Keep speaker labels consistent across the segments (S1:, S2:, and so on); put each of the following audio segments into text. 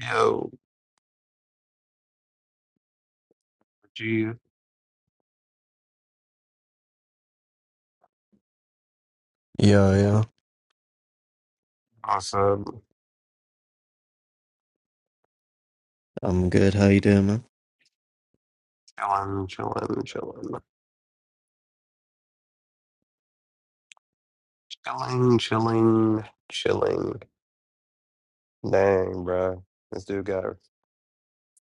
S1: Yo, G,
S2: Yo, yo.
S1: awesome.
S2: I'm good. How you doing, man?
S1: Chillin', chillin', chillin', chillin', chillin', chillin'. Dang, bruh. This dude got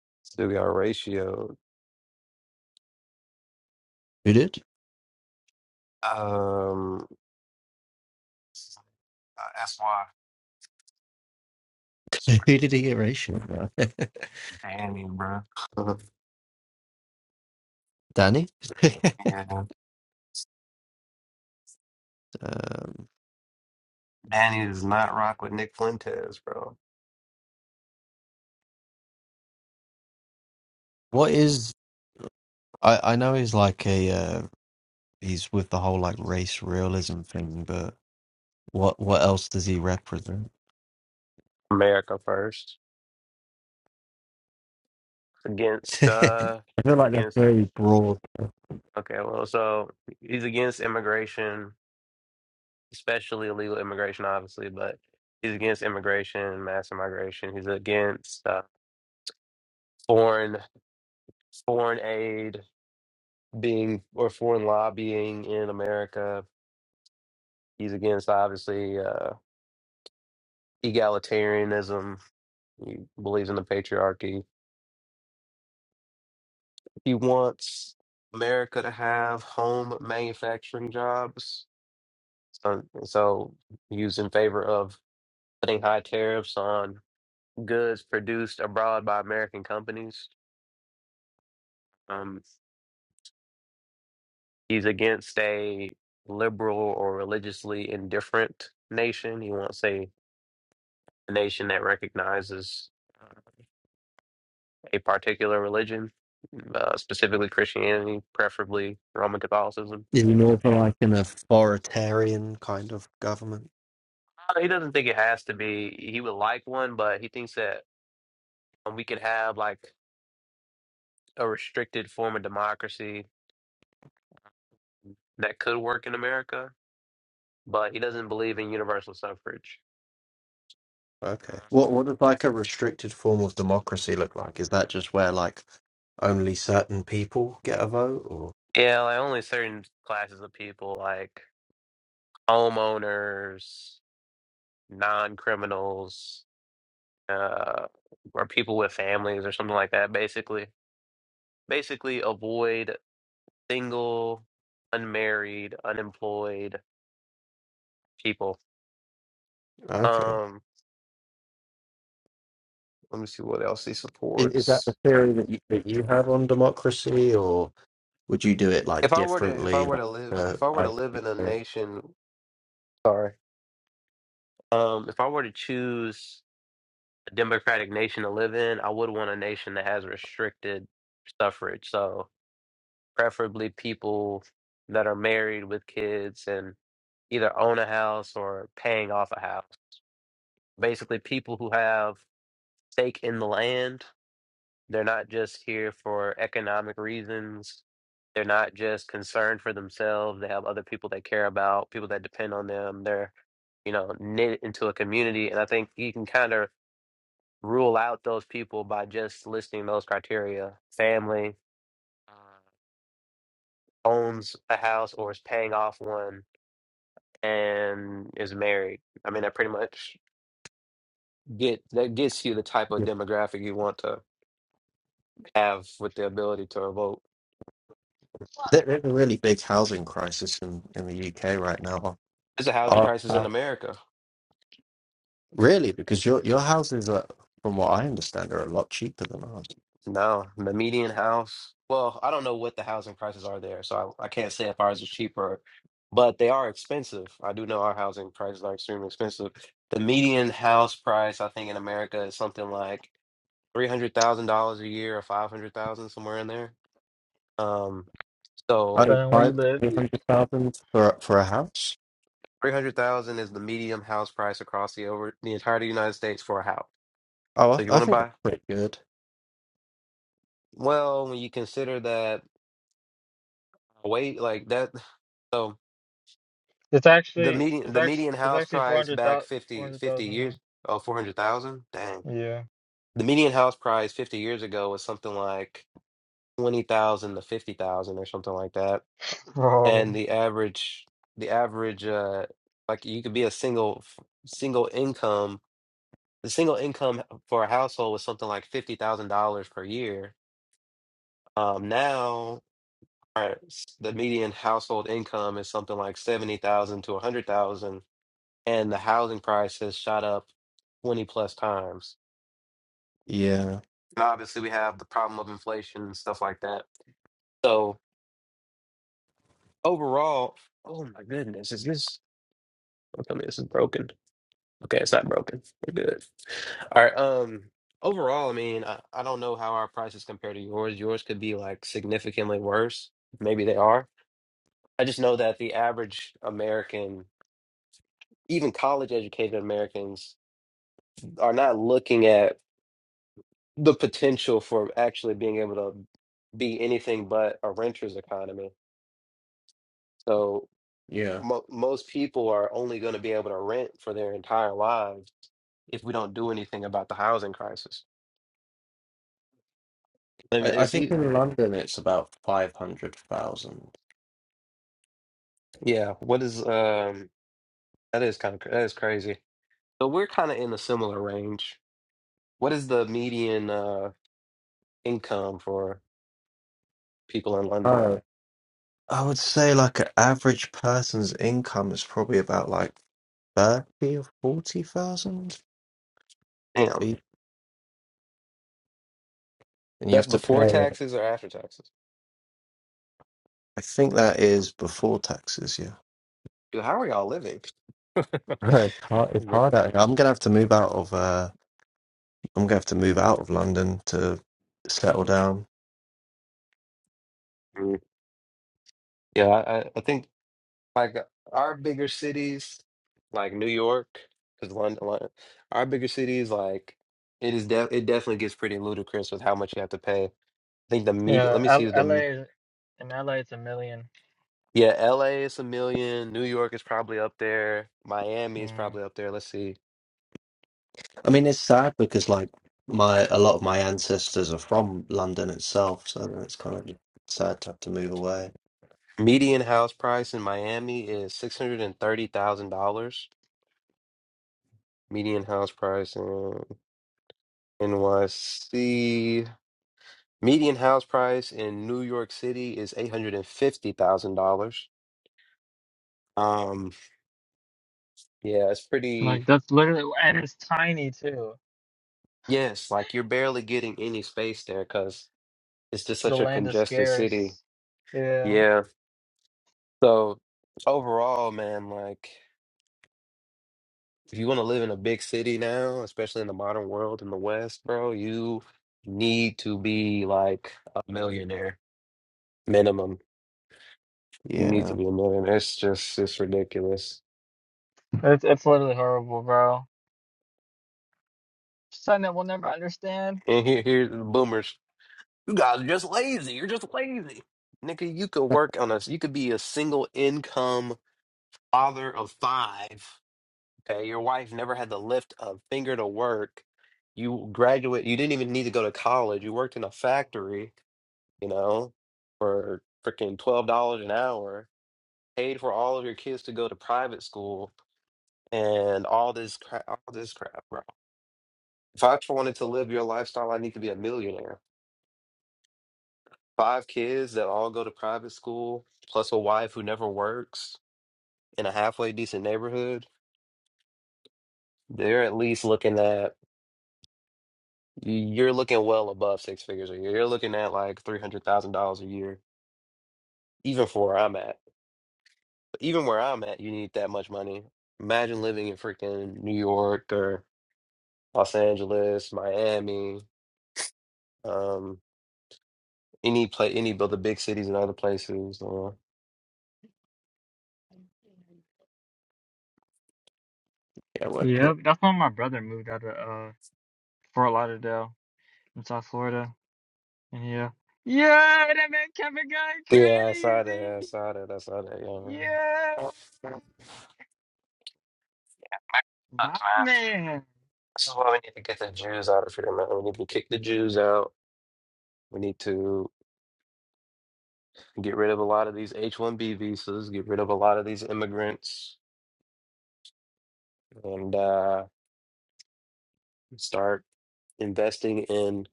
S1: this dude got ratioed.
S2: Who did?
S1: Um, uh, that's why. That's
S2: Who
S1: why
S2: did he get erasure?
S1: Danny, bruh.
S2: Danny?
S1: yeah,
S2: um,
S1: Danny does not rock with Nick Fuentes, bro.
S2: what is? I I know he's like a uh, he's with the whole like race realism thing, but what what else does he represent?
S1: America first against uh
S2: I feel like that's
S1: against.
S2: very broad.
S1: Okay, well, so he's against immigration especially illegal immigration, obviously, but he's against immigration, mass immigration. He's against uh, foreign foreign aid being or foreign lobbying in America. He's against obviously uh, egalitarianism. He believes in the patriarchy. He wants America to have home manufacturing jobs. So, so he's in favor of putting high tariffs on goods produced abroad by American companies. Um, He's against a liberal or religiously indifferent nation. He wants a nation that recognizes uh, a particular religion, uh, specifically Christianity, preferably Roman Catholicism.
S2: Is he more for like an authoritarian kind of government?
S1: Uh, He doesn't think it has to be. He would like one, but he thinks that um, we could have like a restricted form of democracy that could work in America. But he doesn't believe in universal suffrage. Uh,
S2: Okay. What what does like a restricted form of democracy look like? Is that just where like only certain people get a vote, or?
S1: Yeah, like only certain classes of people, like homeowners. non criminals uh, or people with families or something like that. Basically, basically avoid single, unmarried, unemployed people.
S2: Okay.
S1: Um, let me see what else he
S2: Is, is that
S1: supports.
S2: the theory that you, that you have on democracy, or would you do it like
S1: If I were to, if I
S2: differently?
S1: were
S2: Like,
S1: to live,
S2: uh,
S1: if I were to
S2: I,
S1: live in a
S2: there-
S1: nation, sorry, um, if I were to choose a democratic nation to live in, I would want a nation that has restricted suffrage. So preferably people that are married with kids and. either own a house or paying off a house. Basically, people who have stake in the land, they're not just here for economic reasons. They're not just concerned for themselves. They have other people they care about, people that depend on them. They're, you know, knit into a community. And I think you can kind of rule out those people by just listing those criteria. Family uh, owns a house or is paying off one and is married. I mean, that pretty much get that gets you the type of demographic you want to have with the ability to vote.
S2: there's a really big housing crisis in, in the UK right now.
S1: There's a housing
S2: Our,
S1: crisis in
S2: our-
S1: America.
S2: really, because your your houses are, from what I understand, are a lot cheaper than ours.
S1: No, the median house. Well, I don't know what the housing prices are there, so I, I can't say if ours is cheaper, but they are expensive. I do know our housing prices are extremely expensive. The median house price, I think, in America is something like three hundred thousand dollars a year or five hundred thousand somewhere in there. Um, so
S2: Oh,
S3: Depending on where you
S2: five
S3: live, you-
S2: hundred thousand for for a house.
S1: three hundred thousand is the median house price across the over the entire United States for a house.
S2: Oh,
S1: So you
S2: I, I
S1: want to
S2: think that's
S1: buy?
S2: pretty good.
S1: Well, when you consider that wait, like that, so
S3: it's
S1: the
S3: actually
S1: median
S3: it's
S1: the
S3: actually
S1: median
S3: it's
S1: house
S3: actually four
S1: price
S3: hundred
S1: back
S3: thousand four
S1: 50
S3: hundred
S1: 50
S3: thousand
S1: years,
S3: now.
S1: oh, 400,000? Dang.
S3: Yeah.
S1: The median house price 50 years ago was something like 20,000 to 50,000 or something like that.
S3: Bro.
S1: And the average the average uh like you could be a single single income the single income for a household was something like $50,000 per year. Um now our the median household income is something like 70,000 to 100,000 and the housing price has shot up 20 plus times.
S2: Yeah,
S1: And obviously we have the problem of inflation and stuff like that. So overall, oh my goodness, is this don't tell me this is broken. Okay, it's not broken. We're good. All right, um overall, I mean, I, I don't know how our prices compare to yours. Yours could be like significantly worse. Maybe they are. I just know that the average American even college educated Americans are not looking at the potential for actually being able to be anything but a renter's economy. So
S2: yeah.
S1: mo- most people are only going to be able to rent for their entire lives if we don't do anything about the housing crisis. And
S2: I, I
S1: it's
S2: think
S1: e-
S2: in London it's about five hundred thousand.
S1: yeah, what is um that is kind of that is crazy. So we're kind of in a similar range. What is the median uh income for people in London?
S2: I would say like an average person's income is probably about like thirty or forty thousand,
S1: Damn,
S2: and you
S1: that's
S2: have to
S1: before
S2: pay. it.
S1: taxes or after taxes?
S2: I think that is before taxes. Yeah,
S1: Dude, how are y'all living?
S2: it's hard. It's hard. out here. I'm gonna have to move out of. Uh, I'm gonna have to move out of London to settle down.
S1: Mm. Yeah, I, I I think like our bigger cities, like New York, because London, our bigger cities, like it is de it definitely gets pretty ludicrous with how much you have to pay. I think the median,
S3: Yeah.
S1: let me see
S3: L-
S1: the,
S3: LA
S1: m-
S3: is- in LA it's a million.
S1: yeah, LA is a million, New York is probably up there, Miami is
S3: Mm.
S1: probably up there. Let's see.
S2: I mean, it's sad because like my a lot of my ancestors are from London itself, so it's kind of sad to have to move away.
S1: Median house price in Miami is $630,000. Median house price in NYC. Median house price in New York City is eight hundred and fifty thousand dollars. Um, yeah, it's pretty.
S3: Like that's literally and it's tiny too.
S1: Yes, like you're barely getting any space there because it's just
S3: The
S1: such a
S3: land is
S1: congested city.
S3: scarce. Yeah.
S1: Yeah. So overall, man, like if you want to live in a big city now, especially in the modern world in the West, bro, you need to be like a millionaire minimum. You need to
S2: Yeah,
S1: be a millionaire. It's just it's ridiculous.
S3: It's it's literally horrible, bro. Something that we'll never understand.
S1: And here, here's the boomers. You guys are just lazy. You're just lazy. Nigga, you could work on a you could be a single income father of five. Okay. Your wife never had to lift a finger to work. You graduate you didn't even need to go to college. You worked in a factory, you know, for freaking twelve dollars an hour, paid for all of your kids to go to private school and all this crap all this crap, bro. If I wanted to live your lifestyle, I need to be a millionaire. Five kids that all go to private school, plus a wife who never works in a halfway decent neighborhood, they're at least looking at, you're looking well above six figures a year. You're looking at like $300,000 a year, even for where I'm at. Even where I'm at, you need that much money. Imagine living in freaking New York or Los Angeles, Miami, um, any play, any of the big cities and other places. Or,
S2: yeah, work
S3: Yep. That's why my brother moved out of uh Fort Lauderdale in South Florida. And yeah. Yeah, that man Kevin got
S1: yeah, I saw that. I
S3: crazy.
S1: saw that. I saw that. Yeah.
S3: Yeah. My man,
S1: This is why we need to get the Jews out of here, man. We need to kick the Jews out. We need to get rid of a lot of these H one B visas, get rid of a lot of these immigrants, and uh, start investing in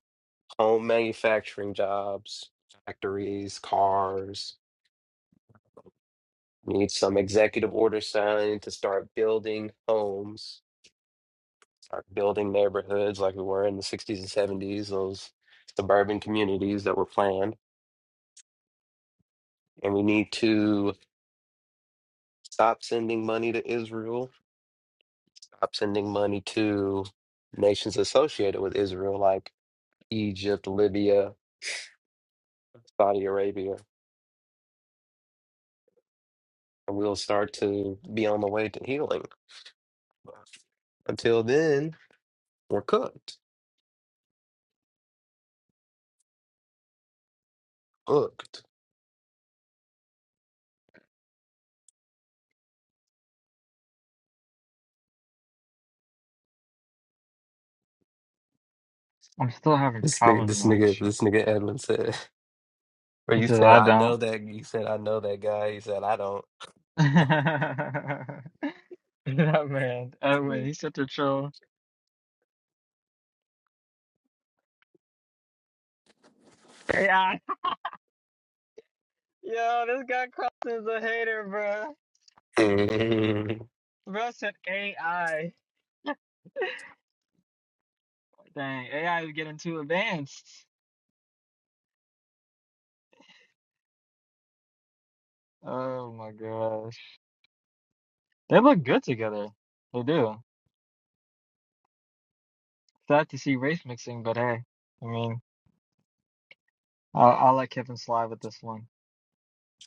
S1: home manufacturing jobs, factories, cars. We need some executive order signed to start building homes, start building neighborhoods like we were in the 60s and 70s, those suburban communities that were planned. And we need to Stop sending money to Israel. Stop sending money to nations associated with Israel, like Egypt, Libya, Saudi Arabia, and we'll start to be on the way to healing. Until then, we're cooked. Cooked.
S3: I'm still having
S1: This nigga,
S3: problems with
S1: this
S3: my
S1: nigga,
S3: insurance.
S1: this nigga Edwin said, or
S3: He
S1: you
S3: says
S1: said,
S3: I
S1: I know
S3: don't.
S1: that, you said, I know that guy. He said, I don't.
S3: that man, Edwin, he's such a troll. AI, yo, this guy Carson's a hater, bro.
S1: Mm.
S3: Bro said AI. Dang, AI is getting too advanced. Oh my gosh, they look good together. They do. Sad to see race mixing, but hey, I mean, I'll, I'll let Kevin slide with this one.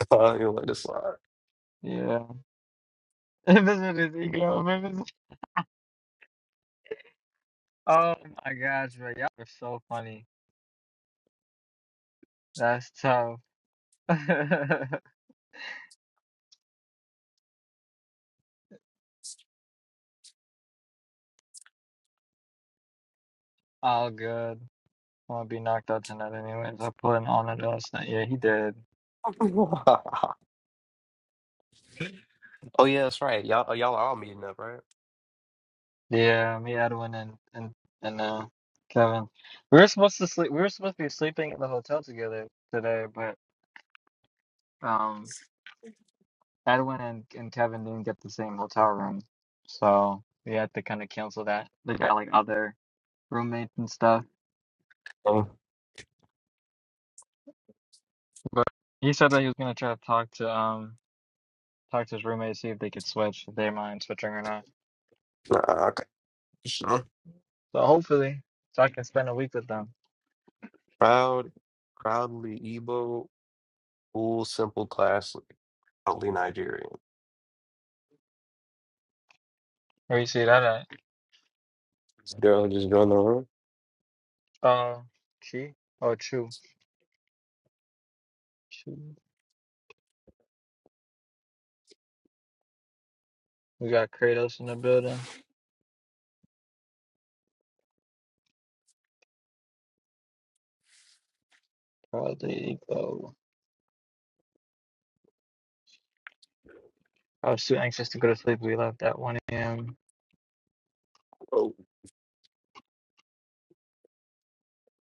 S1: Oh, you let it slide.
S3: Yeah, if it's with his ego, Oh my gosh, bro, y'all are so funny. That's tough. All good. I'm gonna be knocked out tonight anyways. I put an on it last night. Yeah, he did.
S1: oh, yeah, that's right. Y'all, y'all are all meeting up, right?
S3: Yeah, me, Edwin, and and and uh, Kevin. We were supposed to sleep. We were supposed to be sleeping in the hotel together today, but um, Edwin and and Kevin didn't get the same hotel room, so we had to kind of cancel that. They got like other roommates and stuff,
S1: Um,
S3: but he said that he was gonna try to talk to um. talk to his roommate, see if they could switch, if they mind switching or not.
S1: nah, Sure.
S3: So hopefully, so I can spend a week with them.
S1: Proud, proudly Igbo, cool, simple, classy, proudly Nigerian.
S3: Where you see that at?
S1: Daryl just joined the room.
S3: Uh, Chi? Oh, Chu. Chu. We got Kratos in the building. Probably go. I was too anxious to go to sleep. We left at 1 a.m.
S1: Oh,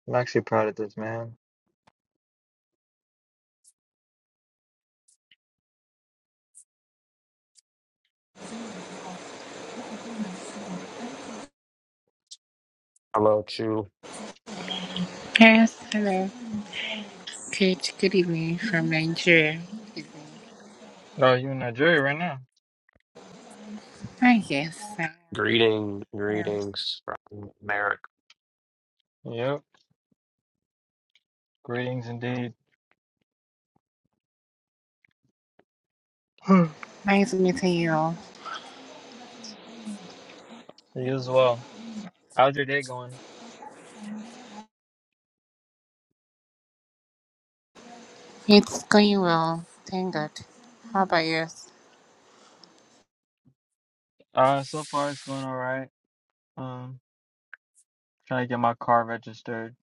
S3: I'm actually proud of this, man.
S1: how about you?
S4: Yes, hello. Good, good evening from Nigeria. Good evening.
S3: Oh, you in Nigeria right now?
S4: Hi, yes. I
S1: Greeting,
S4: am.
S1: greetings from America.
S3: Yep. Greetings indeed. you
S4: Nice meeting you all.
S3: as well. How's your day going?
S4: It's going well, thank God. How about yours?
S3: Uh, so far it's going all right. Um, trying to get my car registered.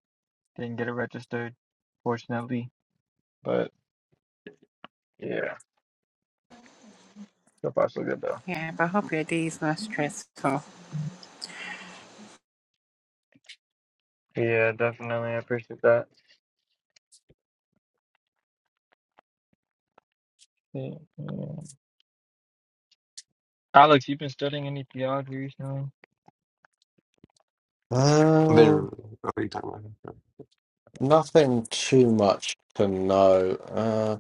S3: Didn't get it registered, fortunately. But yeah, so far so good though.
S4: Yeah, but hope your day is not stressful.
S3: Yeah, definitely. I appreciate that. Yeah, yeah. Alex, you been studying any theology recently?
S1: I've
S2: it.
S1: been. What are you talking
S2: Nothing too much to know. Uh,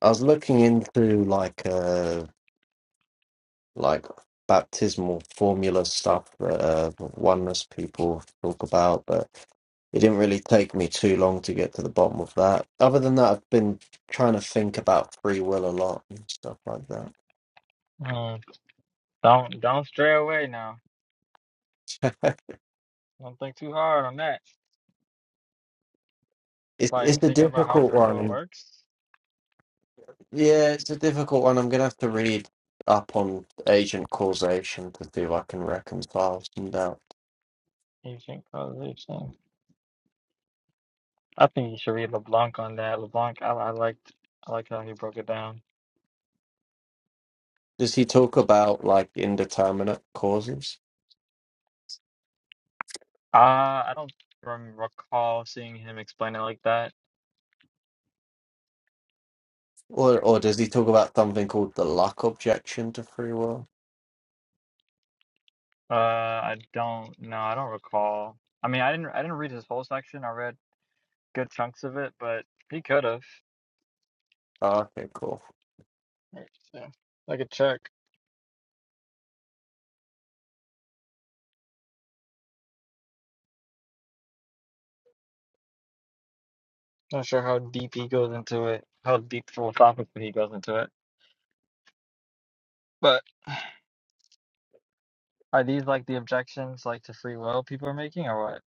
S2: I was looking into like uh like baptismal formula stuff that uh, oneness people talk about, but it didn't really take me too long to get to the bottom of that. Other than that, I've been trying to think about free will a lot and stuff like
S3: Uh, don't don't stray away now.
S2: that.
S3: Don't think too hard on that.
S2: It's
S3: Like
S2: it's a
S3: thinking about how
S2: difficult
S3: free
S2: one.
S3: will
S2: and-
S3: works,
S2: Yeah, it's a difficult one. I'm gonna have to read up on agent causation to see if I can reconcile some doubts.
S3: ancient causation. I think you should read LeBlanc on that. LeBlanc, I, I liked I liked how he broke it down.
S2: Does he talk about like indeterminate causes,
S3: Uh, I don't rem- recall seeing him explain it like that.
S2: or or does he talk about something called the luck objection to free will?
S3: Uh, I don't. No, I don't recall. I mean, I didn't. I didn't read his whole section. I read. good chunks of it, but he could have.
S2: Oh, okay, cool.
S3: Yeah, I could check. Not sure how deep he goes into it, how deep philosophically he goes into it. But are these like the objections, like to free will, people are making, or what?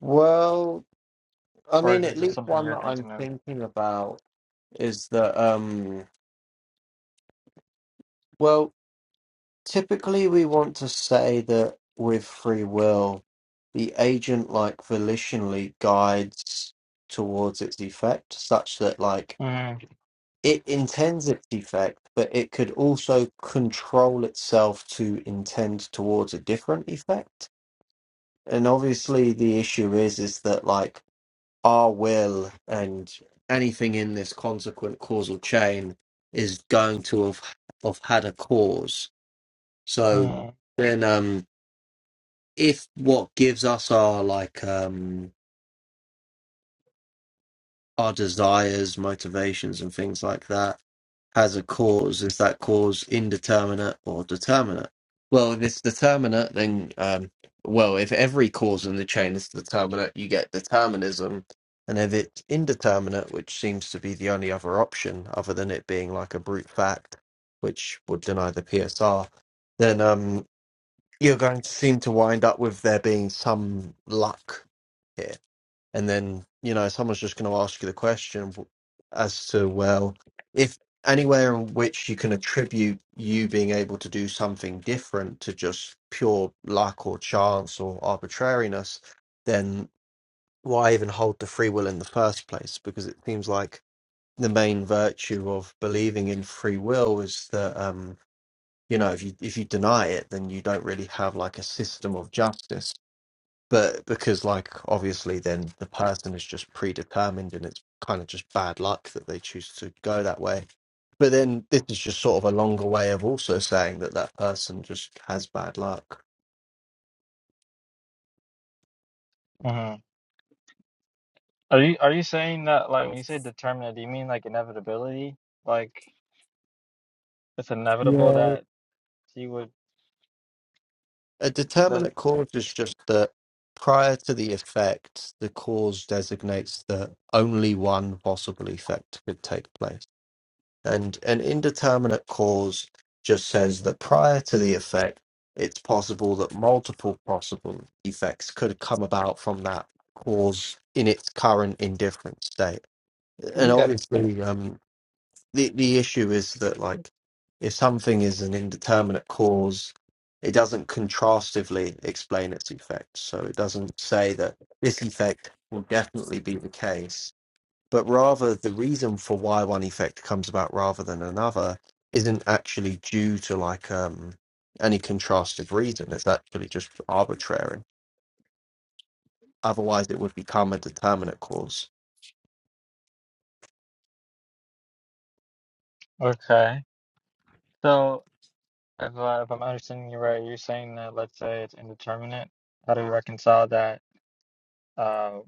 S2: Well, I
S3: Or is
S2: mean,
S3: it
S2: at
S3: just
S2: least
S3: something
S2: one
S3: you're
S2: that I'm
S3: thinking of?
S2: thinking about is that. Um, well, typically we want to say that with free will, the agent like volitionally guides towards its effect, such that like
S3: Mm-hmm.
S2: it intends its effect, but it could also control itself to intend towards a different effect. And obviously, the issue is is that like our will and anything in this consequent causal chain is going to have have had a cause. So
S3: Mm-hmm.
S2: then, um, if what gives us our like um our desires, motivations, and things like that has a cause. Is that cause indeterminate or determinate? Well, if it's determinate, then, um, well, if every cause in the chain is determinate, you get determinism. And if it's indeterminate, which seems to be the only other option, other than it being like a brute fact, which would deny the PSR, then um, you're going to seem to wind up with there being some luck here and then you know someone's just going to ask you the question as to well if anywhere in which you can attribute you being able to do something different to just pure luck or chance or arbitrariness then why even hold to free will in the first place because it seems like the main virtue of believing in free will is that um you know if you if you deny it then you don't really have like a system of justice but because like obviously then the person is just predetermined and it's kind of just bad luck that they choose to go that way but then this is just sort of a longer way of also saying that that person just has bad luck
S3: Mm-hmm. Are you are you saying that like when you say determinate, do you mean like inevitability? Like it's inevitable
S2: yeah
S3: that he would
S2: a
S3: that
S2: determinate cause is just that prior to the effect the cause designates that only one possible effect could take place And an indeterminate cause just says that prior to the effect, it's possible that multiple possible effects could come about from that cause in its current indifferent state. And obviously, um, the the issue is that like if something is an indeterminate cause, it doesn't contrastively explain its effect. So it doesn't say that this effect will definitely be the case but rather the reason for why one effect comes about rather than another isn't actually due to like um any contrasted reason it's actually just arbitrary otherwise it would become a determinate cause
S3: okay. So if, uh, if I'm understanding you right, you're saying that let's say it's indeterminate. How do we reconcile that? uh,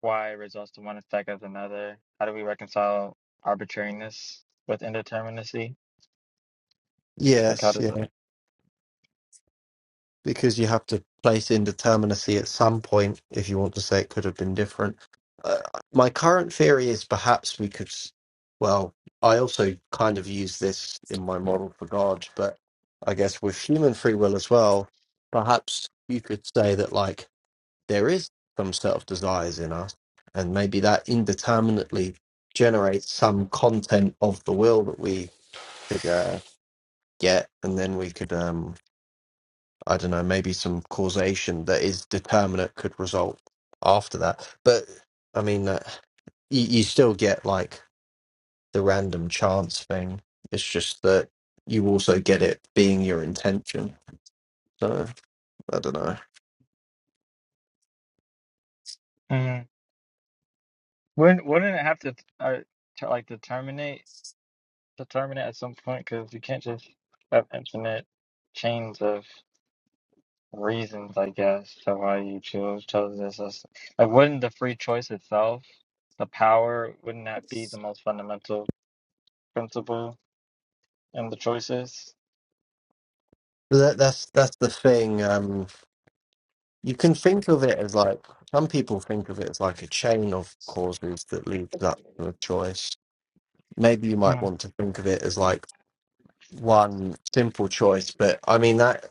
S3: why results to one instead of another? How do we reconcile arbitrariness with indeterminacy? Like, how
S2: yes
S3: does it?
S2: because you have to place indeterminacy at some point if you want to say it could have been different. Uh, my current theory is perhaps we could, s- well, I also kind of use this in my model for God, but I guess with human free will as well, perhaps you could say that like there is some set of desires in us, and maybe that indeterminately generates some content of the will that we could uh, get, and then we could. um I don't know, maybe some causation that is determinate could result after that. But I mean, uh, you, you still get like the random chance thing. It's just that you also get it being your intention. So I don't know.
S3: Mm, wouldn't wouldn't it have to uh, to like determinate determinate at some point? Because you can't just have infinite chains of reasons, I guess, to why you chose chose this. as- Like, wouldn't the free choice itself, the power, wouldn't that be the most fundamental principle in the choices?
S2: That, that's that's the thing. Um, you can think of it as like some people think of it as like a chain of causes that leads up to a choice. Maybe you might want to think of it as like one simple choice, but I mean that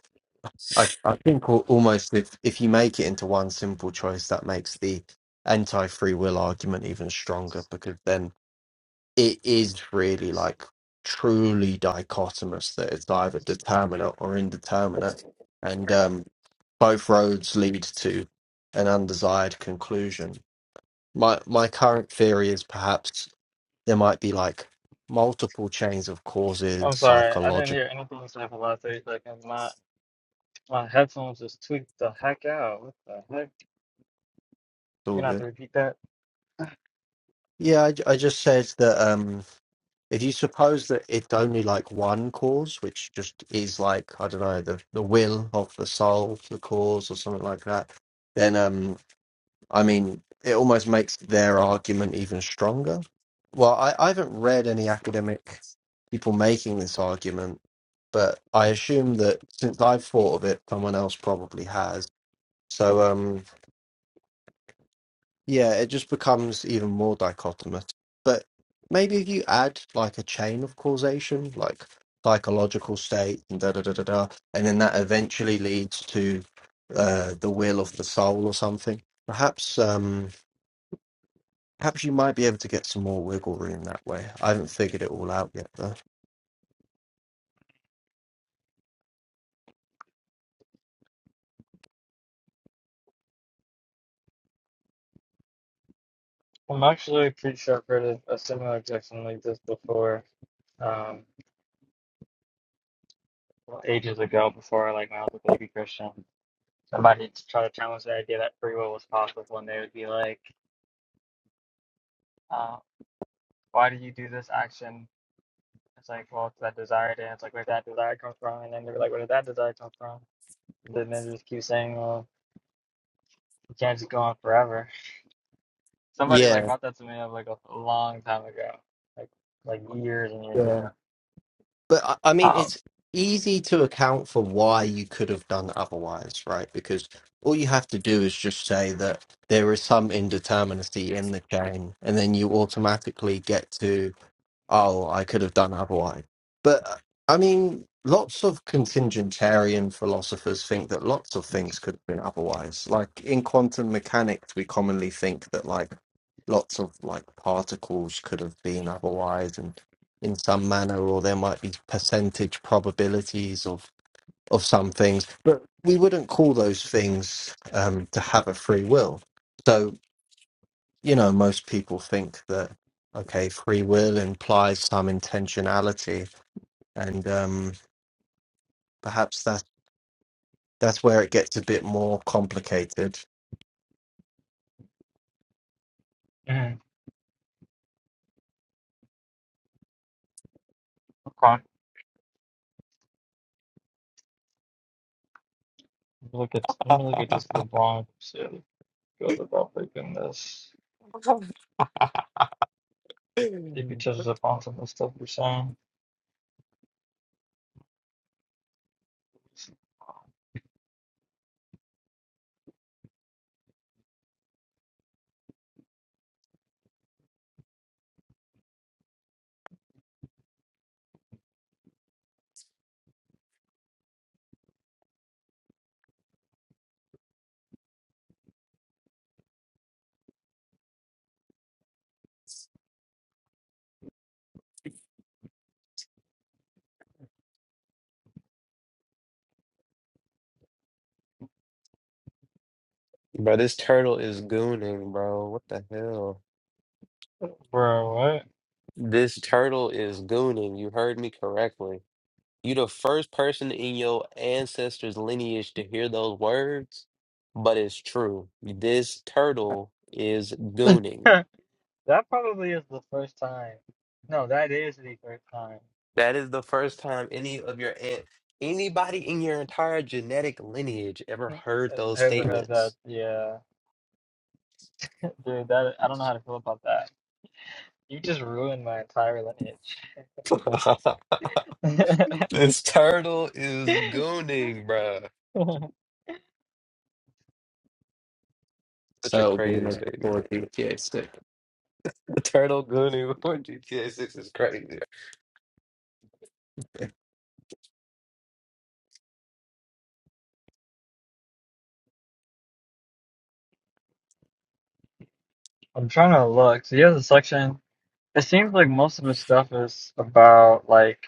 S2: I, I think al- almost if, if you make it into one simple choice, that makes the anti free will argument even stronger because then it is really like truly dichotomous that it's either determinate or indeterminate. And um, both roads lead to an undesired conclusion. My, my current theory is perhaps there might be like multiple chains of
S3: I'm
S2: causes,
S3: sorry, I didn't
S2: psychological.
S3: hear anything you said for the last 30 seconds. My my headphones just tweaked the heck out. What the heck? You're gonna have to repeat that.
S2: Yeah, I, I just said that. um. If you suppose that it's only like one cause, which just is like I don't know the the will of the soul, to the cause, or something like that, then um, I mean, it almost makes their argument even stronger. Well, I, I haven't read any academic people making this argument, but I assume that since I've thought of it, someone else probably has. So, um yeah, it just becomes even more dichotomous. But maybe if you add like a chain of causation, like psychological state and da da da da da, and then that eventually leads to uh, the will of the soul or something. Perhaps, um, perhaps you might be able to get some more wiggle room that way. I haven't figured it all out yet, though.
S3: I'm actually pretty sure I've heard a, a similar objection like this before, um, ages ago, before like when I was a baby Christian. Somebody tried to challenge the idea that free will was possible, and they would be like, uh, "Why do you do this action?" It's like, well, it's that desire, and it's like, where did that desire come from? And then they're like, where did that desire come from? Then they just keep saying, well, you can't just go on forever. Somebody like
S2: Yeah,
S3: brought that to me up like a, a long time ago, like like years and years
S2: yeah.
S3: ago.
S2: But I I mean,
S3: Um,
S2: it's easy to account for why you could have done otherwise, right? Because all you have to do is just say that there is some indeterminacy in the chain, and then you automatically get to oh, I could have done otherwise. But uh, I mean, lots of contingentarian philosophers think that lots of things could have been otherwise. Like in quantum mechanics, we commonly think that like lots of like particles could have been otherwise and in some manner, or there might be percentage probabilities of of some things, but we wouldn't call those things um, to have a free will. So you know, most people think that okay, free will implies some intentionality, and um, perhaps that's that's where it gets a bit more complicated.
S3: mm, LeBron, look at
S1: about? Yeah.
S3: let me look at this LeBron shit. Goes about picking this. If he touches upon some of the stuff you're saying,
S1: bro, this turtle is gooning, bro. What the hell?
S3: bro, what?
S1: This turtle is gooning. You heard me correctly. You the first person in your ancestors' lineage to hear those words, but it's true. This turtle is gooning.
S3: that probably is the first time. No, that is the first time
S1: That is the first time any of your aunt, anybody in your entire genetic lineage ever heard
S3: I
S1: those
S3: ever heard that.
S1: statements.
S3: Yeah, dude, that I don't know how to feel about that. You just ruined my entire lineage.
S1: This turtle is gooning, bruh. Such a
S2: So it'll be
S1: crazy
S2: like
S1: statement.
S2: before GTA six.
S1: The turtle gooning before GTA 6 is crazy.
S3: I'm trying to look. So he has a section. It seems like most of his stuff is about like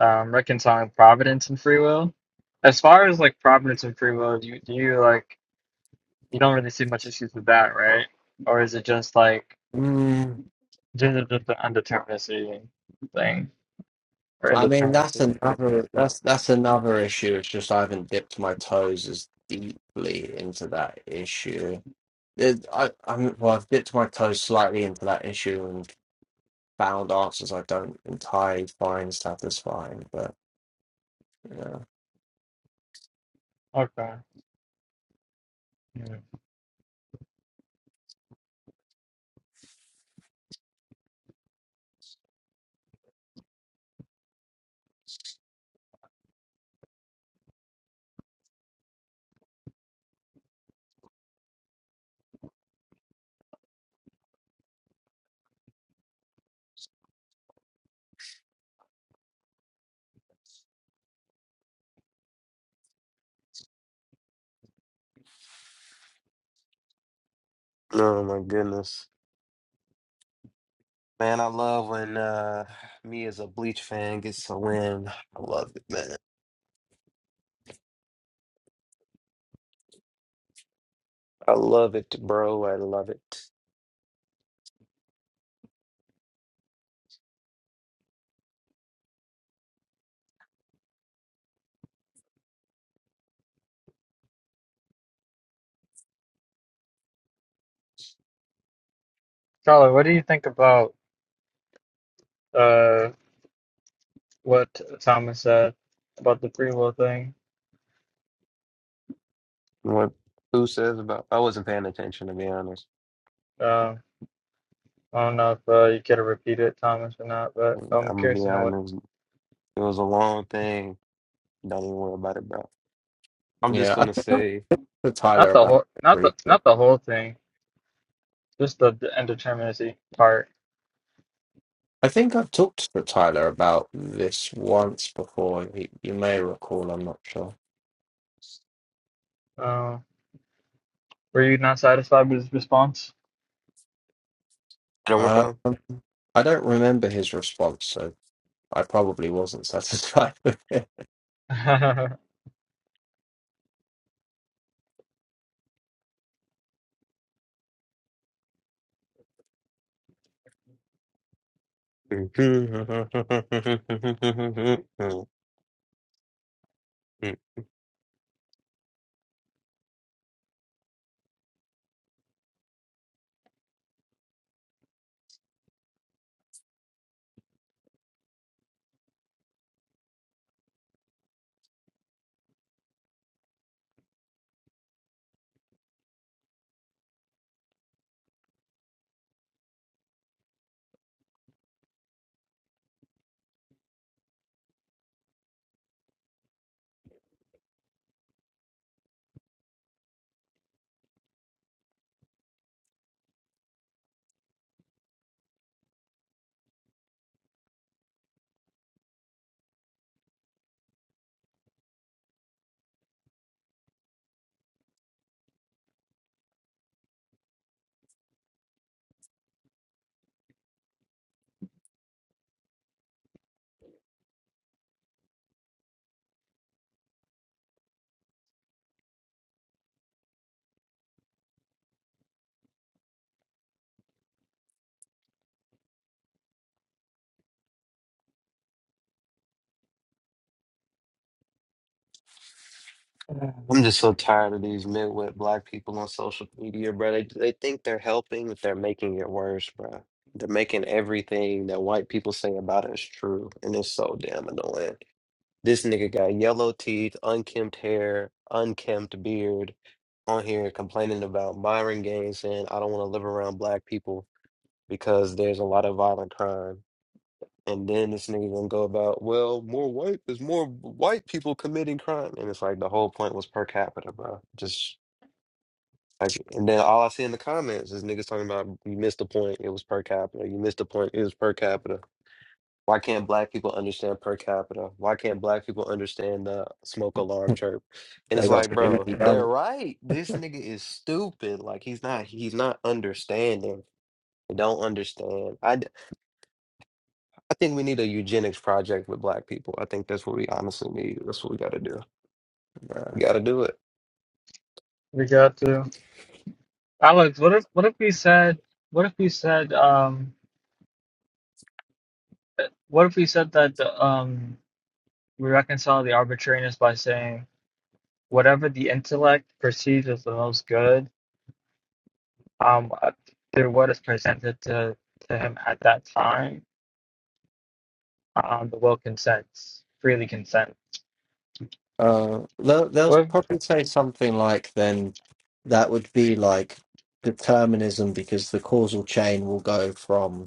S3: um, reconciling providence and free will. As far as like providence and free will, do you, do you like you don't really see much issues with that, right? Or is it just like
S2: Mm,
S3: just, just the undeterminacy thing or
S2: I mean, that's
S3: indeterminacy?
S2: another that's that's another issue. It's just I haven't dipped my toes as deeply into that issue. It- I I'm, well, I've dipped my toes slightly into that issue and found answers I don't entirely find satisfying, but.
S3: Okay. Yeah.
S1: Oh my goodness. Man, I love when uh me as a Bleach fan gets a win. I love it, man. I love it, bro. I love it.
S3: Charlotte, what do you think about uh what Thomas said about the free will thing?
S1: What who says about I wasn't paying attention to be honest.
S3: Um, I don't know if uh, you care to repeat it, Thomas, or not, but
S1: I'm
S3: I'm
S1: gonna be
S3: curious to know what.
S1: honest. It was a long thing. Don't even worry about it, bro. I'm just
S2: Yeah, I
S1: gonna
S2: talked
S1: say
S2: to Tyler
S3: Not the
S2: about it
S3: whole, not the,
S2: briefly.
S3: not the whole thing. Just the, the indeterminacy part.
S2: I think I've talked to Tyler about this once before. He, you may recall, I'm not sure.
S3: Uh, were you not satisfied with his response?
S1: One
S2: Uh,
S1: more
S2: I don't remember his response, so I probably wasn't satisfied with it.
S1: time. I'm just so tired of these mid-wit black people on social media, bro. They they think they're helping, but they're making it worse, bro. They're making everything that white people say about us true, and it's so damn annoying. This nigga got yellow teeth, unkempt hair, unkempt beard, on here complaining about Byron Gaines saying I don't want to live around black people because there's a lot of violent crime. And then this nigga gonna go about, well, more white, there's more white people committing crime. And it's like the whole point was per capita, bro. Just like, and then all I see in the comments is niggas talking about, you missed the point, it was per capita. You missed the point, it was per capita. Why can't black people understand per capita? Why can't black people understand the smoke alarm chirp? And it's
S2: They got
S1: like, bro,
S2: easy
S1: they're
S2: done.
S1: right. This nigga is stupid. Like he's not, he's not understanding. They don't understand. I. I think we need a eugenics project with black people. I think that's what we honestly need. That's what we gotta do. We
S2: Yeah.
S1: gotta do it.
S3: we got to Alex. What if, what if we said, what if we said, um, what if we said that the, um, we reconcile the arbitrariness by saying whatever the intellect perceives as the most good, um, uh, through what is presented to to him at that time, um, the will consents, freely consents.
S2: Uh, they'll, they'll
S3: What?
S2: probably say something like, then that would be like determinism because the causal chain will go from.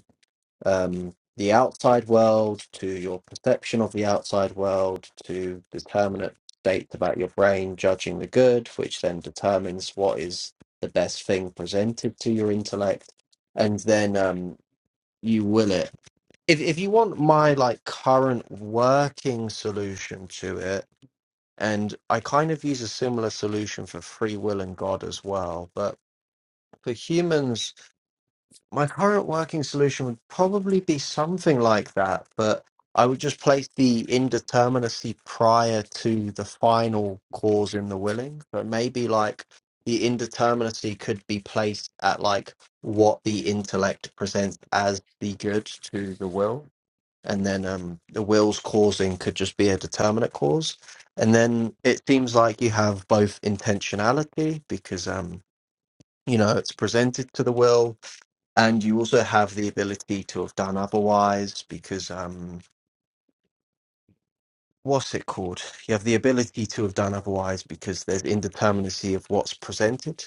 S2: um, the outside world to your perception of the outside world to determinate states about your brain judging the good, which then determines what is the best thing presented to your intellect, and then um, you will it. If if you want my like current working solution to it, and I kind of use a similar solution for free will and God as well, but for humans my current working solution would probably be something like that, but I would just place the indeterminacy prior to the final cause in the willing. So maybe like the indeterminacy could be placed at like what the intellect presents as the good to the will. And then um, the will's causing could just be a determinate cause. And then it seems like you have both intentionality because um, you know it's presented to the will and you also have the ability to have done otherwise because um what's it called you have the ability to have done otherwise because there's indeterminacy of what's presented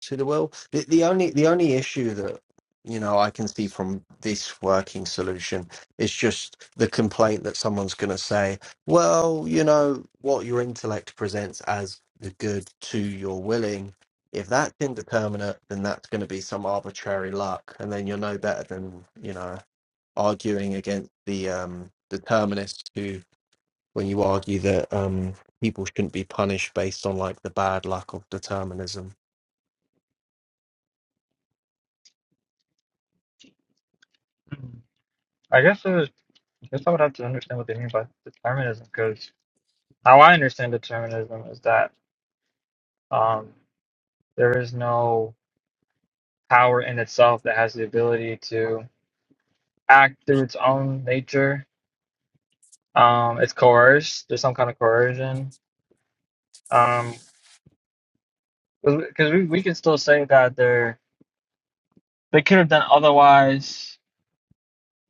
S2: to the will the, the only the only issue that you know i can see from this working solution is just the complaint that someone's going to say well you know what your intellect presents as the good to your willing if that's indeterminate then that's going to be some arbitrary luck and then you're no better than you know arguing against the um, determinists who, when you argue that um, people shouldn't be punished based on like the bad luck of determinism.
S3: I guess it was. guess I would have to understand what they mean by determinism, because how I understand determinism is that um, there is no power in itself that has the ability to act through its own nature. Um, it's coerced. There's some kind of coercion. Um, because we, we can still say that they're they could have done otherwise.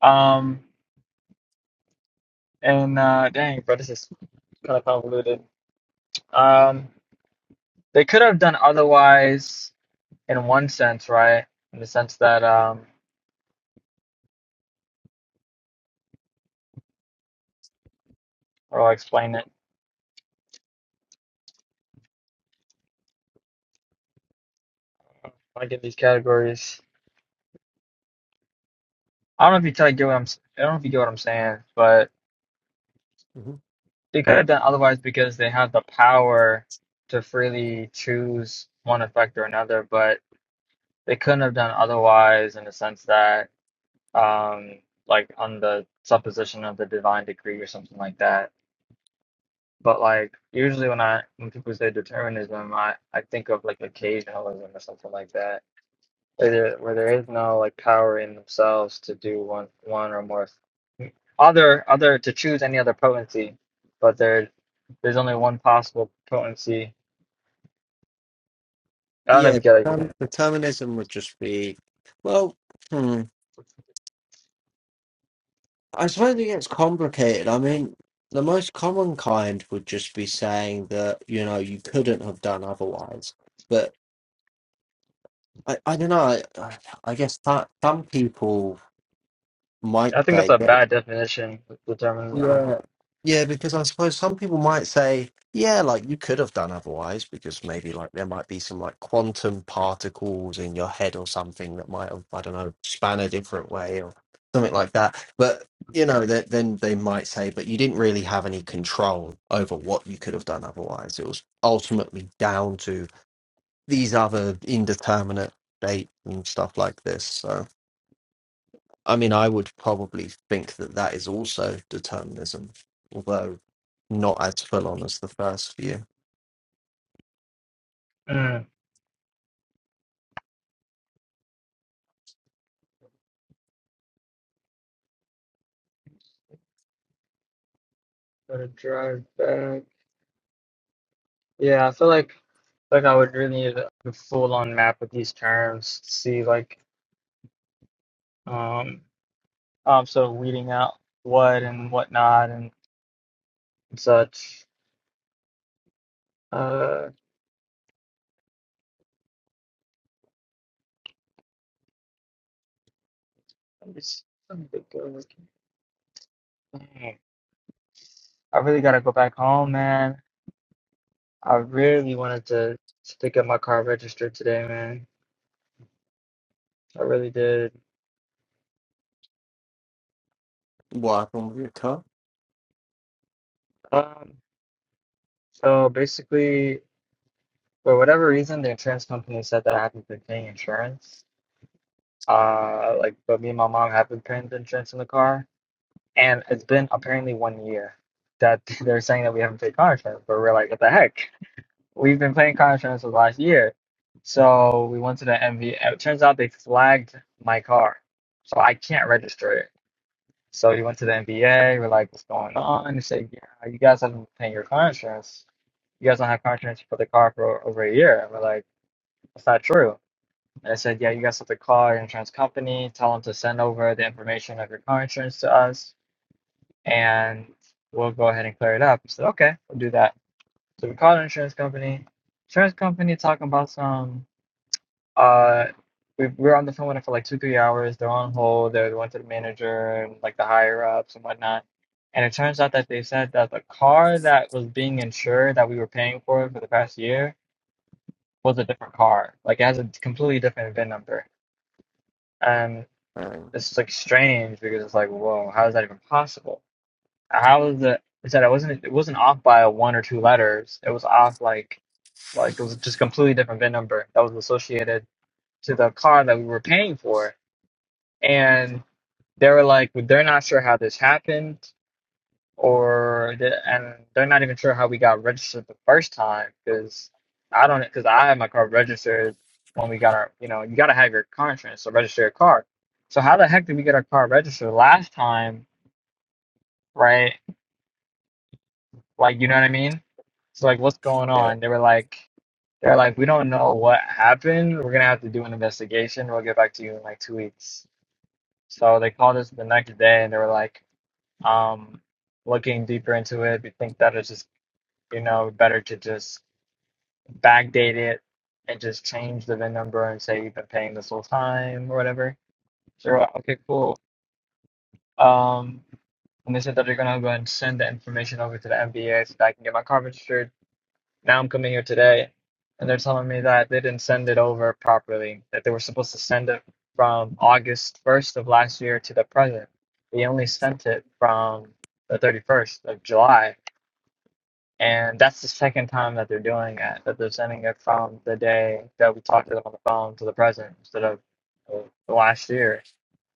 S3: Um, and uh, dang, bro, this is kind of convoluted. Um, they could have done otherwise in one sense, right? In the sense that um. or I'll explain it when I get these categories. I don't know if you tell get what I'm. s- I don't know if you get what I'm saying, but
S2: Mhm.
S3: they could have done otherwise because they have the power to freely choose one effect or another, but they couldn't have done otherwise in the sense that, um, like on the supposition of the divine decree or something like that. But like usually when I when people say determinism, I I think of like occasionalism or something like that where where there is no like power in themselves to do one one or more th- other other to choose any other potency, but there there's only one possible potency. I don't know if
S2: Yeah,
S3: you get it.
S2: um, determinism would just be, well, hmm, I suppose it gets complicated. I mean, the most common kind would just be saying that you know you couldn't have done otherwise, but. I, I don't know. I, I I guess that some people might
S3: I think that's
S2: say
S3: a
S2: yeah,
S3: bad definition of determinism.
S2: Yeah. Yeah, because I suppose some people might say, yeah, like you could have done otherwise, because maybe like there might be some like quantum particles in your head or something that might have, I don't know, span a different way or something like that. But, you know, that then they might say, but you didn't really have any control over what you could have done otherwise. It was ultimately down to these other indeterminate states and stuff like this. So. I mean, I would probably think that that is also determinism, although not as full on as the first view.
S3: Mm. Gotta drive back. Yeah, I feel like like I would really need a full on map of these terms to see like um um sort of weeding out what and whatnot and such. I'm just I'm a good looking. Man, I really gotta go back home, man. I really wanted to to get my car registered today, man. I really did.
S2: What happened with your car?
S3: Um, so basically, for whatever reason, the insurance company said that I haven't been paying insurance. Uh, like, but me and my mom have been paying the insurance in the car, and it's been apparently one year that they're saying that we haven't paid car insurance. But we're like, what the heck? We've been playing car insurance for the last year. So we went to the MV. It turns out they flagged my car. So I can't register it. So we went to the MVA. We're like, what's going on? They say, yeah, you guys haven't been paying your car insurance. You guys don't have car insurance for the car for over a year. And we're like, that's not true. And I said, yeah, you guys have to call your insurance company, tell them to send over the information of your car insurance to us, and we'll go ahead and clear it up. He said, okay, we'll do that. So we called an insurance company. Insurance company talking about some Uh, we, we were on the phone with them for like two, three hours. They're on hold. They went to the manager and like the higher ups and whatnot. And it turns out that they said that the car that was being insured that we were paying for for the past year was a different car. Like it has a completely different VIN number. And
S2: Um,
S3: this is like strange because it's like, whoa, how is that even possible? How is it? They said it wasn't. It wasn't off by one or two letters. It was off like, like it was just a completely different VIN number that was associated to the car that we were paying for and they were like well, they're not sure how this happened or the, and they're not even sure how we got registered the first time because i don't because i had my car registered when we got our you know you got to have your car insurance to register your car so how the heck did we get our car registered last time right like you know what i mean so like what's going
S2: yeah,
S3: on they were like they're like we don't know what happened we're gonna have to do an investigation we'll get back to you in like two weeks so they called us the next day and they were like Um, looking deeper into it, we think that it's just, you know, better to just backdate it and just change the VIN number and say you've been paying this whole time or whatever. So, okay, cool. Um, and they said that they're gonna go ahead and send the information over to the MBA so that I can get my car registered. Now I'm coming here today, and they're telling me that they didn't send it over properly, that they were supposed to send it from August 1st of last year to the present. They only sent it from the 31st of July And that's the second time that they're doing it, that they're sending it from the day that we talked to them on the phone to the present instead of uh, last year.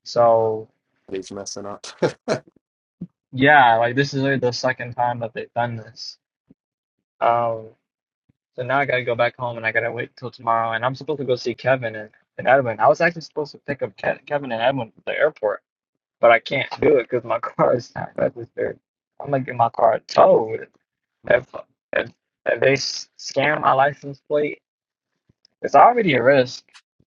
S3: So,
S2: he's messing up. yeah,
S3: yeah, like this is really the second time that they've done this. Um, so now I gotta go back home and I gotta wait till tomorrow. And I'm supposed to go see Kevin and, and Edwin. I was actually supposed to pick up Ke- Kevin and Edwin at the airport, but I can't do it because my car is not registered. I'm gonna get my car towed. If, if, if they s- scan my license plate, It's already a risk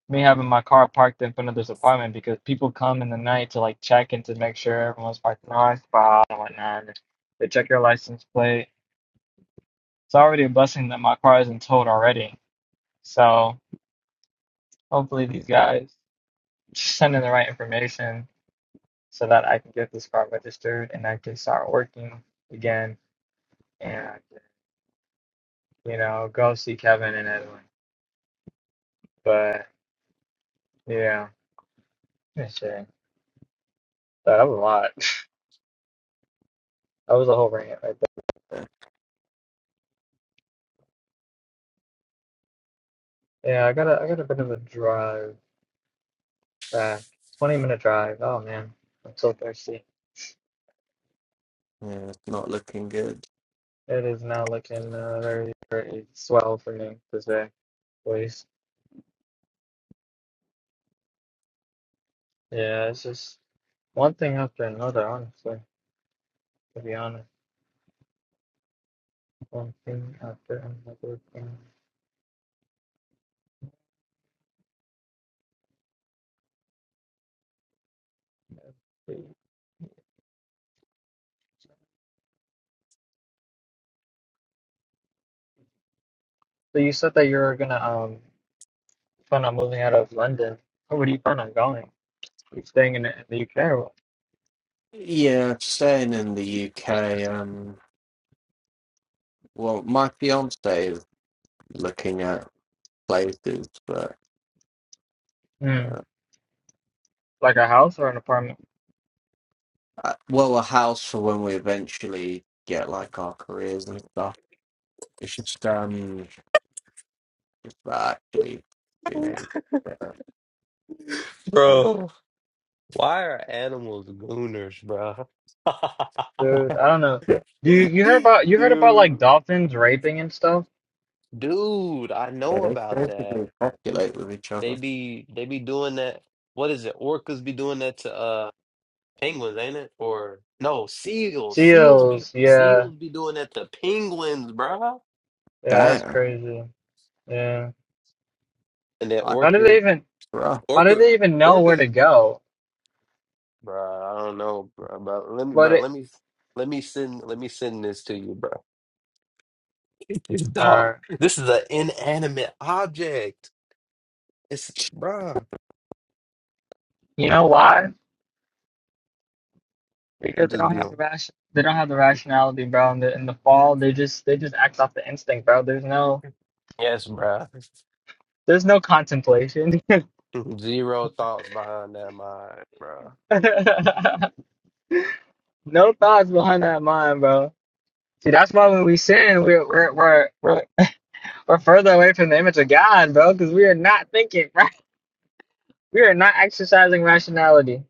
S3: me having my car parked in front of this apartment because people come in the night to like check and to make sure everyone's parked in the right spot and whatnot. They check your license plate. It's already a blessing that my car isn't towed already. So hopefully these guys send in the right information so that I can get this car registered and I can start working again and you know go see Kevin and Edwin. But yeah, shit. That was a lot. That was a whole rant right there. Yeah, I got a I got a bit of a drive back. 20 minute drive. Oh man, I'm so thirsty.
S2: it's not looking good.
S3: It is now looking uh, very very swell for me this day, please. Yeah, it's just one thing after another, honestly, to be honest. One thing after another thing. So you said that you're gonna um plan on moving out of London. Where do you plan on going? Are you staying in the, in the UK or what?
S2: Yeah, staying in the UK. Um, well, my fiance is looking at places, but
S3: Hmm.
S2: uh,
S3: Like a house or an apartment?
S2: I, well, a house for when we eventually get like our careers and stuff. It's just um, just about actually being able to uh, kind of
S1: Bro, why are animals gooners, bro?
S3: dude. I don't know.
S2: yeah,
S3: Do you, you heard about you heard about like
S1: Dude.
S3: dolphins raping and stuff?
S1: Dude, I know
S2: they
S1: about that.
S2: basically populate with each
S1: They
S2: other.
S1: be they be doing that. What is it? Orcas be doing that to uh penguins, ain't it? Or no, seals. Seals be
S3: Seals, yeah,
S1: seals be doing that to penguins, bro.
S3: yeah, that's
S2: Damn,
S3: crazy. Yeah,
S1: And then
S2: like
S3: how do they
S1: orcas
S3: even
S2: rough.
S3: how do
S1: orca
S3: they even know where to
S1: orcas
S3: go?
S1: Bruh, I don't know, bruh, but let me,
S3: But
S1: bruh,
S3: it,
S1: let me, let me send, let me send this to you, bruh. Dog,
S3: uh,
S1: this is an inanimate object. It's, bruh,
S3: you know why?
S1: it
S3: Because they
S1: just
S3: don't
S1: be
S3: have the
S1: on.
S3: ration they don't have the rationality, bro. In the in the fall, they just they just act off the instinct, bro. There's no
S1: Yes, bruh.
S3: there's no contemplation,
S1: Zero thoughts behind that mind, bruh.
S3: no thoughts behind that mind, bro. See, that's why when we sin, we're we're we're, we're We're further away from the image of God, bro, because we are not thinking right. We are not exercising rationality.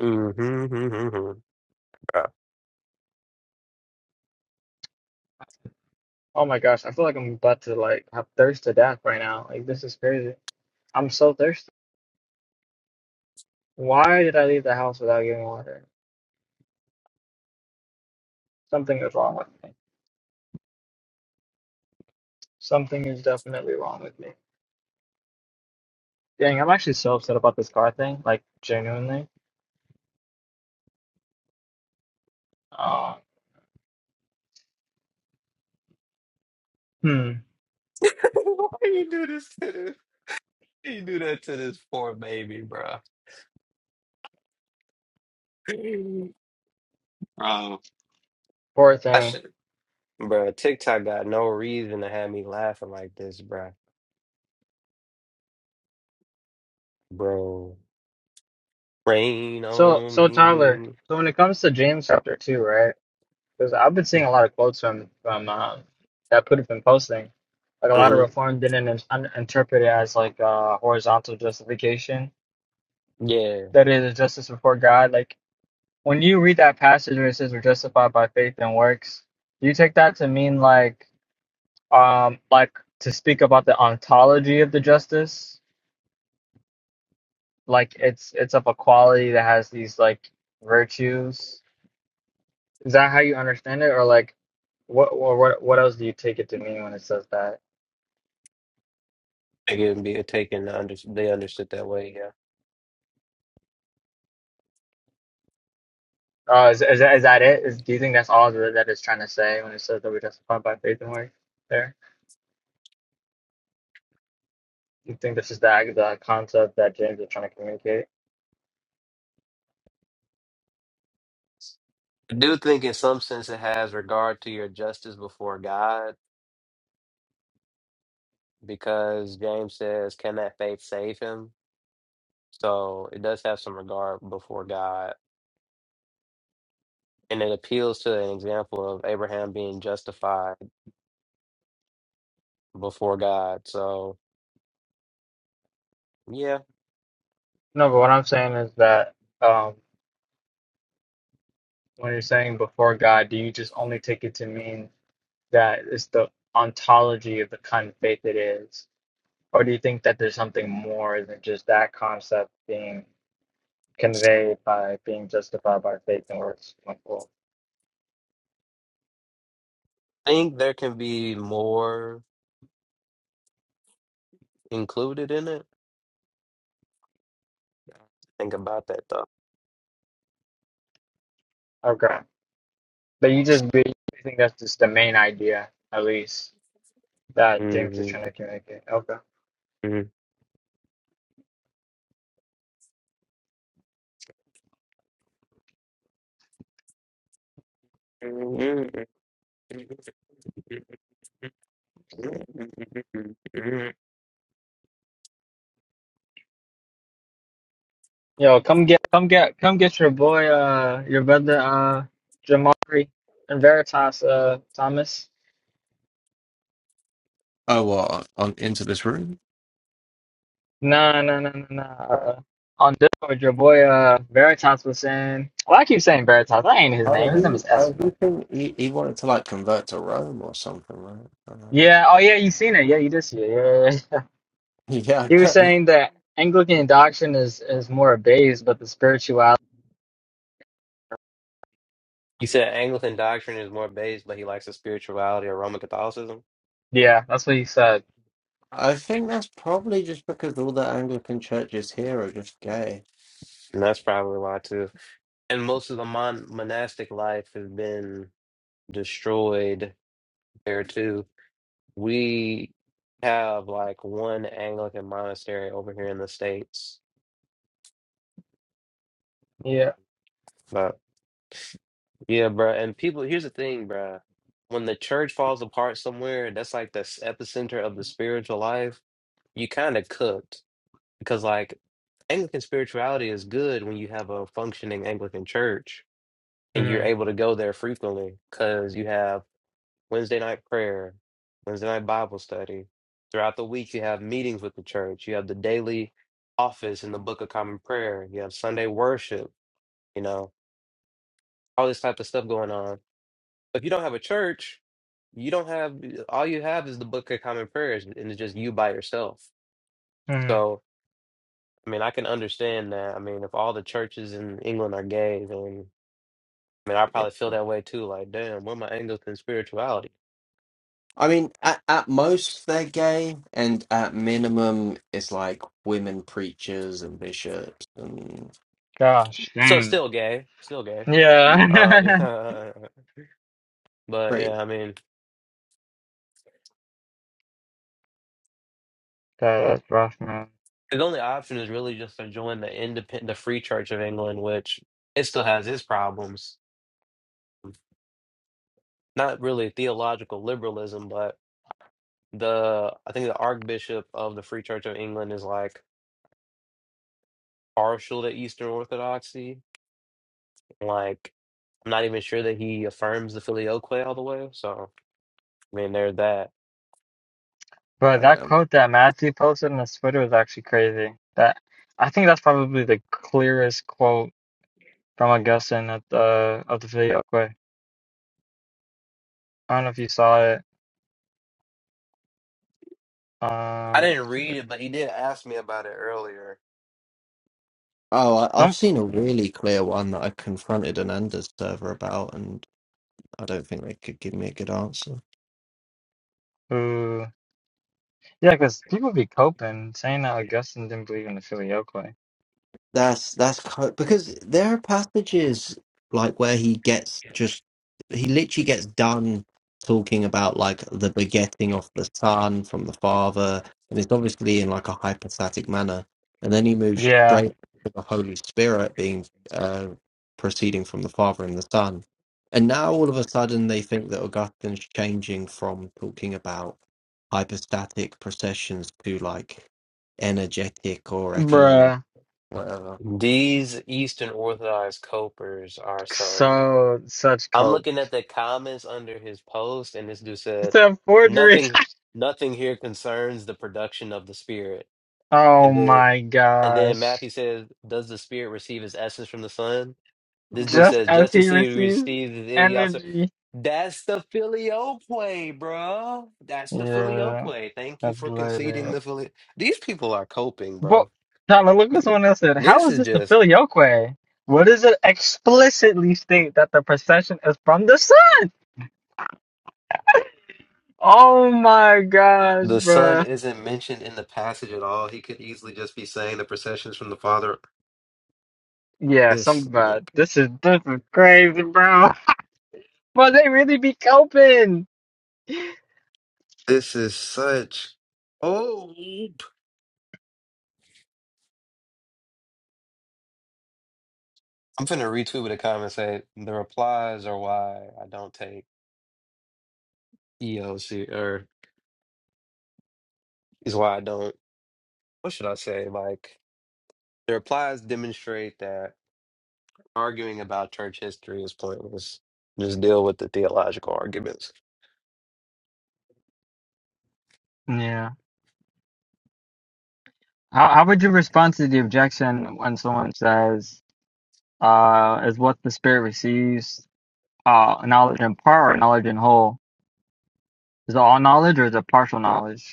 S1: Mm-hmm, mm-hmm, bruh.
S3: Oh my gosh, I feel like I'm about to like have thirst to death right now. Like this is crazy. I'm so thirsty. Why did I leave the house without getting water? Something is wrong with me. Something is definitely wrong with me. Dang, I'm actually so upset about this car thing. Like genuinely. Uh, hmm.
S1: Why you do this to this? You do that to this poor baby, bruh. Bro,
S3: Poor
S1: I
S3: thing.
S1: should, bruh. TikTok got no reason to have me laughing like this, bruh. Bro. Rain
S3: So
S1: on
S3: so Tyler.
S1: me.
S3: So when it comes to James chapter two, right? Because I've been seeing a lot of quotes from from um, that Putin's been posting. Like a lot of
S1: hmm
S3: reform didn't in, un, interpret it as like uh, horizontal justification.
S1: Yeah,
S3: That is a justice before God. Like when you read that passage where it says we're justified by faith and works, do you take that to mean like um like to speak about the ontology of the justice? Like it's it's of a quality that has these like virtues. Is that how you understand it, or like what or what what else do you take it to mean when it says that?
S1: It can be taken. Under, they understood that way. Yeah,
S3: Oh, is is that, is that it? Is, do you think that's all that, that it's trying to say when it says that we're justified by faith and works? There, you think this is the the concept that James is trying to communicate?
S1: I do think in some sense it has regard to your justice before God, because James says, "Can that faith save him?" So it does have some regard before God, and it appeals to an example of Abraham being justified before God. So yeah,
S3: No, but what I'm saying is that um, when you're saying before God, do you just only take it to mean that it's the ontology of the kind of faith it is, or do you think that there's something more than just that concept being conveyed by being justified by faith and works? Like, well,
S1: I think there can be more included in it. Think about that
S3: okay, but you just you think that's just the main idea, at least. That James is
S1: though.
S3: trying to communicate. Okay.
S1: hmm You
S3: Yo, come get, come get, come get your boy, uh, your brother, uh, Jamari and Veritas, uh, Thomas.
S2: Oh, what on into this room?
S3: Nah, nah, nah, nah, nah. Uh, on Discord, your boy, uh, Veritas was saying. Well, I keep saying Veritas. That ain't his
S2: Oh,
S3: name. His name
S2: he,
S3: is
S2: oh,
S3: Espa.
S2: he, think he, he wanted to like convert to Rome or something, right? Uh,
S3: Yeah. Oh, yeah. You seen it? Yeah, you did see it. Yeah. yeah, yeah.
S2: yeah,
S3: he was
S2: I-
S3: saying that
S2: yeah.
S3: Anglican doctrine is is more abased, but the spirituality.
S1: said Anglican doctrine is more based, but he likes the spirituality of Roman Catholicism,
S3: Yeah, that's what he said.
S2: I think that's probably just because all the Anglican churches here are just gay.
S1: and that's probably why too. And most of the mon- monastic life has been destroyed there too. We have like one Anglican monastery over here in the states,
S3: Yeah.
S1: but yeah, bruh. And people, here's the thing, bruh. When the church falls apart somewhere, that's like the s- epicenter of the spiritual life. You kind of cooked because like Anglican spirituality is good when you have a functioning Anglican church and you're
S3: Mm-hmm.
S1: able to go there frequently because you have Wednesday night prayer, Wednesday night Bible study. Throughout the week, you have meetings with the church. You have the daily office in the Book of Common Prayer. You have Sunday worship, you know, all this type of stuff going on. If you don't have a church, you don't have, all you have is the Book of Common Prayers and it's just you by yourself.
S3: Mm-hmm.
S1: So, I mean, I can understand that. I mean, if all the churches in England are gay, then I mean, I probably
S2: Yeah.
S1: feel that way too. Like, damn, where my Anglican spirituality?
S2: I mean, at, at most they're gay, and at minimum it's like women preachers and bishops and
S3: Gosh.
S1: So
S3: Dang.
S1: still gay, still gay.
S2: yeah,
S1: Uh,
S3: Yeah.
S1: yeah, but
S2: pretty.
S1: yeah, I mean,
S3: That, that's rough, man.
S1: his only option is really just to join the independent, the Free Church of England, which it still has its problems. Not really theological liberalism, but the I think the Archbishop of the Free Church of England is like partial to Eastern Orthodoxy Like, I'm not even sure that he affirms the filioque all the way. So, I mean, there's that.
S3: But that
S2: Um,
S3: quote that Matthew posted on his Twitter was actually crazy. That I think that's probably the clearest quote from Augustine at the of the video. Quick, I don't know if you saw it.
S1: I
S3: Um, let
S1: didn't read it, but he did ask me about it earlier.
S2: oh, I, I've
S3: some
S2: seen a really clear one that I confronted an Anders server about, and I don't think they could give me a good answer.
S3: ooh, yeah, because people be coping saying that Augustine didn't believe in the filioque.
S2: That's that's co- because there are passages like where he gets just he literally gets done talking about like the begetting of the son from the father, and it's obviously in like a hypostatic manner, and then he moves
S3: Yeah,
S2: straight to the Holy Spirit being uh, proceeding from the father and the son, and now all of a sudden they think that Augustine's changing from talking about hypostatic processions to like energetic or economic,
S3: bruh,
S2: whatever.
S1: These Eastern Orthodox copers are some.
S3: so such
S1: I'm
S3: cope.
S1: looking at the comments under his post, and this dude
S3: It's
S1: said,
S3: a forgery.
S1: "Nothing, nothing here concerns the production of the spirit."
S3: Oh
S1: And then
S3: my
S1: and then
S3: gosh.
S1: Matthew says, Does the Spirit receive his essence from the Son? This dude
S3: Just
S1: says,
S3: as
S1: just as
S3: he
S1: he
S3: receives
S1: receives it, he also
S3: energy.
S1: That's the filioque, bro. That's the
S3: Yeah.
S1: filioque. Thank you
S3: That's
S1: for conceding
S3: loaded.
S1: the filioque. These people are coping,
S3: But
S1: bro.
S3: now look what
S1: Dude,
S3: someone else said. How
S1: This
S3: is
S1: is
S3: this the
S1: just
S3: filioque? What does it explicitly state that the procession is from the sun? Oh my gosh,
S1: the son
S3: bruh.
S1: isn't mentioned in the passage at all. He could easily just be saying the processions from the father.
S3: Yeah,
S1: This
S3: some bad.
S1: nigga.
S3: This is this is crazy, bro. But they really be coping.
S1: This is such hope. I'm finna retweet with a comment say the replies are why I don't take EOC or is why I don't. What should I say? Like the replies demonstrate that arguing about church history is pointless. Just deal with the theological arguments.
S3: Yeah. How how would you respond to the objection when someone says, uh, is what the spirit receives, uh, knowledge in part or knowledge in whole? Is it all knowledge or is it partial knowledge?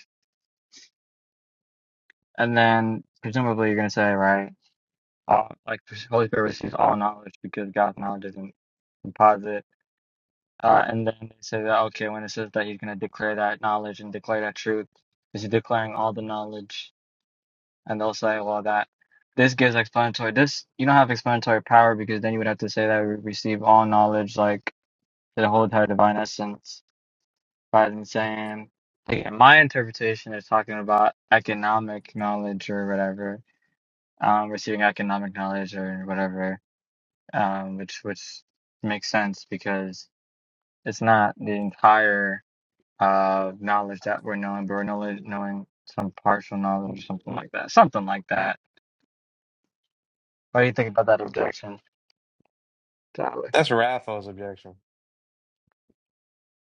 S3: And then presumably you're going to say, right, uh, like the Holy Spirit receives all knowledge because God's knowledge isn't composite. Uh, and then they say that, okay, when it says that he's going to declare that knowledge and declare that truth, is he declaring all the knowledge? And they'll say, well, that this gives explanatory, this, you don't have explanatory power because then you would have to say that we receive all knowledge, like the whole entire divine essence, rather than saying, again, my interpretation is talking about economic knowledge or whatever um, receiving economic knowledge or whatever, um, which which makes sense because it's not the entire uh, knowledge that we're knowing, but we're knowledge, knowing some partial knowledge or something like that. Something like that. What do you think about that objection, Tyler?
S1: That's Raphael's objection.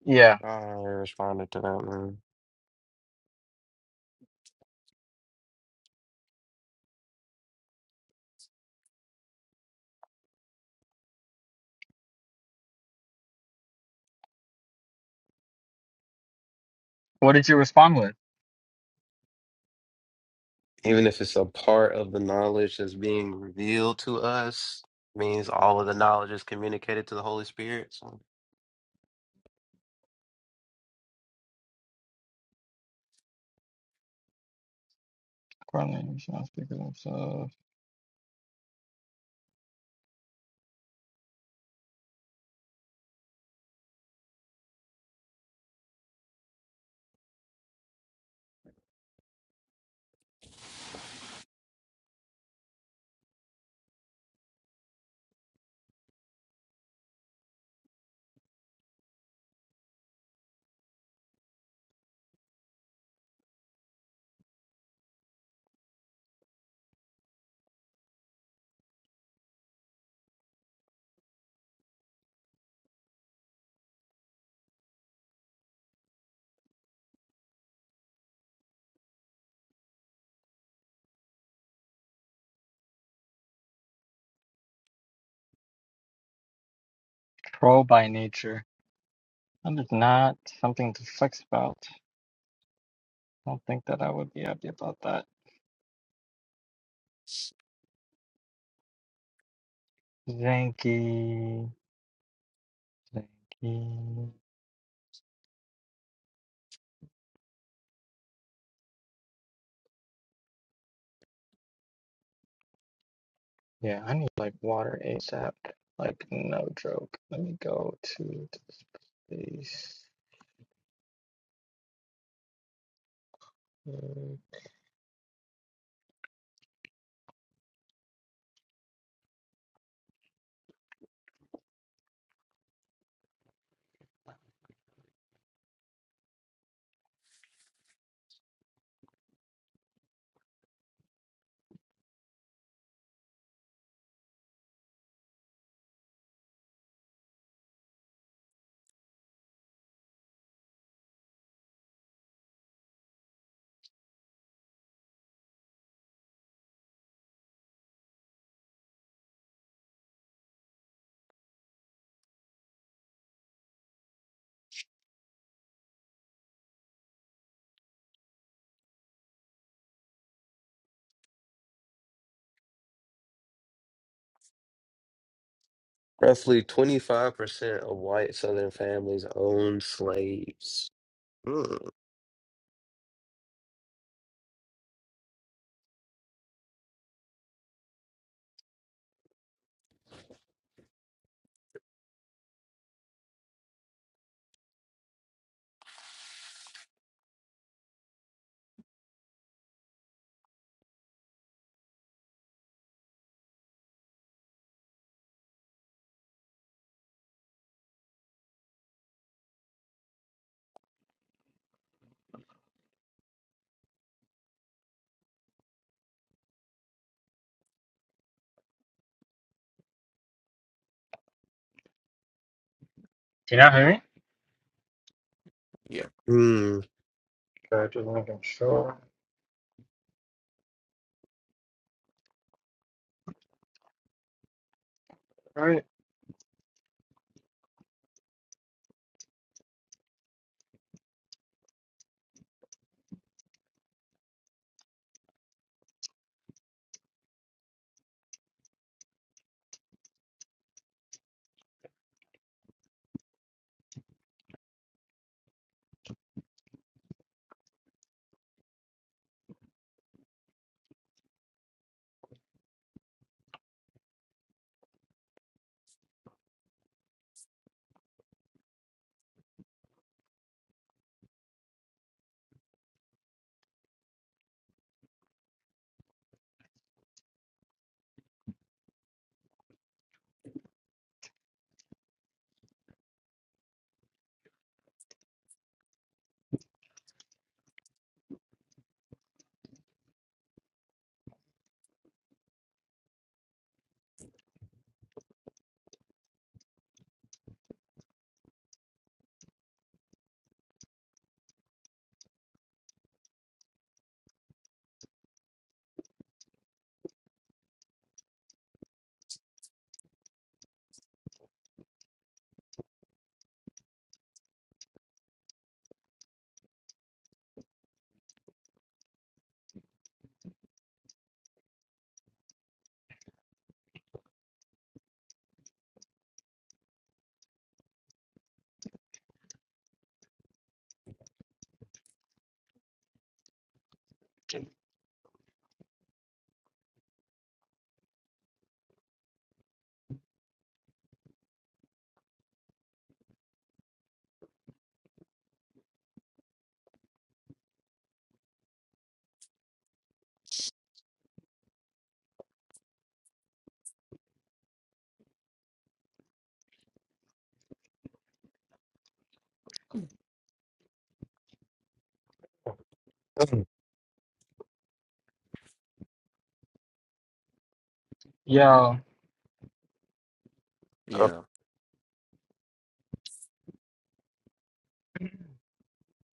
S3: Yeah.
S1: I don't really responded to that man.
S3: What did you respond with?
S1: Even if it's a part of the knowledge that's being revealed to us, means all of the knowledge is communicated to the Holy Spirit. so
S3: Correlating is not speaking of self. Troll by nature. That is not something to flex about. I don't think that I would be happy about that. Zanky. Zanky. Yeah, I need like water ASAP. Like no joke. Let me go to this place. Do
S1: Roughly 25% of white Southern families owned slaves. Mm.
S3: you not hear me?
S2: Yeah.
S1: Mm.
S3: Okay, just making sure. All right.
S1: Mm.
S3: Yo,
S1: So,
S2: Yeah.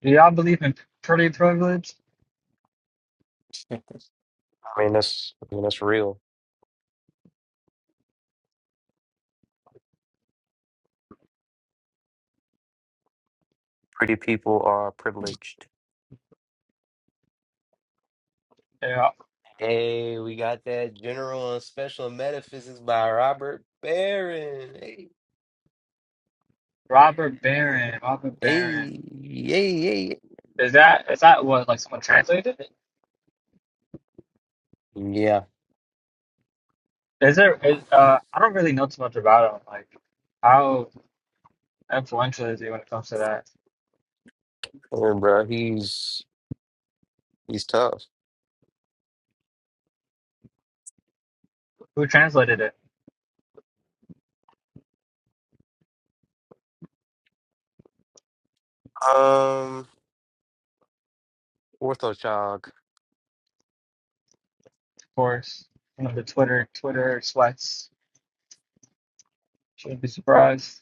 S3: do y'all believe in pretty privilege?
S1: I mean, that's, I mean, that's real. Pretty people are privileged.
S3: Yeah.
S1: Hey, we got that General and Special Metaphysics by Robert Barron. Hey,
S3: Robert Barron. Robert
S1: hey,
S3: Barron.
S1: hey, hey.
S3: Is that is that what like someone translated it?
S1: Yeah,
S3: Is there? Is, uh, I don't really know too much about him. Like, how influential is he when it comes to that?
S1: yeah, bro, he's he's tough.
S3: Who translated it?
S1: Um, orthochog,
S3: Of course, you know the Twitter Twitter sweats. Shouldn't be surprised.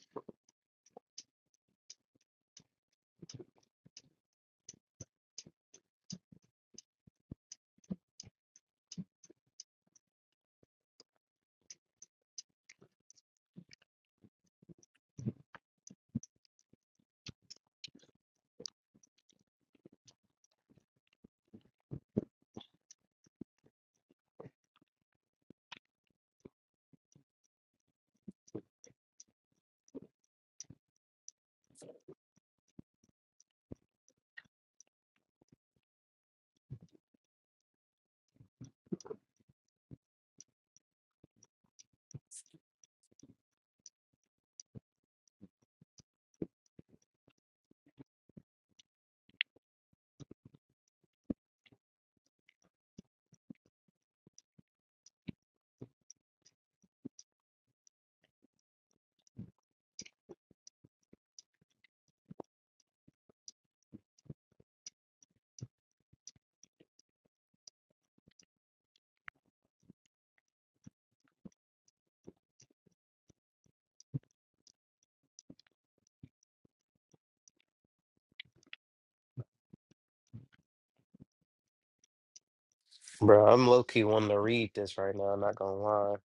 S1: bro. I'm low key wanting to read this right now. I'm not gonna lie.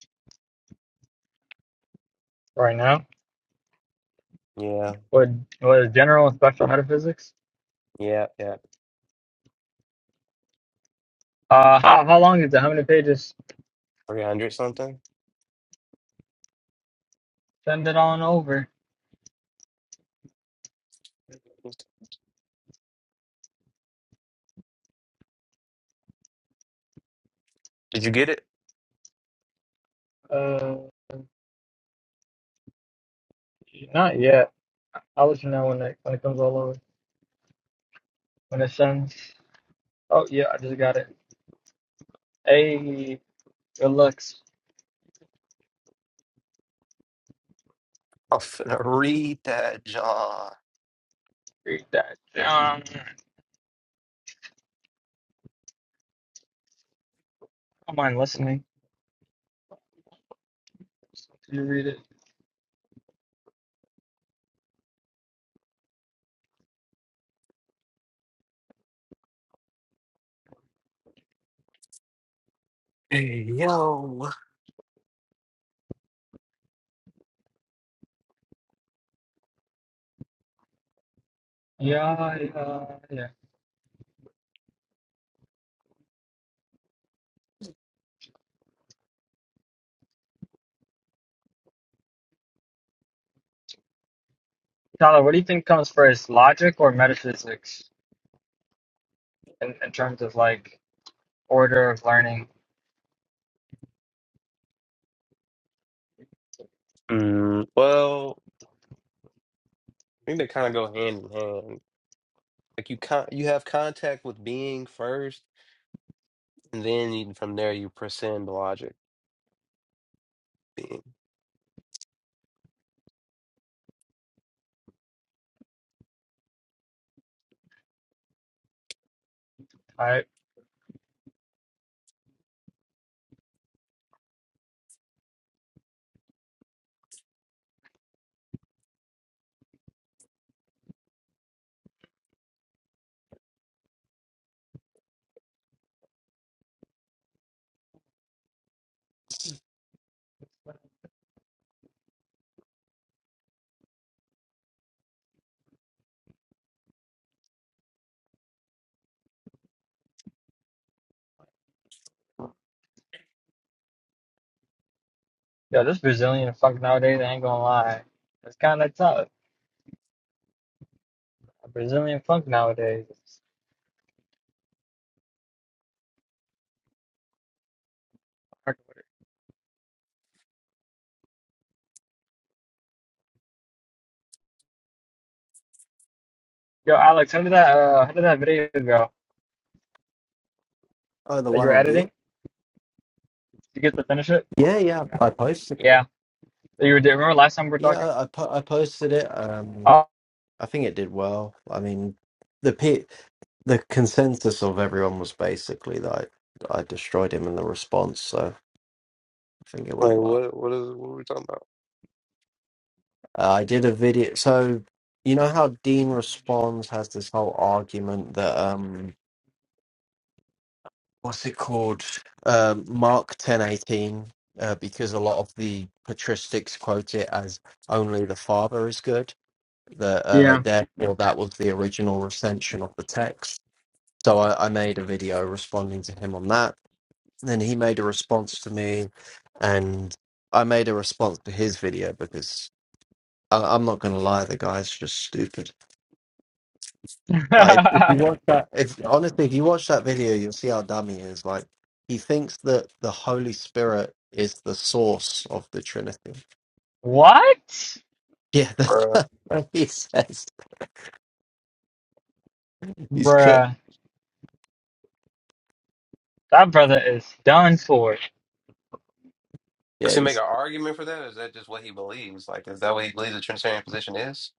S3: right now.
S1: Yeah,
S3: What what is general and special metaphysics?
S1: yeah, yeah.
S3: Uh, how how long is it? How many pages?
S1: 300 something.
S3: Send it on over.
S1: Did you get it?
S3: Uh, not yet. I'll let you know when it when it comes all over. When it sends. Oh yeah, I just got it. Hey, it looks.
S1: I'm finna read that, John.
S3: Read that. Um, don't mind listening. You read it.
S1: Hey, yo.
S3: Yeah, yeah, yeah. Tyler, what do you think comes first, logic or metaphysics, in, in terms of like order of learning?
S1: Mm, well, I think they kind of go hand in hand. Like you con you have contact with being first, and then you, from there you transcend logic. Being
S3: All right. Yo, this Brazilian funk nowadays, I ain't gonna lie. It's kind of tough. Brazilian funk nowadays. is hard to order. Yo, Alex, how did that uh, how did that video go
S2: Oh, the
S3: that you
S2: one
S3: were
S2: on D.
S3: editing? Did you get to finish it?
S2: Yeah, yeah, I posted
S3: Yeah. That You were, remember last time we were
S2: Yeah,
S3: talking?
S2: I I po- I posted it. Um,
S3: Oh,
S2: I think it did well. I mean, the pe the consensus of everyone was basically that I, I destroyed him in the response, so I think it went
S1: like,
S2: well.
S1: what what is what are we talking about?
S2: Uh, I did a video. So you know how Dean responds has this whole argument that um, what's it called? Um, Mark ten eighteen. Uh, because a lot of the patristics quote it as only the father is good that uh,
S3: yeah.
S2: therefore that was the original recension of the text. So I, I made a video responding to him on that. Then he made a response to me, and I made a response to his video because I, I'm not going to lie, the guy's just stupid. Like if if you watch that, if honestly, if you watch that video, you'll see how dumb he is. Like he thinks that the Holy Spirit is the source of the Trinity.
S3: What?
S2: Yeah, that's
S1: Uh,
S2: what he says. He's cooked.
S3: Bruh, that brother is done for.
S1: does
S2: Yeah,
S1: he
S2: he's
S1: make an argument for that, or is that just what he believes? Like, is that what he believes the Trinitarian position is?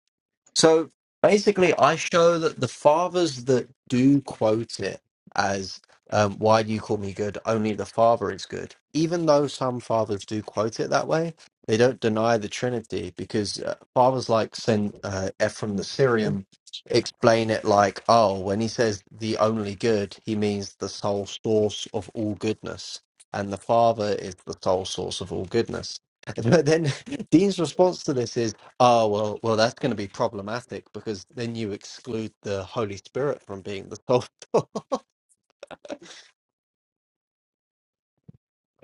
S2: So basically, I show that the fathers that do quote it as um, "Why do you call me good?" Only the Father is good. Even though some fathers do quote it that way, they don't deny the Trinity because uh, fathers like Saint uh, Ephraim the Syrian explain it like, "Oh, when he says the only good, he means the sole source of all goodness, and the Father is the sole source of all goodness." But then Dean's response to this is. Oh well, well that's going to be problematic because then you exclude the Holy Spirit from being the soul.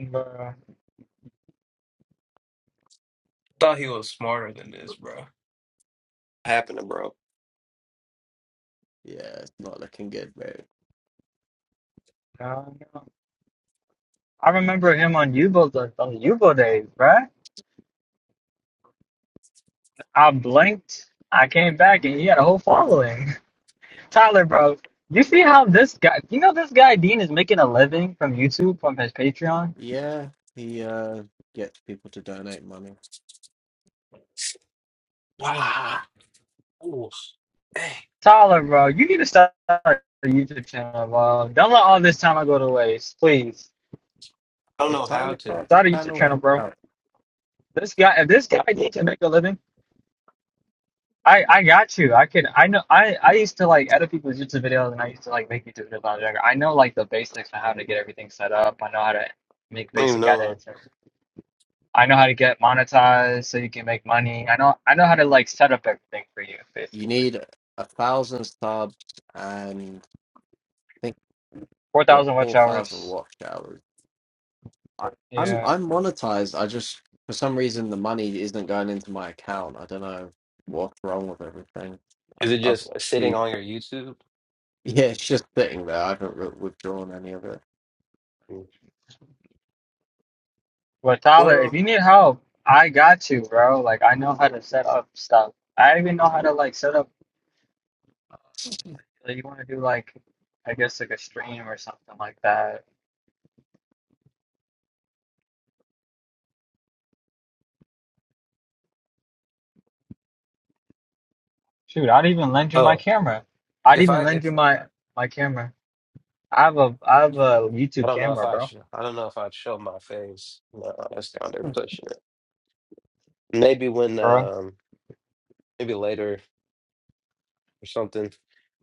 S3: Bruh,
S1: Thought he was smarter than this, bro. Happening, bro.
S2: yeah, it's not looking good, bro.
S3: no, no. I remember him on Yubo, the- on the Yubo days, bruh. I blinked, I came back, and he had a whole following. Tyler, bro, you see how this guy, you know, this guy Dean is making a living from YouTube from his Patreon.
S2: Yeah, he uh gets people to donate money.
S1: Wow. Oof. Dang. I
S3: Tyler, bro, you need to start a YouTube channel, bro. Don't let all this time I go to waste, please.
S1: don't
S2: If
S1: know how
S2: Tyler
S1: to.
S2: starts the
S3: Start a YouTube
S2: channel,
S3: channel, bro.
S2: out,
S3: This guy, if this guy Dean can make a living, I, I got you. I can, I know, I, I used to like edit people's YouTube videos and I used to like make YouTube videos. on I was I know like the basics on how to get everything set up. I know how to make
S1: I don't even
S3: basic
S1: know.
S3: edits. and. I know how to get monetized so you can make money. I know I know how to like set up everything for you
S2: you
S3: basically.
S2: need a thousand subs and I think
S3: Four
S2: yeah
S3: thousand watch
S2: four thousand
S3: hours.
S2: watch hours. I, I'm
S3: Yeah.
S2: I'm monetized. I just for some reason the money isn't going into my account. I don't know what's wrong with everything.
S1: Is
S2: I've,
S1: it just
S2: I've
S1: sitting on your YouTube?
S2: Yeah, it's just sitting there. I haven't re- withdrawn any of it.
S3: But Tyler, if
S1: Well,
S3: you need help, I got you, bro. Like I know how to set up stuff. I even know how to like set up uh, like you wanna do like I guess like a stream or something like that. Shoot, I'd even lend you my
S1: oh,
S3: camera. I'd
S1: if
S3: even
S1: I
S3: lend
S1: if
S3: you my
S1: I
S3: my camera. I have a I have a
S1: I
S3: YouTube
S1: don't know if
S3: camera,
S1: I
S3: bro.
S1: should, I don't know if I'd show my face. No, that's down there
S2: It's
S1: pushing it. Maybe when
S3: Bro.
S1: um maybe later or something.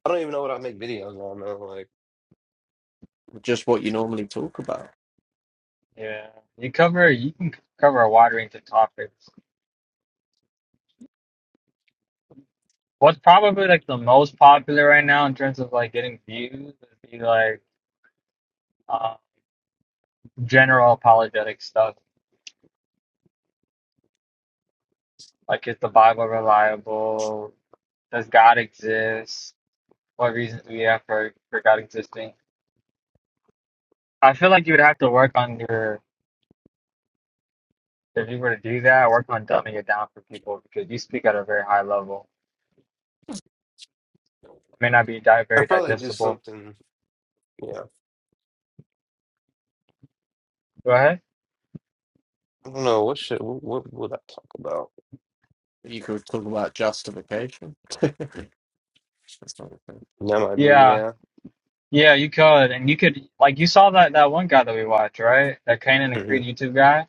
S1: I don't even know what I make videos on though. Like
S2: Just what you normally talk about.
S3: Yeah. You cover you can cover a wide range of topics. What's probably like the most popular right now in terms of like getting views would be like uh, general apologetic stuff. Like, is the Bible reliable? Does God exist? What reasons do we have for, for God existing? I feel like you would have to work on your, if you were to do that, work on dumbing it down for people because you speak at a very high level. It may not be di
S1: I
S3: very
S1: probably do
S3: digestible.
S1: something. Yeah,
S3: Go ahead.
S1: I don't know what should what, what would I talk about?
S2: You could talk about justification. That's not a thing.
S1: That might be
S3: Yeah.
S1: yeah.
S3: Yeah, you could. And you could, like, you saw that, that one guy that we watched, right? That Kanan and
S1: hmm
S3: Creed YouTube guy.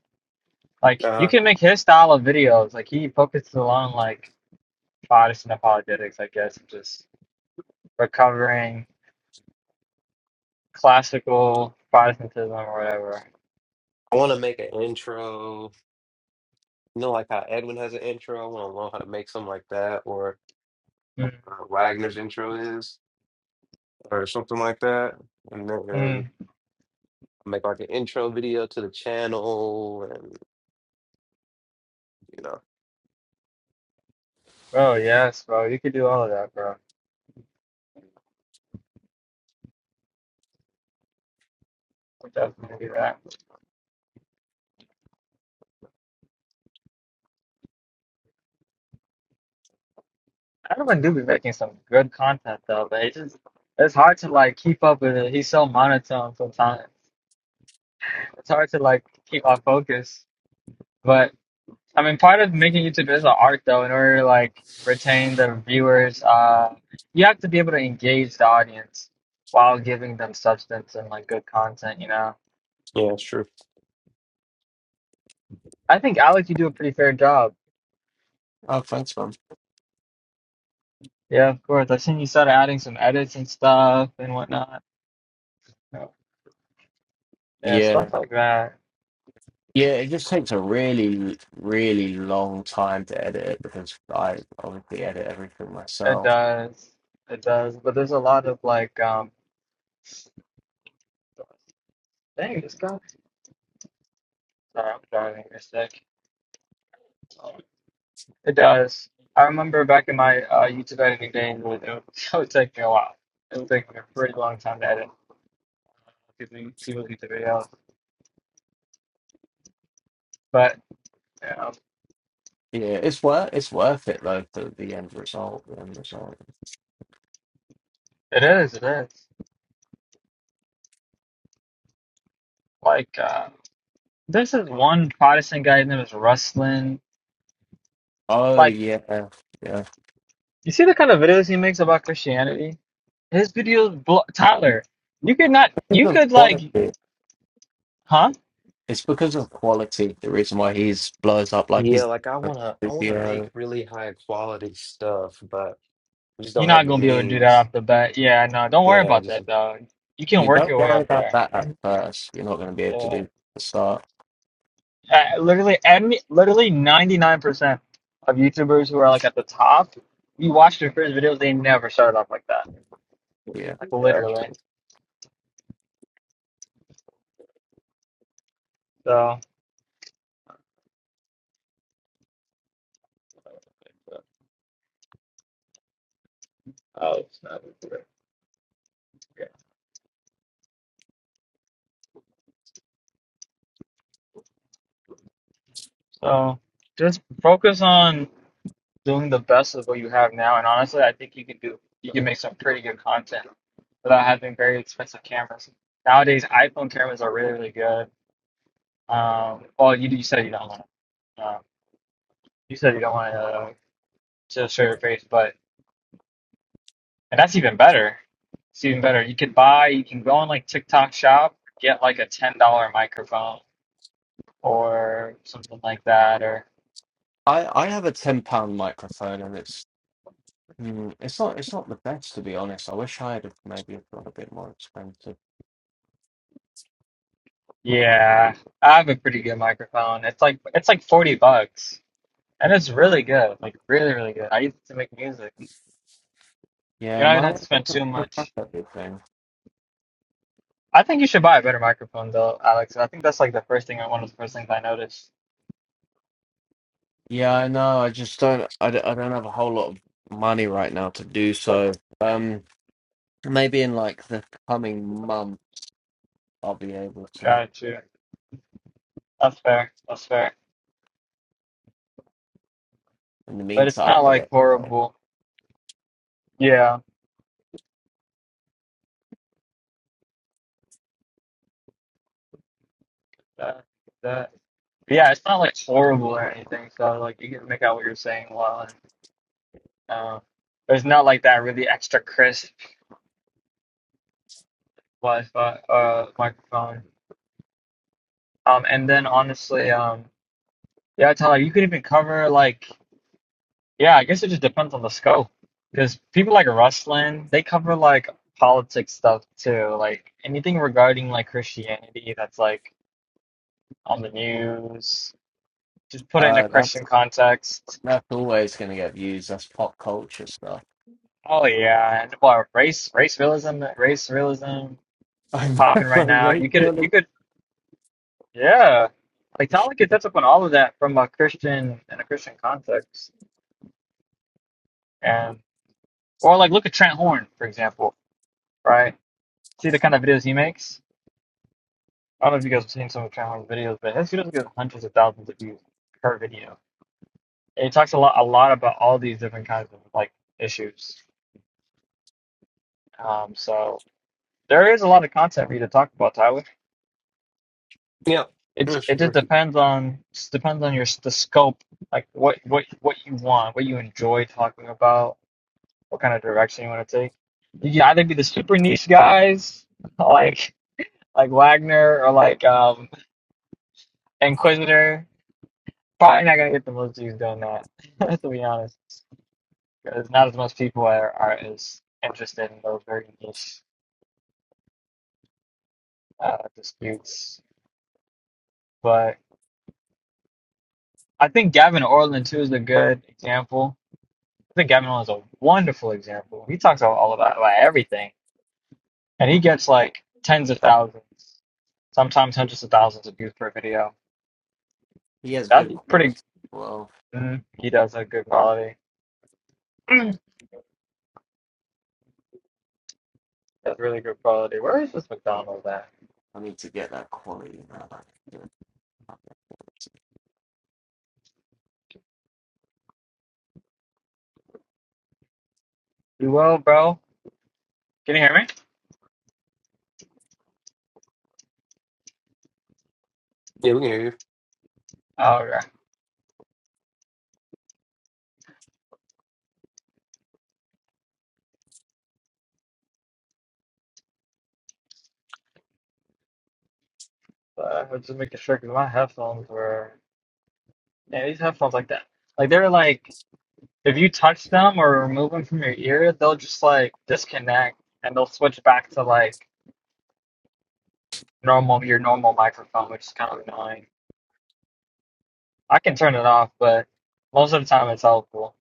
S3: Like you
S1: Uh,
S3: can make his style of videos. Like he focuses on like Protestant apologetics, I guess, and just recovering classical Protestantism or whatever.
S1: I want to make an intro. You know, like how Edwin has an intro. I want to learn how to make something like that or. uh,
S3: mm
S1: Wagner's intro is, or something like that. And then
S3: mm.
S1: make like an intro video to the channel, and you know,
S3: Bro, yes, bro. You could do all of that, bro. We'll Definitely do that. Adam do be making some good content though, but it's just it's hard to like keep up with it. He's so monotone sometimes. It's hard to like keep our focus. But I mean, part of making YouTube is an art, though. In order to like retain the viewers, uh, you have to be able to engage the audience while giving them substance and like good content. You know,
S1: yeah, sure.
S3: I think Alex, you do a pretty fair job.
S2: Oh, thanks, man.
S3: Yeah, of course. I have seen you start adding some edits and stuff and whatnot. So, Yeah, stuff
S2: Yeah,
S3: like that.
S2: yeah. It just takes a really, really long time to edit it because I obviously edit everything
S3: It
S2: myself.
S3: does. It does. But there's a lot of like, um, dang, this guy. Sorry, I'm driving. A sec. It does. I remember back in my uh, YouTube editing days, it would, it would, it would take me a while. It would take me a pretty long time to edit people people's YouTube videos. But you know,
S2: Yeah, it's worth it's worth it though for the end result. The end result.
S3: it is, it is. Like, uh, there's this one Protestant guy named is Rustlin.
S2: Oh
S3: Like,
S2: yeah, yeah.
S3: you see the kind of videos he makes about Christianity? His videos, blo Tyler, you could not, you
S2: Because of
S3: could like,
S2: quality.
S3: huh?
S2: It's because of quality. The reason why he's blows up like
S1: Yeah,
S2: he's
S1: like I wanna, I wanna make really high quality stuff, but I just
S3: You're
S1: don't
S3: not
S1: have the
S3: gonna be able to do that
S1: means.
S3: off the bat. Yeah, no, don't worry
S1: Yeah, I
S3: about
S1: just
S3: that though. You can
S2: You
S3: work
S2: don't
S3: your way
S2: worry
S3: up
S2: about
S3: there.
S2: that at first. You're not going to be able to
S3: Yeah.
S2: do the start.
S3: Uh, literally, every, literally 99% of YouTubers who are like at the top, you watch their first videos, they never started off like that.
S2: Yeah,
S3: Like
S1: yeah,
S3: literally.
S1: sure.
S3: So, Oh, it's not Okay. so just focus on doing the best of what you have now. And honestly, I think you can do, you can make some pretty good content without having very expensive cameras. Nowadays, iPhone cameras are really, really good. Um, well, you, you said you don't want to, uh, you said you don't want to, uh, to show your face, but. And that's even better. It's even better. You could buy, you can go on like TikTok shop, get like a $10 microphone or something like that. Or
S2: I I have a ten pound microphone and it's mm, it's not it's not the best to be honest. I wish I had maybe got a bit more expensive.
S3: yeah, I have a pretty good microphone. It's like, it's like 40 bucks and it's really good. Like really, really good. I use it to make music. You
S2: Yeah,
S3: don't even
S2: my
S3: have
S2: one
S3: to spend too
S2: doesn't pick up
S3: much.
S2: everything.
S3: I think you should buy a better microphone though, Alex. I think that's like the first thing, one of the first things I noticed.
S2: Yeah, I know. I just don't. I, d- I don't have a whole lot of money right now to do so. Um, maybe in like the coming month I'll be able to.
S3: Try to. That's fair. That's fair.
S2: In the
S3: But it's
S2: meantime,
S3: not
S2: I
S3: like
S2: don't know.
S3: horrible. Yeah. That, that. Yeah, it's not like horrible or anything, so like you can make out what you're saying well. And, uh, there's not like that really extra crisp Wi-Fi uh, microphone. Um, and then honestly, um, yeah, Tyler, you could even cover like yeah, I guess it just depends on the scope because people like Ruslan, they cover like politics stuff too, like anything regarding like Christianity that's like on the news. Just put it in a
S2: Uh, that's
S3: Christian context.
S2: that's always going to get views. That's pop culture stuff.
S3: Oh yeah, and what race, race realism, race realism. that's
S2: I'm
S3: popping right now.
S2: right
S3: You
S2: there.
S3: could
S2: look-
S3: you could yeah. Like Tomlin could touch up on all of that from a Christian and a Christian context. And or like look at Trent Horn, for example, right? See the kind of videos he makes? I don't know if you guys have seen some of Trent Horn's videos, but his videos get hundreds of thousands of views per video. And he talks a lot a lot about all these different kinds of like issues. Um so there is a lot of content for you to talk about, Tyler.
S1: yeah,
S3: It
S1: that's
S3: it just
S1: true.
S3: depends on depends on your the scope, like what what what you want, what you enjoy talking about, what kind of direction you want to take. You can either be the super niche guys like like Wagner or like um Inquisitor. Probably not gonna get the most views doing that, to be honest, because not as much people are, are as interested in those very niche uh, disputes. But I think Gavin Orland too is a good example I think Gavin Williams is a wonderful example. He talks about all about like everything, and he gets like tens of thousands, sometimes hundreds of thousands of views per video.
S2: He has
S3: That's
S2: good
S3: pretty.
S2: quality. Well,
S3: mm, He does a good quality. Mm, That's really good quality. Where is this McDonald's at?
S2: I need to get that quality. now, like, yeah.
S3: You well, bro? Can you hear me?
S1: Yeah, we can hear
S3: Oh, okay. Uh, I was just making sure because my headphones were. Yeah, these headphones like that. Like they're like if you touch them or remove them from your ear, they'll just like disconnect and they'll switch back to like normal your normal microphone, which is kind of annoying. I can turn it off, but most of the time it's helpful.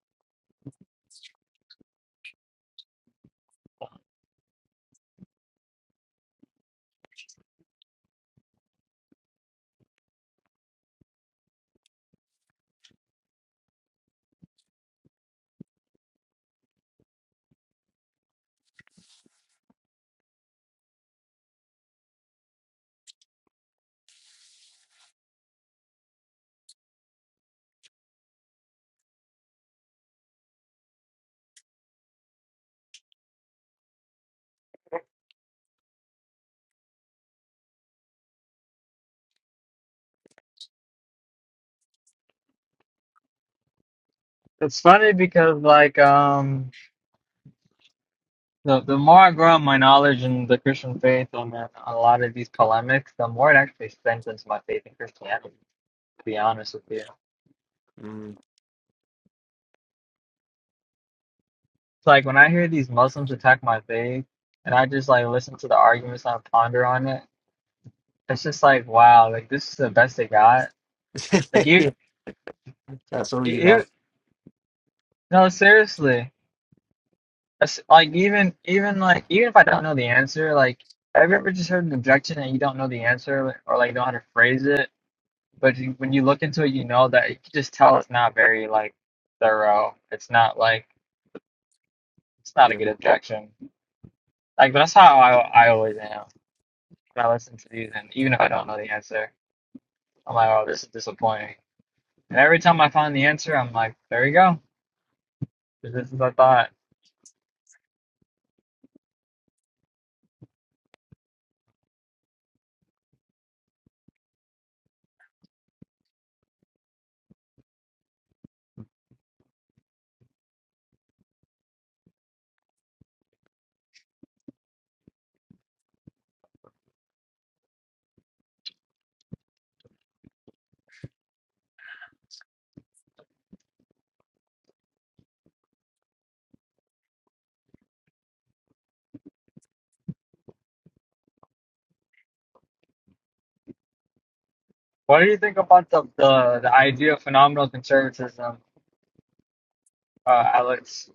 S3: It's funny because like um the the more I grow in my knowledge in the Christian faith on a a lot of these polemics, the more it actually strengthens my faith in Christianity. To be honest with you, it's
S2: Mm.
S3: like when I hear these Muslims attack my faith, and I just like listen to the arguments and I ponder on it. It's just like wow, like this is the best they got. Like you,
S2: Yeah, That's all you
S3: you,
S2: like.
S3: no seriously. That's like even even like even if I don't know the answer, like have you ever just heard an objection and you don't know the answer or like know how to phrase it, but you, when you look into it, you know that you can just tell it's not very like thorough. It's not like it's not a
S2: Yeah.
S3: good objection. Like that's how I I always am when I listen to these, and even if I don't know the answer, I'm like, oh, this is disappointing. And every time I find the answer, I'm like, there you go. This is what I thought. What do you think about the the, the idea of phenomenal conservatism, uh, Alex?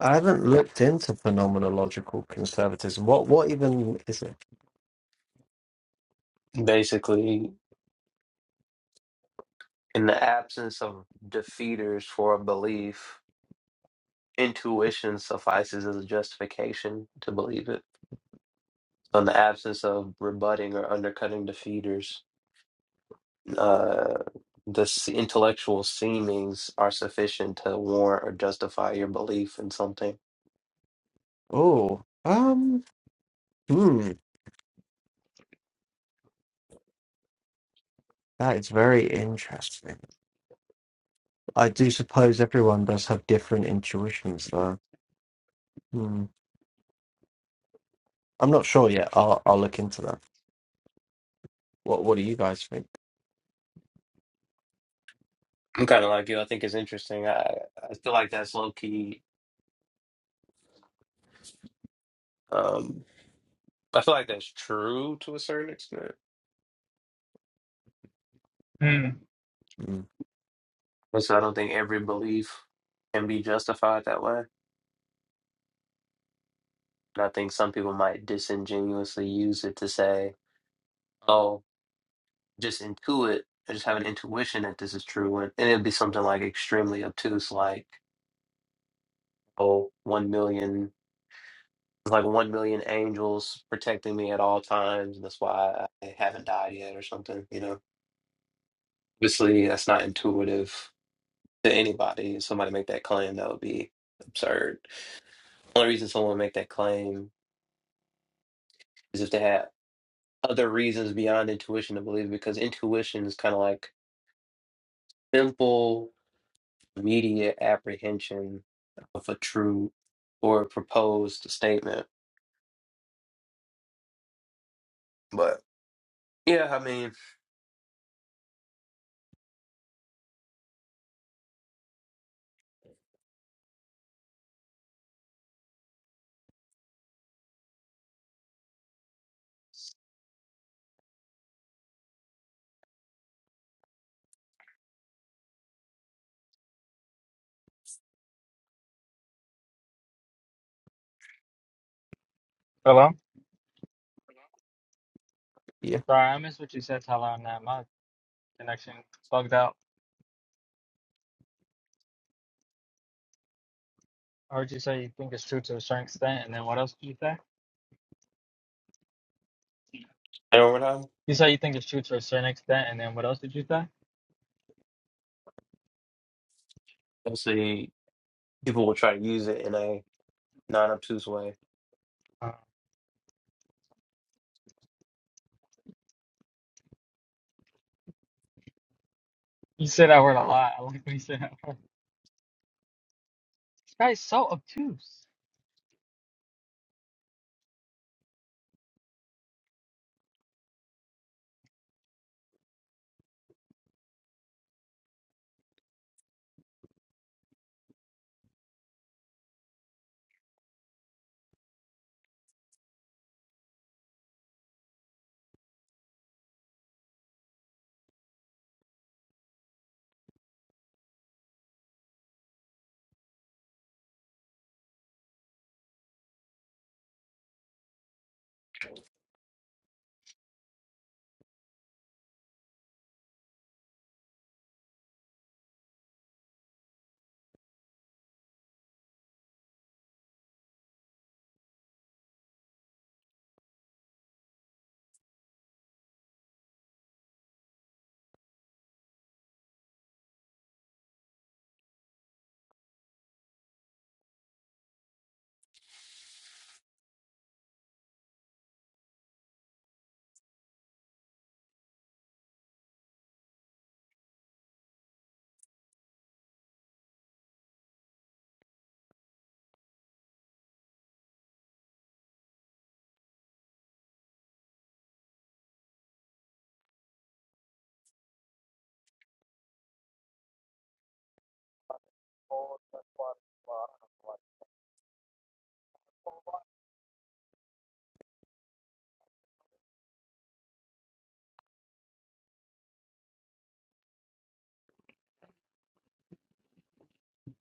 S2: I haven't looked into phenomenological conservatism. What what even is it?
S1: you. Basically, in the absence of defeaters for a belief, intuition suffices as a justification to believe it. on the absence of rebutting or undercutting defeaters, uh, the s- intellectual seemings are sufficient to warrant or justify your belief in something.
S2: Oh, um, hmm, that is very interesting. I do suppose everyone does have different intuitions, though. Hmm. I'm not sure yet. I'll I'll look into that. What What do you guys think?
S1: I'm kind of like you. I think it's interesting. I I feel like that's low key. Um, I feel like that's true to a certain extent.
S3: Hmm.
S2: Hmm.
S1: But so I don't think every belief can be justified that way. And I think some people might disingenuously use it to say, "Oh, just intuit, I just have an intuition that this is true, and, and it'd be something like extremely obtuse, like oh, one million, like one million angels protecting me at all times, and that's why I haven't died yet, or something. You know, obviously that's not intuitive to anybody. If Somebody make that claim, that would be absurd. The only reason someone would make that claim is if they had other reasons beyond intuition to believe, because intuition is kind of like simple. immediate apprehension of a true or proposed statement. But yeah, I mean,
S3: Hello?
S2: Yeah.
S3: Sorry, I missed what you said, Tyler, on that. My connection bugged out. I heard you say you think it's true to a certain extent, and then what else did you say?
S1: and over time,
S3: You say you think it's true to a certain extent, and then what else did you say?
S1: obviously, people will try to use it in a non obtuse way.
S3: Uh, you say that word a lot. I like when you say that word. This guy's so obtuse.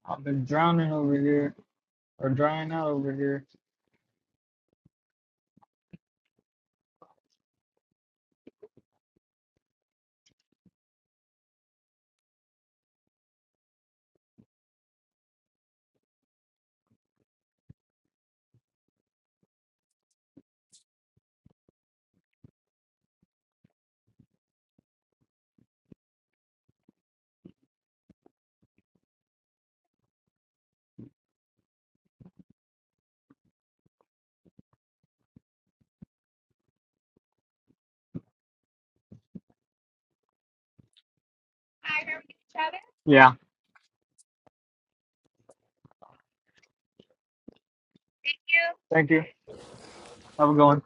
S3: I've been drowning over here, or drying out over here. Yeah. Thank you. Have a good one.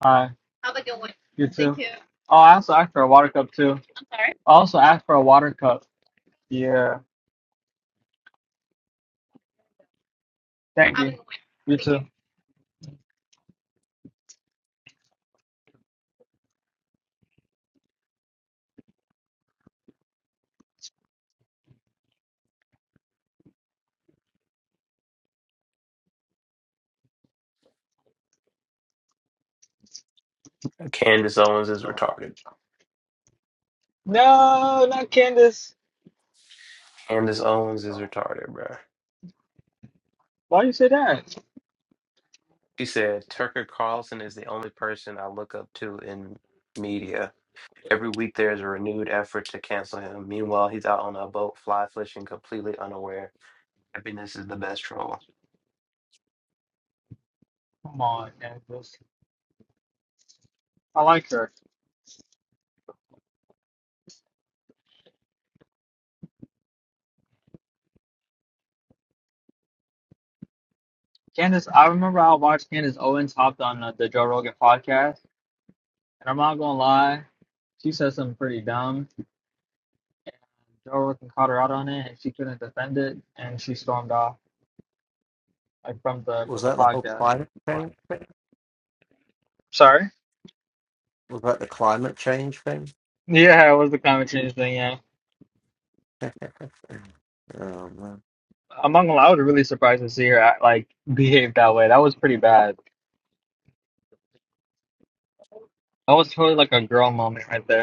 S3: Bye. You too. Oh, I also asked for a water cup, too. I also asked for a water cup. Yeah. Thank you. You too.
S1: Candace Owens is retarded.
S3: No, not Candace.
S1: Candace Owens is retarded, bro.
S3: Why you say that?
S1: She said, Tucker Carlson is the only person I look up to in media. Every week there's a renewed effort to cancel him. Meanwhile, he's out on a boat fly fishing completely unaware. Happiness is the best troll.
S3: Come on, Candace. I like her. Candace, I remember I watched Candace Owens hopped on uh, the Joe Rogan podcast, and I'm not gonna lie, she said something pretty dumb, and Joe Rogan caught her out on it, and she couldn't defend it, and she stormed off like from the
S2: Was
S3: from the
S2: that the whole
S3: podcast.
S2: climate change thing?
S3: Sorry.
S2: Was that the climate change thing?
S3: Yeah, it was the climate change thing. Yeah,
S2: Oh man,
S3: I'm not gonna lie, I was really surprised to see her act, like behave that way. That was pretty bad. That was totally like a girl moment right there.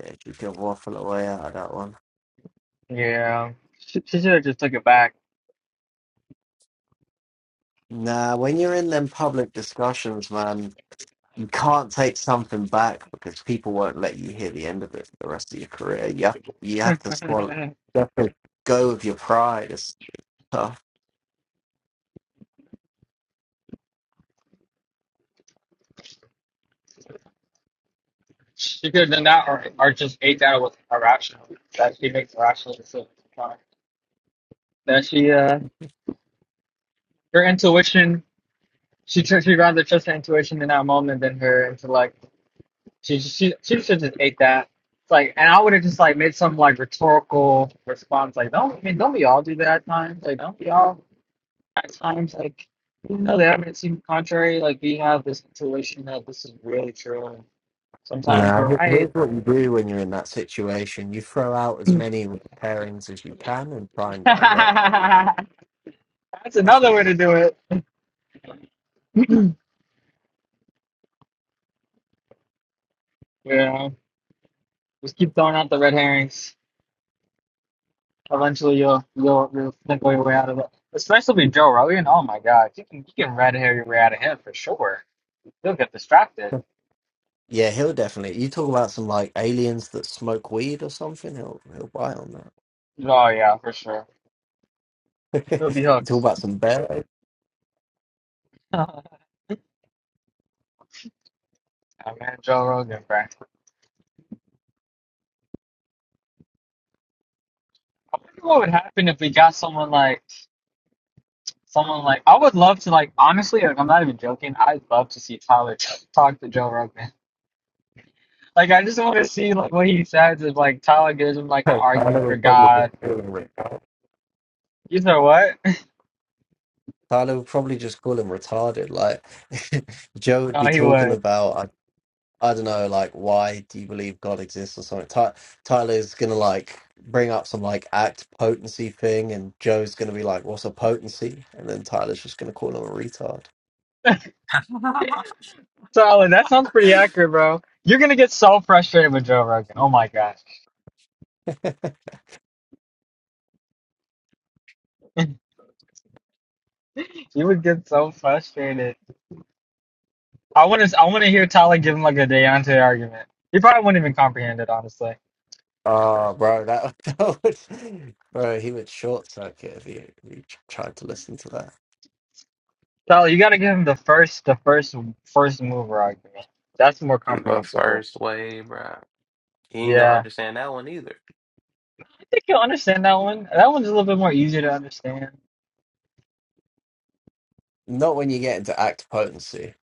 S2: yeah, you could waffle away out of that one.
S3: Yeah, she, she should have just took it back.
S2: Nah, when you're in them public discussions, man, you can't take something back because people won't let you hear the end of it for the rest of your career. You have, you have to swallow. You have to go with your pride. It's tough.
S3: she could have done that, or or just ate that with irrational. That she makes irrational decisions. That she, uh, her intuition. She tr- she rather trust her intuition in that moment than her intellect. She she she should just ate that. It's like, and I would have just like made some like rhetorical response, like don't I mean don't we all do that at times? Like don't we all at times like Even though they haven't seems contrary. Like we have this intuition that this is really true. Sometimes
S2: No,
S3: we're
S2: here-
S3: right.
S2: here's what you do when you're in that situation: you throw out as many pairings as you can and try and
S3: That's
S2: divert. That's
S3: another
S2: what
S3: way to
S2: you
S3: do it. Yeah. Just
S2: do.
S3: keep throwing out the red herrings. Eventually you'll you'll you'll snickle your way out of it. Especially with Joe Rogan. Oh my god. You can you can red hair your way out of him for sure. He'll get distracted.
S2: Yeah, he'll definitely. You talk about some like aliens that smoke weed or something. He'll he'll buy on that.
S3: Oh yeah, for sure. He'll be
S2: you talk
S3: hooked.
S2: about some bear.
S3: oh man, Joe Rogan, bro. I wonder what would happen if we got someone like someone like I would love to like honestly like I'm not even joking, I'd love to see Tyler t- talk to Joe Rogan. Like I just want to see like what he says if like Tyler gives him like an
S2: Like,
S3: argument
S2: Tyler
S3: for
S2: would probably just
S3: God.
S2: call him retarded.
S3: You know what?
S2: Tyler would probably just call him retarded. Like Joe would
S3: No,
S2: be
S3: he
S2: talking
S3: would.
S2: about I I don't know like why do you believe God exists or something. Ty, Tyler's gonna like bring up some like act potency thing, and Joe's gonna be like, "What's a potency?" And then Tyler's just gonna call him a retard.
S3: Solid. That sounds pretty accurate, bro. You're gonna get so frustrated with Joe Rogan. Oh my gosh, you would get so frustrated. I want to. I want to hear Tyler give him like a Deontay argument. He probably wouldn't even comprehend it, honestly.
S2: Oh, bro, that, that would, bro, he would short circuit if he, if he tr- tried to listen to that.
S3: Tyler, you got to give him the first, the first, first mover argument. That's more
S1: My
S3: comprehensible.
S1: first way, bro. He ain't gonna
S3: Yeah,
S1: understand that one either.
S3: I think you'll understand that one. That one's a little bit more easier to understand.
S2: Not when you get into act potency.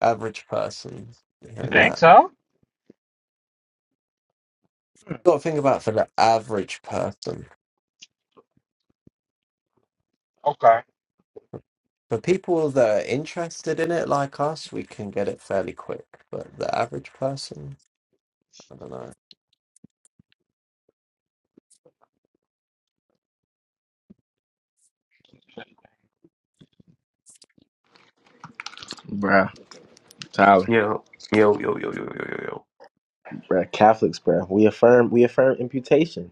S2: Average person
S3: You
S2: hearing
S3: think
S2: that.
S3: so?
S2: Got to think about for the average person.
S3: Okay.
S2: For people that are interested in it, like us, we can get it fairly quick. But the average person, I don't know.
S5: Bruh, Tyler.
S1: Yo, yo, yo, yo, yo, yo, yo, yo.
S5: Bruh, Catholics, bruh. We affirm we affirm imputation.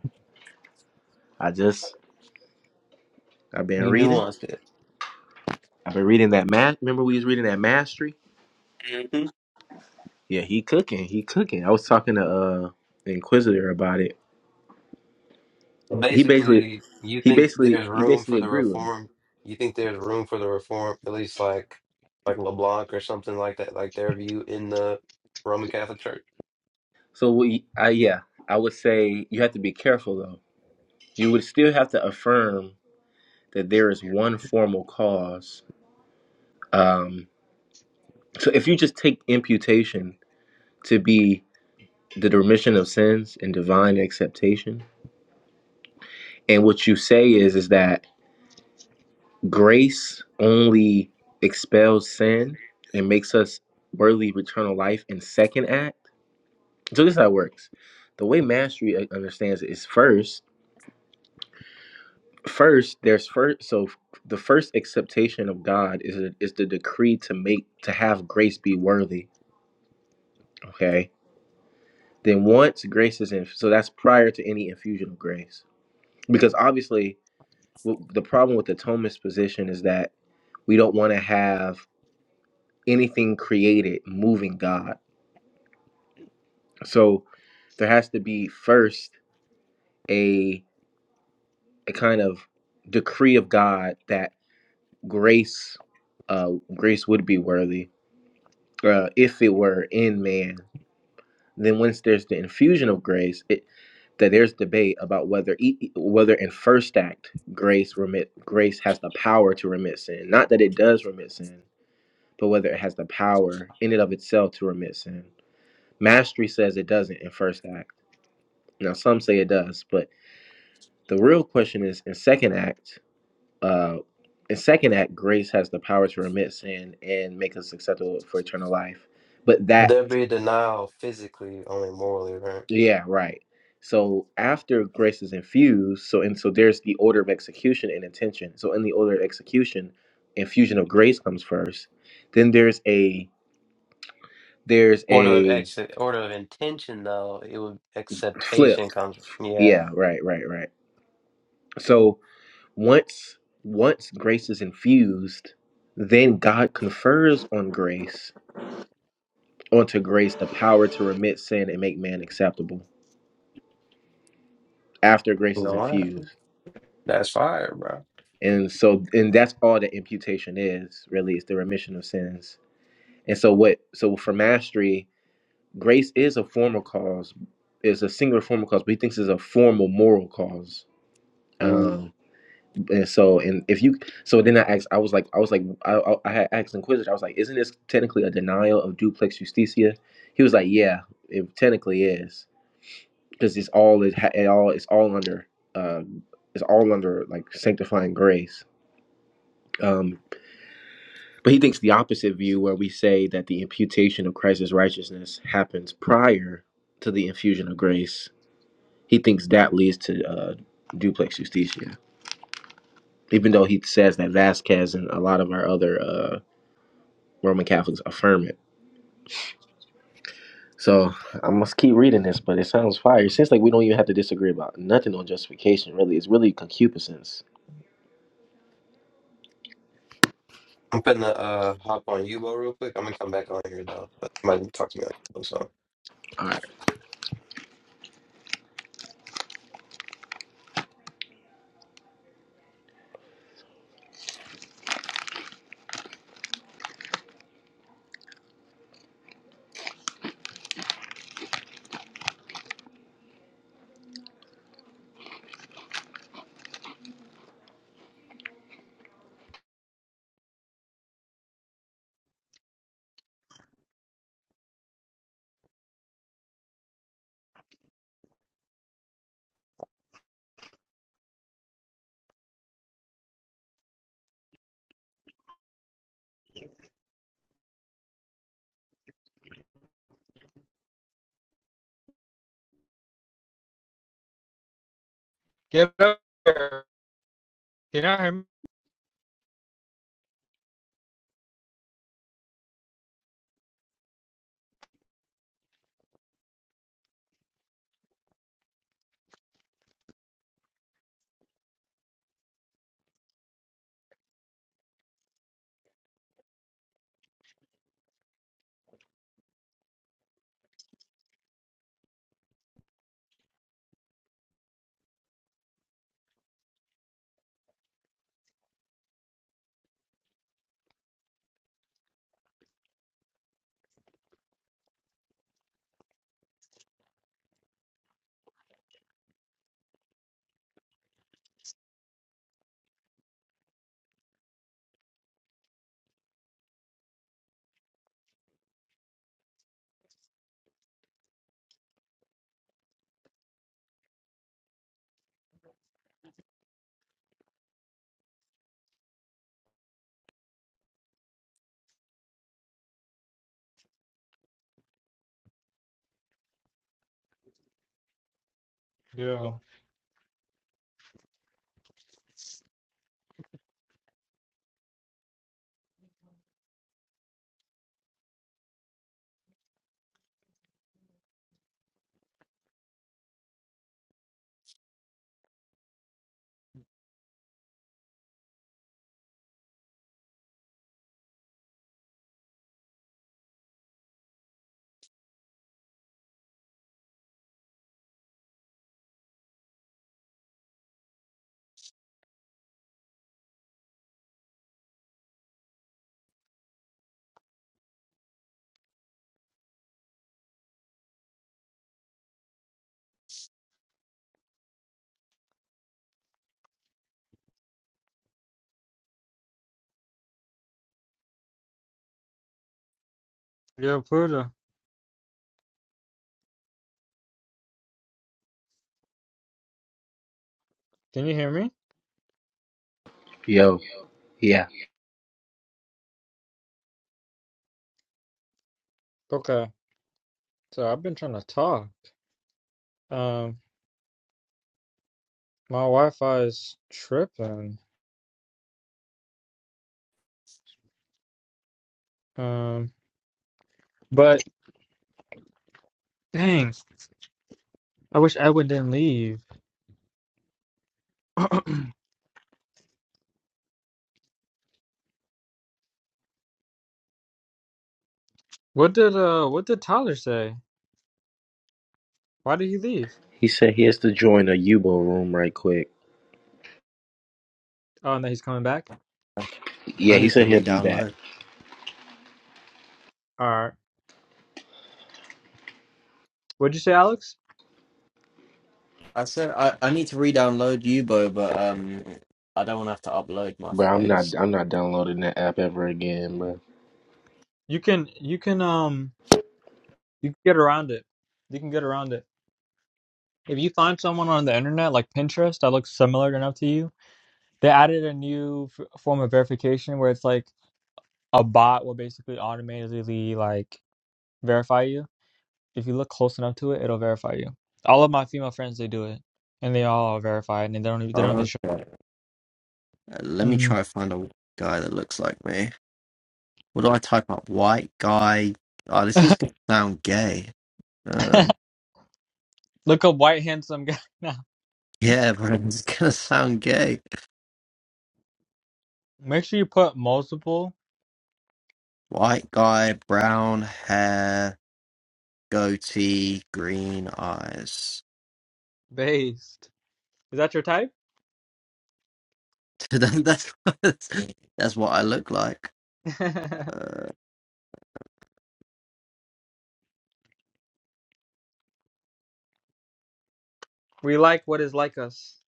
S5: I just I've been
S1: You
S5: reading.
S1: nuanced it.
S5: I've been reading that math. Remember we was reading that mastery?
S1: Mhm.
S5: Yeah, he cooking. He cooking. I was talking to uh the Inquisitor about it. He basically
S1: Basically, you
S5: he
S1: think
S5: basically
S1: there's
S5: he
S1: room
S5: basically
S1: for the
S5: agreed with me.
S1: reform. You think there's room for the reform, at least like like LeBlanc or something like that, like their view in the Roman Catholic Church.
S5: So we I yeah, I would say you have to be careful though. You would still have to affirm that there is one formal cause. Um so if you just take imputation to be the remission of sins and divine acceptation. And what you say is is that grace only expels sin and makes us worthy of eternal life in second act. So this is how it works. The way mastery uh, understands it is first, first there's first so the first acceptation of God is is the decree to make to have grace be worthy. Okay. Then once grace is in, so that's prior to any infusion of grace, because obviously w- the problem with the Thomas position is that we don't want to have anything created moving God. So there has to be first a a kind of decree of God that grace uh grace would be worthy uh if it were in man. Then once there's the infusion of grace, it that there's debate about whether e- e- whether in first act grace remit grace has the power to remit sin. Not that it does remit sin, but whether it has the power in and of itself to remit sin. Mastery says it doesn't in first act. Now some say it does, but the real question is in second act. Uh, in second act, grace has the power to remit sin and make us acceptable for eternal life. But that,
S1: There'd be a denial physically, only morally, right?
S5: yeah, right. So after grace is infused, so and so there's the order of execution and intention. So in the order of execution, infusion of grace comes first. Then there's a there's
S1: Order of
S5: a
S1: exit, order of intention, though it would
S5: flip.
S1: acceptation comes. Yeah,
S5: Yeah, right, right, right. So once once grace is infused, then God confers on grace, onto grace the power to remit sin and make man acceptable after
S1: you
S5: grace is
S1: know what?
S5: infused.
S1: That's fire, bro.
S5: And so and that's all that imputation is, really, is the remission of sins. And so what so for mastery, grace is a formal cause, is a singular formal cause, but he thinks it's a formal moral cause. Um, and so and if you so then i asked i was like i was like i, I, I had asked inquisitor i was like isn't this technically a denial of duplex justitia he was like yeah it technically is because it's all it, ha- it all it's all under um it's all under like sanctifying grace um but he thinks the opposite view where we say that the imputation of christ's righteousness happens prior to the infusion of grace he thinks that leads to uh duplex justitia even though he says that vasquez and a lot of our other uh, Roman Catholics affirm it. So I must keep reading this, but it sounds fire. It seems like we don't even have to disagree about nothing on justification, really. It's really concupiscence.
S1: I'm finna uh hop on Yubo real quick. I'm gonna come back on here though. But somebody talk to me on Yubo, so.
S5: All right.
S3: Giver, can you hear me? Yeah. Yeah, Pluto. Can you hear me?
S5: Yo, yeah.
S3: Okay. So I've been trying to talk. Um, my Wi-Fi is tripping. Um, but dang, I wish Edwin didn't leave. What did uh, what did Tyler say? Why did he leave?
S5: He said he has to join a Yubo room right quick.
S3: Oh, and that he's coming back.
S5: Yeah,
S2: I
S5: he
S2: need
S5: said
S2: to
S5: he'll be back.
S2: re-download.
S3: All right. What'd you say, Alex?
S2: I said I, I need to re-download Yubo, but um, I don't want to have to upload my
S5: Bro, I'm not
S2: face.
S5: I'm not downloading that app ever again, bro.
S3: You can, you can, um, you can get around it. You can get around it. If you find someone on the internet like Pinterest that looks similar enough to you. they added a new f- form of verification where it's like a bot will basically automatically like verify you. If you look close enough to it, it'll verify you. All of my female friends they do it, and they all are verified, and they don't even- they don't even show.
S2: Okay. Uh, let me
S3: Mm.
S2: try to find a guy that looks like me. What do I type up? White guy. Oh, this is gonna sound gay. Uh,
S3: Look up white handsome guy now.
S2: yeah, bro, it's gonna sound gay.
S3: Make sure you put multiple
S2: White guy, brown hair, goatee, green eyes.
S3: based. Is that your type?
S2: That- that's what- that's what I look like. Uh,
S3: we like what is like us.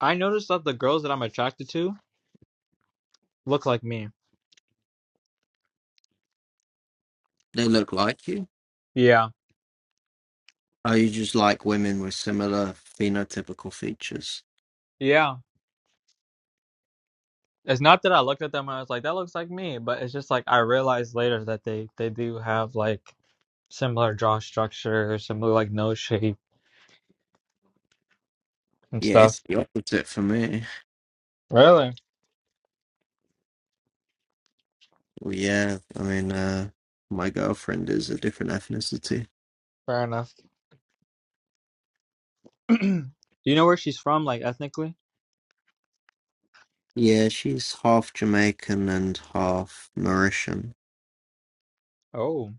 S3: I noticed that the girls that I'm attracted to look like me.
S2: they look like you.
S3: Yeah.
S2: Oh, you just like women with similar phenotypical features.
S3: Yeah. It's not that I looked at them and I was like, that looks like me, but it's just like I realized later that they they do have like similar jaw structure, similar like nose shape and
S2: Yeah, it's
S3: stuff.
S2: the opposite for me.
S3: Really?
S2: Yeah, I mean, uh, my girlfriend is a different ethnicity.
S3: Fair enough. do you know where she's from, like ethnically?
S2: Yeah, she's half Jamaican and half Mauritian.
S3: Oh,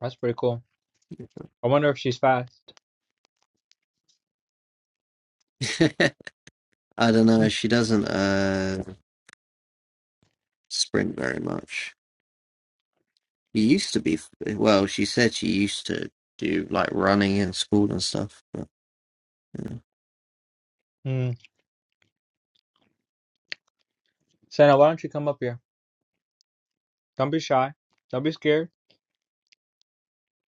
S3: that's pretty cool. I wonder if she's fast.
S2: I don't know, she doesn't uh sprint very much. She used to be, well, she said she used to do like running in school and stuff, but yeah.
S3: Hmm. Santa, why don't you come up here? Don't be shy. Don't be scared.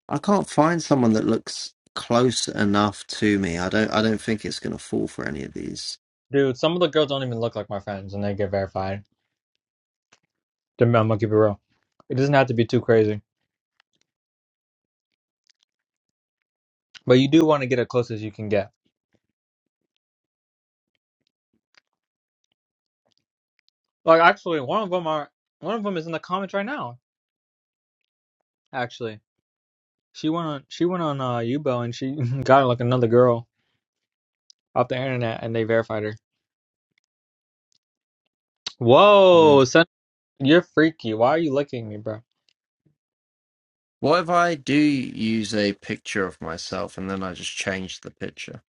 S2: I can't find someone that looks close enough to me. I don't I don't think it's gonna fall for any of these.
S3: Dude, some of the girls don't even look like my friends and they get verified. I'm gonna keep it real. It doesn't have to be too crazy. But you do want to get as close as you can get. Like actually, one of them are one of them is in the comments right now. Actually, she went on she went on uh Yubo and she got like another girl off the internet and they verified her. Whoa, son, you're freaky. Why are you looking me, bro?
S2: What if I do use a picture of myself and then I just change the picture?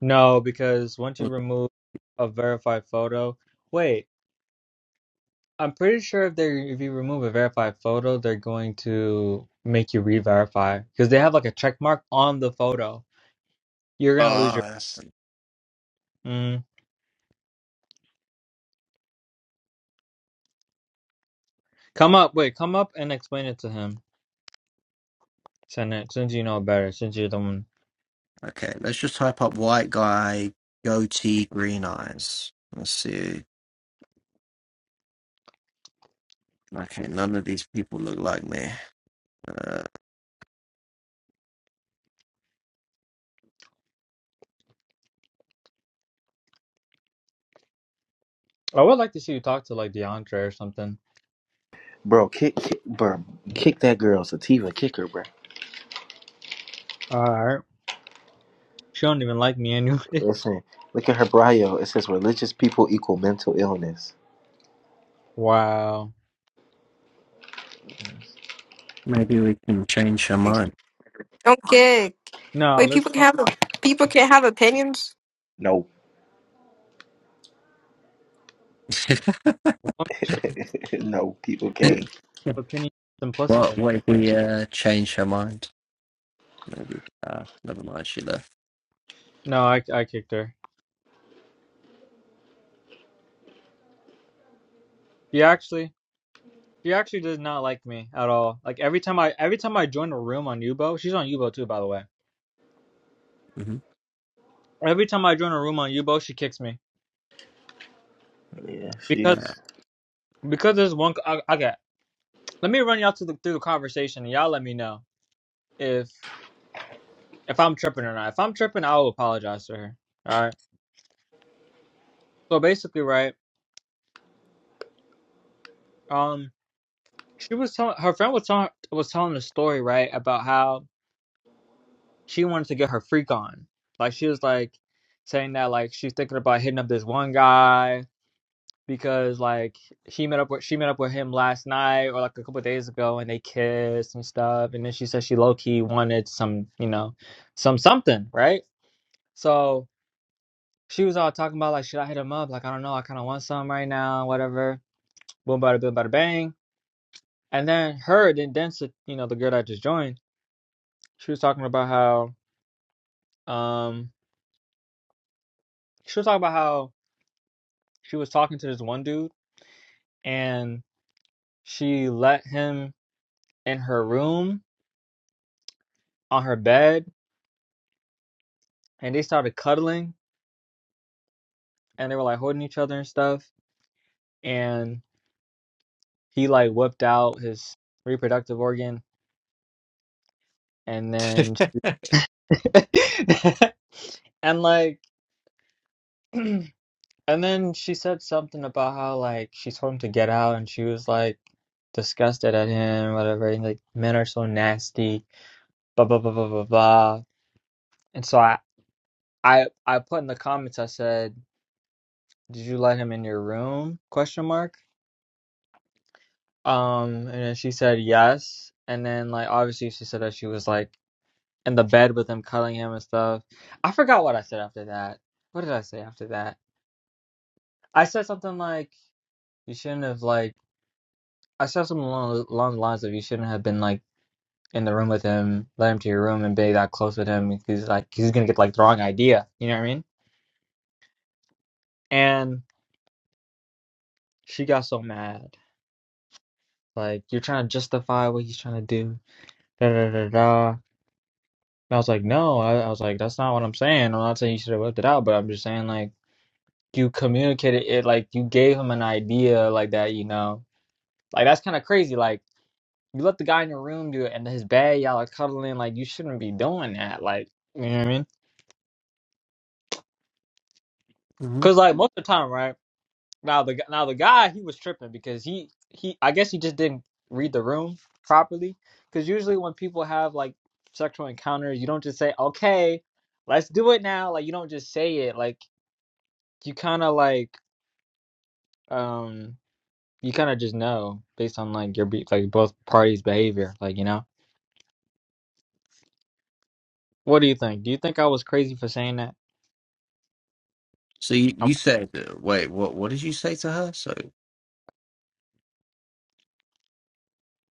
S3: No, because once you
S2: Look,
S3: remove a verified photo, wait, I'm pretty sure if they if you remove a verified photo, they're going to make you re-verify because they have like a check mark on the photo. You're gonna lose
S2: oh,
S3: your.
S2: that's
S3: Mm. Come up, wait, come up and explain it to him. Since uh, since you know better, since you're the one,
S2: okay. Let's just type up white guy, goatee, green eyes. Let's see. Okay, none of these people look like me. Uh,
S3: I would like to see you talk to like DeAndre or something.
S5: Bro, kick, kick bro, kick that girl, Sativa, kick her, bro.
S3: All right, she don't even like me anyway.
S5: Listen, look at her bio. It says religious people equal mental illness.
S3: Wow.
S2: maybe we can change her mind.
S6: Don't kick.
S3: No,
S6: Wait,
S3: there's
S6: people can
S3: no
S6: have people can have opinions.
S5: No.
S3: woman should
S5: no, people
S3: woman's
S5: can't.
S3: opinion
S2: what?
S3: simpliciter.
S2: What if we uh, change her mind? Maybe. Uh, never mind. She left.
S3: No, I I kicked her. She actually she actually does not like me at all. Like every time I every time I join a room on Yubo, she's on Yubo too, by the way.
S2: hmm
S3: Every time I join a room on Yubo, she kicks me
S5: Yeah,
S3: because
S5: she's
S3: because there's one. I, okay, let me run y'all to the, through the conversation. and Y'all let me know if. if I'm tripping or not. If I'm tripping, I'll apologize to her. All right. So basically, right? Um, she was telling her friend was telling was telling a story, right, about how she wanted to get her freak on. Like she was like saying that like she's thinking about hitting up this one guy because like she met up with she met up with him last night or like a couple of days ago and they kissed and stuff and then she said she low key wanted some you know some something right so she was all talking about like should I hit him up like I don't know I kind of want some right now whatever boom bada boom bada bang. And then her, then Densa, you know, the girl that I just joined, she was talking about how um she was talking about how she was talking to this one dude and she let him in her room on her bed and they started cuddling and they were like holding each other and stuff and he like whipped out his reproductive organ and then
S2: Uh,
S3: and like And then she said something about how like she told him to get out and she was like disgusted at him, whatever, and like men are so nasty, blah blah blah blah blah blah. And so I I I put in the comments I said, Did you let him in your room? question mark. Um and then she said yes. And then like obviously she said that she was like in the bed with him, cuddling him and stuff. I forgot what I said after that. What did I say after that? I said something like you shouldn't have like I said something along, along the lines of you shouldn't have been like in the room with him, let him to your room and be that close with him because like he's gonna get like the wrong idea. You know what I mean? And she got so mad. Like you're trying to justify what he's trying to do. Da da da da. And I was like, no. I, I was like, that's not what I'm saying. I'm not saying you should have left it out, but I'm just saying like you communicated it. Like you gave him an idea like that. You know, like that's kind of crazy. Like you let the guy in your room do it, and his bed, y'all are cuddling. Like you shouldn't be doing that. Like you know what I mean?
S2: hmm
S3: Cause like most of the time, right now the now the guy he was tripping because he he I guess he just didn't read the room properly. Cause usually when people have like sexual encounters, you don't just say okay, let's do it now. Like you don't just say it. Like you kind of like um you kind of just know based on like your be- like both parties' behavior. Like you know, what do you think? Do you think I was crazy for saying that?
S2: So you,
S3: I'm,
S2: you said, uh, wait, what? What did you say to her? So.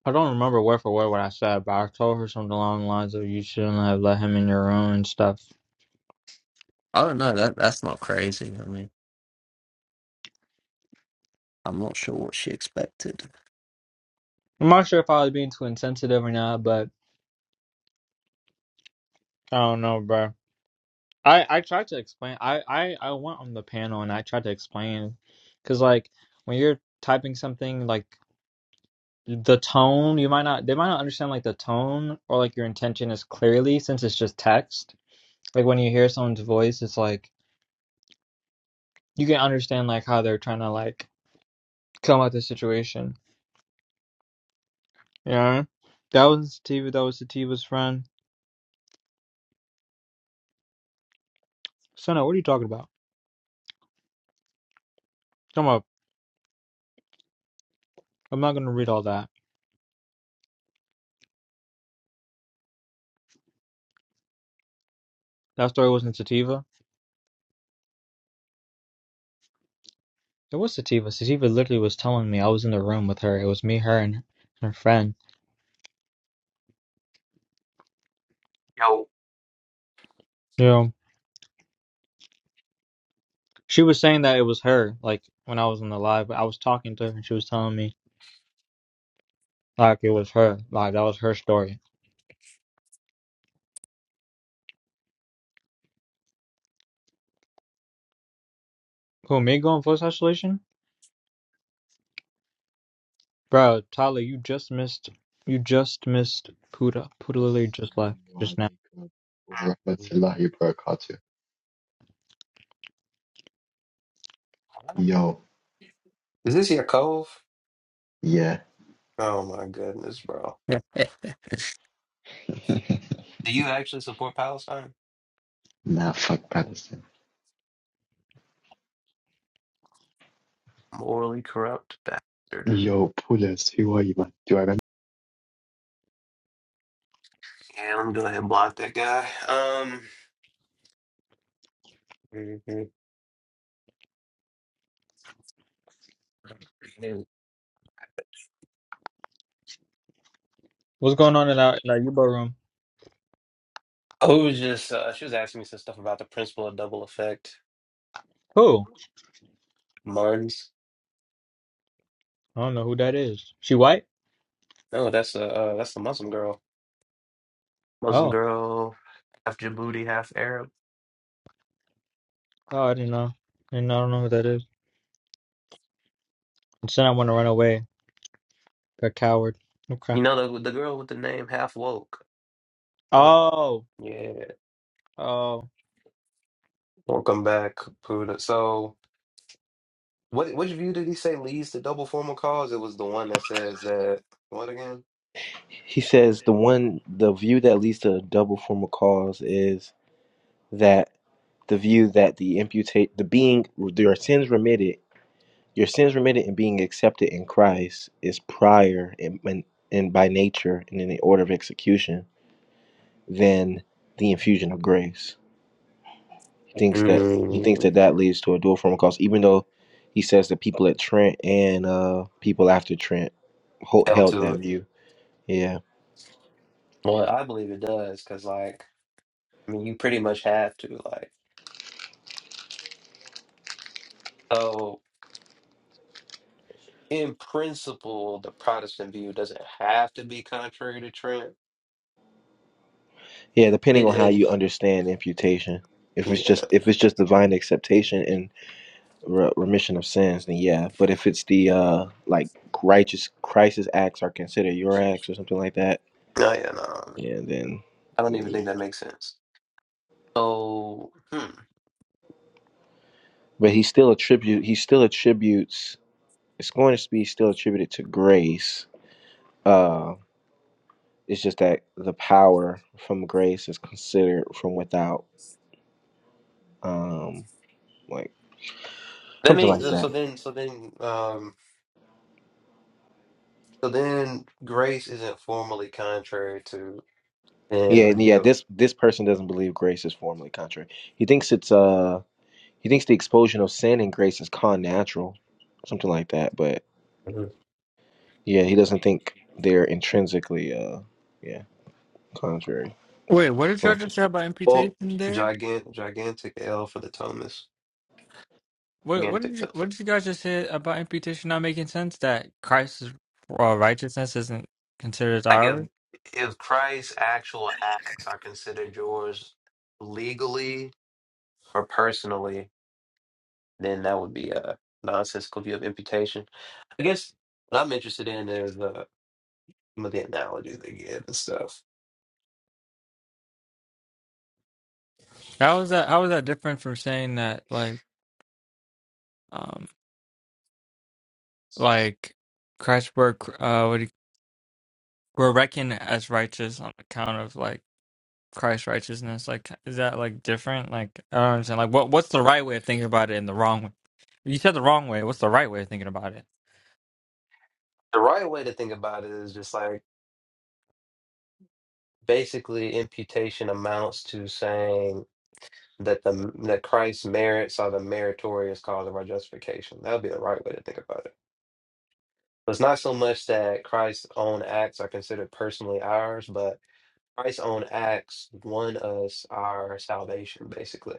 S3: I i do not remember word for word what I said, but I told her something along the lines of you shouldn't have let him in your room and stuff.
S2: Oh no, that that's not crazy. I mean, I'm not sure what she expected.
S3: I'm not sure if I was being too insensitive or not, but I don't know, bro. I I tried to explain. I I I went on the panel and I tried to explain, because like when you're typing something, like the tone, you might not they might not understand like the tone or like your intention is clearly since it's just text. Like when you hear someone's voice, it's like you can understand like how they're trying to like come out the situation. Yeah, that was Sativa. That was Sativa's friend. Sona, what are you talking about? Come up. I'm not gonna read all that. That story wasn't Sativa. It was Sativa. Sativa literally was telling me I was in the room with her. It was me, her, and her friend.
S1: Yo.
S3: You know, she was saying that it was her. Like when I was on the live, but I was talking to her, and she was telling me like it was her. Like that was her story. Who me going voice isolation, bro? Tyler, you just missed. You just missed Puda. Puda literally just left
S7: Assalamu
S3: just now.
S7: alaikum wa rahmatullahi wa barakatuh. Yo,
S1: Is this your cove?
S7: yeah,
S1: Oh my goodness, bro.
S2: Yeah. Eh,
S1: Do you actually support Palestine?
S7: nah, fuck Palestine.
S1: Morally corrupt bastard.
S7: Yo, Pulis, who are you, man? Do I remember?
S1: Yeah, let me go ahead and block that guy. Um mhm.
S3: What's going on in that in that Yubo room?
S1: Oh, it was just uh, she was asking me some stuff about the principle of double effect.
S3: Who?
S1: Martins.
S3: I don't know who that is. She white?
S1: No, that's a uh, that's the Muslim girl. Muslim
S3: Oh,
S1: girl, half Djibouti, half Arab.
S3: oh, I didn't know. And I don't know who that is. And then I want to run away. A coward. Okay.
S1: You know the the girl with the name half woke.
S3: Oh.
S1: Yeah,
S3: Oh.
S1: welcome back, Caputa. So, what which view did he say leads to double formal cause? It was the one that says that what again?
S5: He says the one the view that leads to a double form of cause is that the view that the imputate the being your sins remitted your sins remitted and being accepted in Christ is prior and and and by nature and in the order of execution than the infusion of grace. He thinks that he thinks
S1: Mm,
S5: that that leads to a dual form of cause, even though he says that people at Trent and uh people after Trent ho-
S1: held
S5: held
S1: to
S5: that
S1: it.
S5: view. Yeah.
S1: Well, I believe it does because, like, I mean, you pretty much have to like. So, in principle, the Protestant view doesn't have to be contrary to Trent.
S5: Yeah, depending
S1: It,
S5: on how
S1: it
S5: you understand imputation. If it's
S1: yeah,
S5: just if it's just divine acceptation and re- remission of sins, then yeah. But if it's the uh like righteous Christ's acts are considered your acts or something like that,
S1: no, yeah, no.
S5: yeah, then.
S1: I don't even think that makes sense. So, hmm.
S5: But he still attribute he still attributes it's going to be still attributed to grace. Uh, it's just that the power from grace is considered from without, um, like
S1: I
S5: something
S1: mean,
S5: like that.
S1: so then, so then, um. So then grace isn't formally contrary to
S5: Yeah,
S1: sin or
S5: and yeah.
S1: guilt.
S5: This this person doesn't believe grace is formally contrary. He thinks it's uh he thinks the expulsion of sin and grace is con natural, something like that. But
S1: Mhm.
S5: yeah, he doesn't think they're intrinsically uh yeah contrary.
S8: Wait, what did y'all
S5: Cool.
S8: just say about imputation
S1: Well,
S8: there?
S1: gigant, gigantic L for the Thomas.
S8: What what
S1: Gigantic
S8: did you
S1: L
S8: what
S1: for
S8: did you guys just say about imputation not making sense? That Christ's uh, righteousness isn't considered
S1: like if
S8: ours.
S1: if Christ's actual acts are considered yours legally or personally, then that would be a nonsensical view of imputation. I guess what I'm interested in is uh, some of the analogies they give and stuff.
S8: How is that? How is that different from saying that like um like Christ's work uh would we're reckoned as righteous on account of like Christ's righteousness? Like is that like different? Like I don't understand. Like what what's the right way of thinking about it and the wrong way? You said the wrong way. What's the right way of thinking about it?
S1: The right way to think about it is just like basically imputation amounts to saying that the that Christ's merits are the meritorious cause of our justification. That would be the right way to think about it. So It's not so much that Christ's own acts are considered personally ours, but Christ's own acts won us our salvation, basically.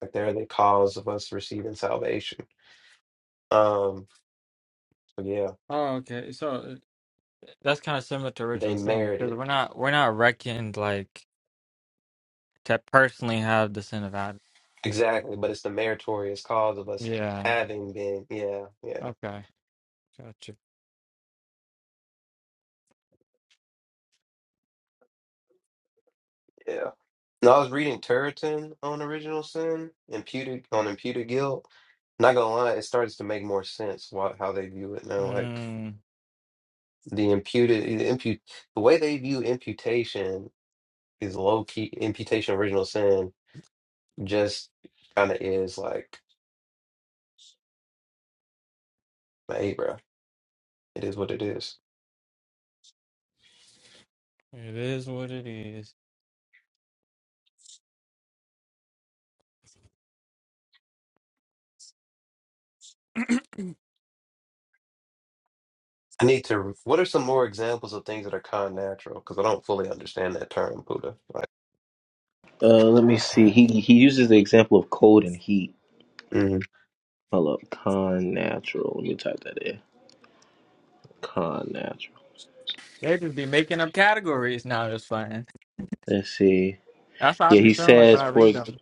S1: Like they're the cause of us receiving salvation. Um, so yeah,
S8: Oh, okay. So that's kind of similar to original
S1: they
S8: sin
S1: merit
S8: because
S1: it.
S8: we're not we're not reckoned like to personally have the sin of Adam.
S1: Exactly, but it's the meritorious cause of us
S8: Yeah.
S1: having been, yeah, yeah,
S8: Okay. Gotcha.
S1: yeah. And I was reading Turretin on original sin, imputed on imputed guilt, Not gonna lie, it starts to make more sense what how they view it now. Like
S8: Mm,
S1: the imputed, the impute, the way they view imputation is low key imputation of original sin. Just kind of is like, hey, bro, it is what it is.
S8: it is what it is.
S1: I need to. What are some more examples of things that are kind natural? Because I don't fully understand that term, Buddha. Like,
S5: Uh, let me see. He he uses the example of cold and heat.
S1: mhm.
S5: Hold up, con natural. Let me type that in. Con natural.
S8: They just be making up categories now. Just fine.
S5: Let's see.
S8: That's how I
S5: Yeah,
S8: be
S5: he
S8: feeling like when
S5: says
S8: I
S5: for
S8: read them.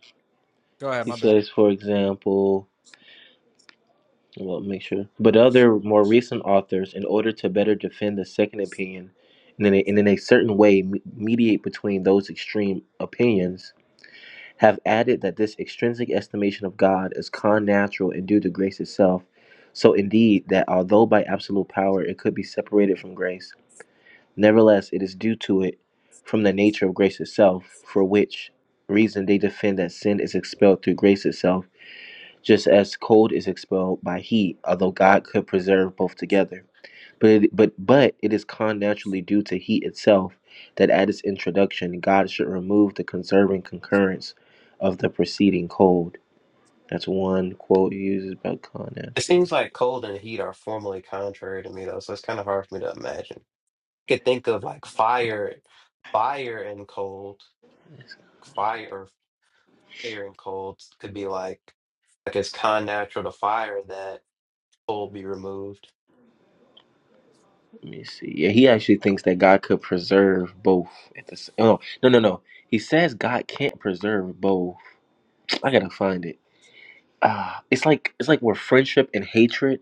S8: Go ahead.
S5: he
S8: My bad.
S5: says for example. Well, make sure. But other more recent authors, in order to better defend the second opinion, and in a, and in a certain way me- mediate between those extreme opinions, have added that this extrinsic estimation of God is con natural and due to grace itself. So indeed, that although by absolute power it could be separated from grace, nevertheless it is due to it from the nature of grace itself, for which reason they defend that sin is expelled through grace itself just as cold is expelled by heat, although God could preserve both together. But it, but but it is con naturally due to heat itself that at its introduction God should remove the conserving concurrence of the preceding cold. That's one quote he uses about con
S1: it
S5: naturally.
S1: seems like cold and heat are formally contrary to me, though. So it's kind of hard for me to imagine. I could think of like fire, fire and cold, fire. Air and cold could be like like it's kind of natural to fire that coal be removed.
S5: Let me see. Yeah, he actually thinks that God could preserve both at the same. Oh no no no. no. He says God can't preserve both. I gotta find it. Ah, it's like it's like where friendship and hatred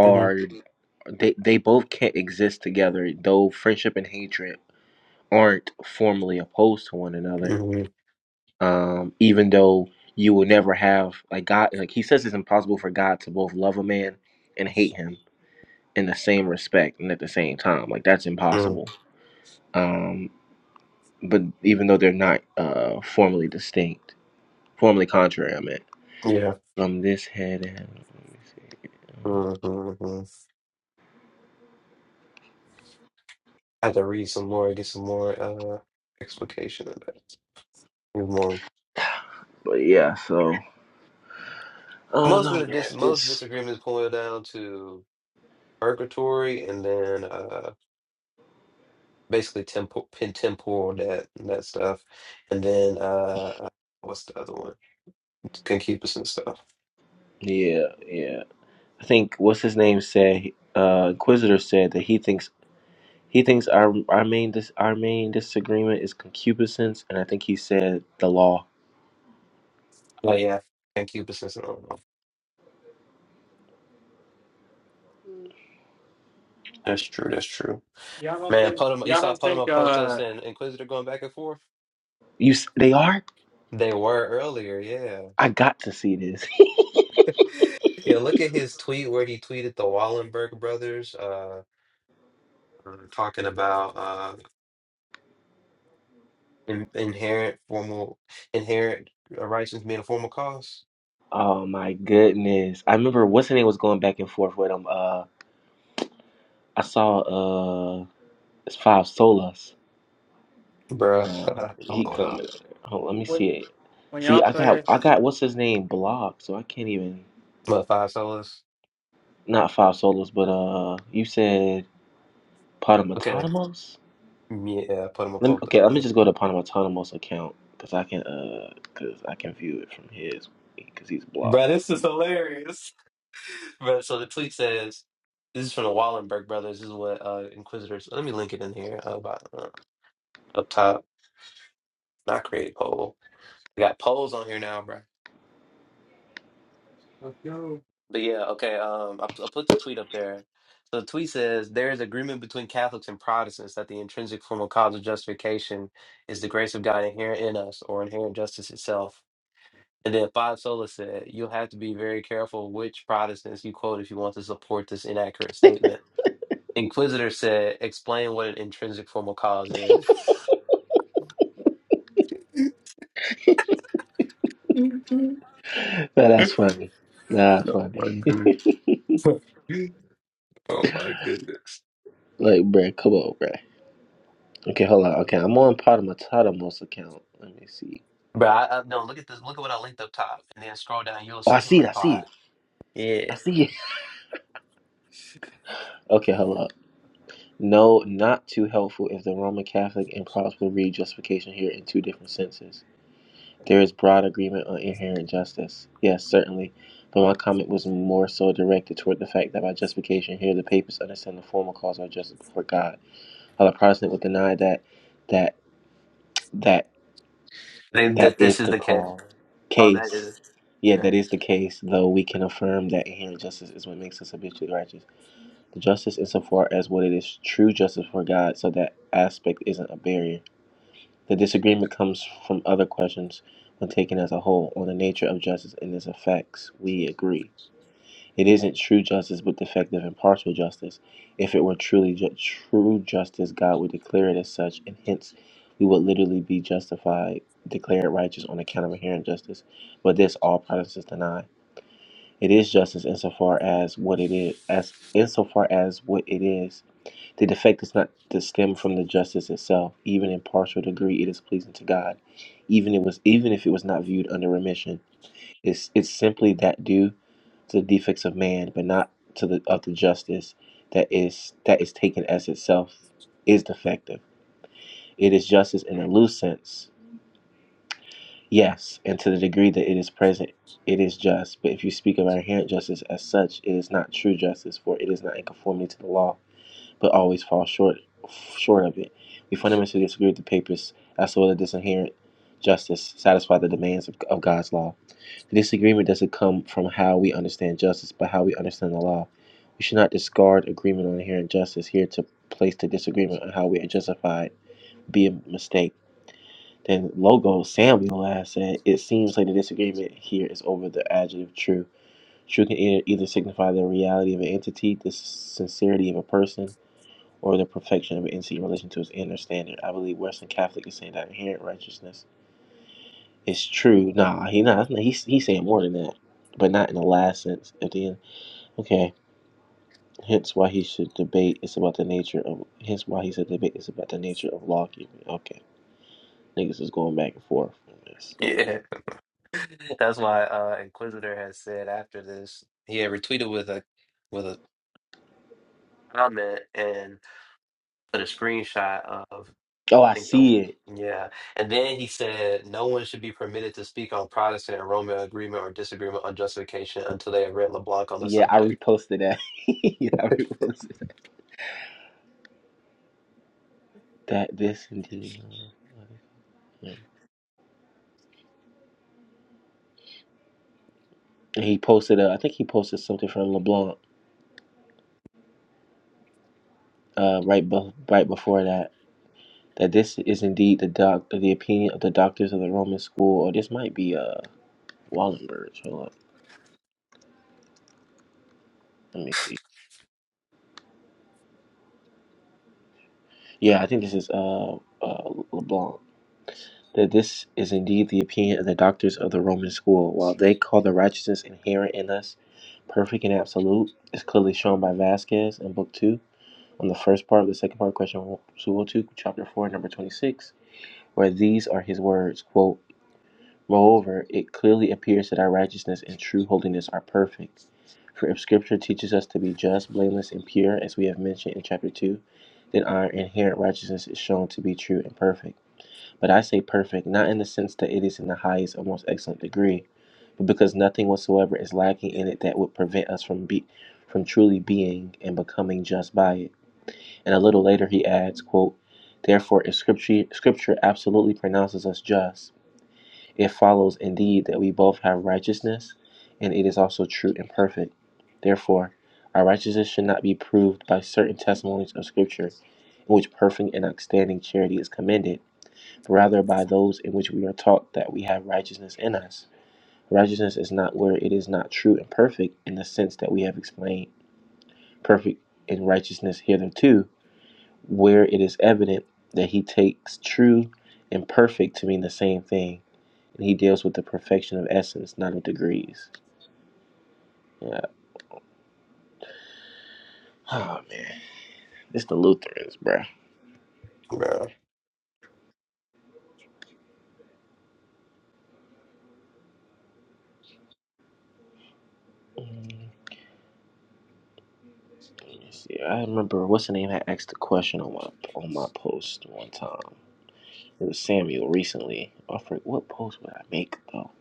S1: hmm
S5: they they both can't exist together though friendship and hatred aren't formally opposed to one another
S1: hmm
S5: um even though you will never have like god like he says it's impossible for god to both love a man and hate him in the same respect and at the same time like that's
S1: mm
S5: impossible um but even though they're not uh formally distinct formally contrary i meant
S1: Yeah.
S5: from this head and let me see
S1: hmm I had to read some more, get some more uh explication of that. Get More.
S5: but yeah so oh
S1: Most
S5: no
S1: of the
S5: man
S1: dis most
S5: this
S1: disagreements boil down to purgatory and then uh basically temporal temporal that that stuff. And then uh what's the other one? Concupiscence stuff.
S5: yeah yeah I think what's his name said. Uh, Inquisitor said that he thinks he thinks our our main dis, our main disagreement is concupiscence, and I think he said the law.
S1: Oh yeah. Concupiscence and all. That's true, that's true.
S8: Y'all don't
S1: Man,
S8: think
S1: Podem- you
S8: y'all
S1: saw
S8: don't think
S1: Potomac
S8: uh
S1: Potos and Inquisitor going back and forth?
S5: You s- they are.
S1: They were earlier, yeah.
S5: I got to see this.
S1: Yeah, look at his tweet where he tweeted the Wallenberg brothers, uh, uh, talking about uh, in- inherent formal inherent righteousness being a formal cause.
S5: oh my goodness! I remember what's his name was going back and forth with him. Uh, I saw uh, it's five solas.
S1: Bruh.
S5: Uh, he
S1: LOL.
S5: coming. Oh, let me
S8: when
S5: see it.
S8: when
S5: See,
S8: y'all
S5: I got
S8: play
S5: I got what's his name blocked, so I can't even
S1: What, five solas?
S5: not five solos, but uh, you said
S1: Okay.
S5: Potamotamos?
S1: Yeah, Potomac
S5: Let me,
S1: Potos,
S5: okay, let me
S1: yeah.
S5: just go to Panamatonimos account because I can uh because I can view it from his because he's blocked.
S1: Bruh, this is hilarious. Bruh, so the tweet says, this is from the Wallenberg brothers. This is what uh, Inquisitors. Let me link it in here uh, about, uh, up top. I create poll. I got polls on here now, bro.
S8: let's go.
S1: But yeah, okay. Um, I, I put the tweet up there. So the tweet says there is agreement between Catholics and Protestants that the intrinsic form of cause of justification is the grace of God inherent in us or inherent justice itself. And then Five Sola said, you'll have to be very careful which Protestants you quote if you want to support this inaccurate statement. Inquisitor said, explain what an intrinsic form of cause is.
S5: Nah, that's funny.
S1: oh my goodness.
S5: Nah, that's funny.
S1: oh my goodness.
S5: Like, bruh, come on, bruh. Okay, hold on. Okay, I'm on Panamatonimos account. Let me see.
S1: But I, I no, look at this. Look at what I linked up top, and then scroll down. You'll
S5: Oh,
S1: see
S5: I
S1: him
S5: see it. I see
S1: reply.
S5: it.
S1: Yeah,
S5: I see it. Okay, hold up. No, not too helpful if the Roman Catholic and Protestant read justification here in two different senses. There is broad agreement on inherent justice. Yes, certainly. But my comment was more so directed toward the fact that by justification here the papists understand the formal cause of justice before God. While a Protestant would deny that that that
S1: then
S5: that
S1: that this
S5: is
S1: is
S5: the
S1: the case.
S5: call
S1: Oh, that is
S5: case. Yeah, that
S1: there.
S5: is the case, though we can affirm that inherent justice is what makes us habitually righteous. The justice insofar as what it is true justice for God, so that aspect isn't a barrier. The disagreement comes from other questions when taken as a whole on the nature of justice and its effects. We agree. It isn't true justice but defective and partial justice. If it were truly ju- true justice, God would declare it as such, and hence we would literally be justified, declared righteous on account of inherent justice. But this all Protestants deny. It is justice insofar as what it is, as insofar as what it is. The defect is not to stem from the justice itself. Even in partial degree, it is pleasing to God. Even it was, even if it was not viewed under remission, it's it's simply that due to the defects of man, but not to the of the justice that is that is taken as itself is defective. It is justice in a loose sense, yes, and to the degree that it is present, it is just. But if you speak of inherent justice as such, it is not true justice, for it is not in conformity to the law but always fall short short of it. We fundamentally disagree with the papers as to whether this inherent justice satisfies the demands of, of God's law. The disagreement doesn't come from how we understand justice, but how we understand the law. We should not discard agreement on inherent justice here to place the disagreement on how we are justified be a mistake. Then Logo Samuel has said, It seems like the disagreement here is over the adjective true. True can either, either signify the reality of an entity, the sincerity of a person, or the perfection of NC in relation to its inner standard. I believe Western Catholic is saying that inherent righteousness is true. Nah, he not. He's he's saying more than that, but not in the last sense. At the end, okay. Hence why he should debate. It's about the nature of. Hence why he said debate. It's about the nature of lawkeeping. Okay, niggas is going back and forth on this.
S1: Yeah, that's why uh, Inquisitor has said after this, he had retweeted with a with a comment and put a screenshot of
S5: Oh, I
S1: I think the
S5: see it.
S1: yeah, and then he said no one should be permitted to speak on Protestant and Roman agreement or disagreement on justification until they have read LeBlanc on the
S5: Yeah, I
S1: subject.
S5: reposted that. yeah, I reposted that. That this indeed. And he posted. Uh, I think he posted something from LeBlanc uh, right, be- right before that that this is indeed the doc, the opinion of the doctors of the Roman school, or this might be uh Wallenberg. Hold up, let me see. Yeah, I think this is uh, uh LeBlanc. That this is indeed the opinion of the doctors of the Roman school, while they call the righteousness inherent in us perfect and absolute, is clearly shown by Vasquez in Book Two on the first part of the second part, question 202, chapter four, number twenty-six, where these are his words: "Quote." Moreover, it clearly appears that our righteousness and true holiness are perfect For if Scripture teaches us to be just, blameless, and pure, as we have mentioned in chapter 2, then our inherent righteousness is shown to be true and perfect. But I say perfect, not in the sense that it is in the highest or most excellent degree, but because nothing whatsoever is lacking in it that would prevent us from be, from truly being and becoming just by it. And a little later he adds, quote, Therefore, if scripture, scripture absolutely pronounces us just, it follows indeed that we both have righteousness, and it is also true and perfect. Therefore, our righteousness should not be proved by certain testimonies of Scripture, in which perfect and outstanding charity is commended, but rather by those in which we are taught that we have righteousness in us. Righteousness is not where it is not true and perfect in the sense that we have explained, perfect in righteousness hitherto, where it is evident that he takes true and perfect to mean the same thing and he deals with the perfection of essence, not of degrees. Yeah. Oh man, it's the Lutherans, bruh. Mm, let me see. I remember what's the name I asked a question on my on my post one time. It was Samuel recently. I forget what post would I make though.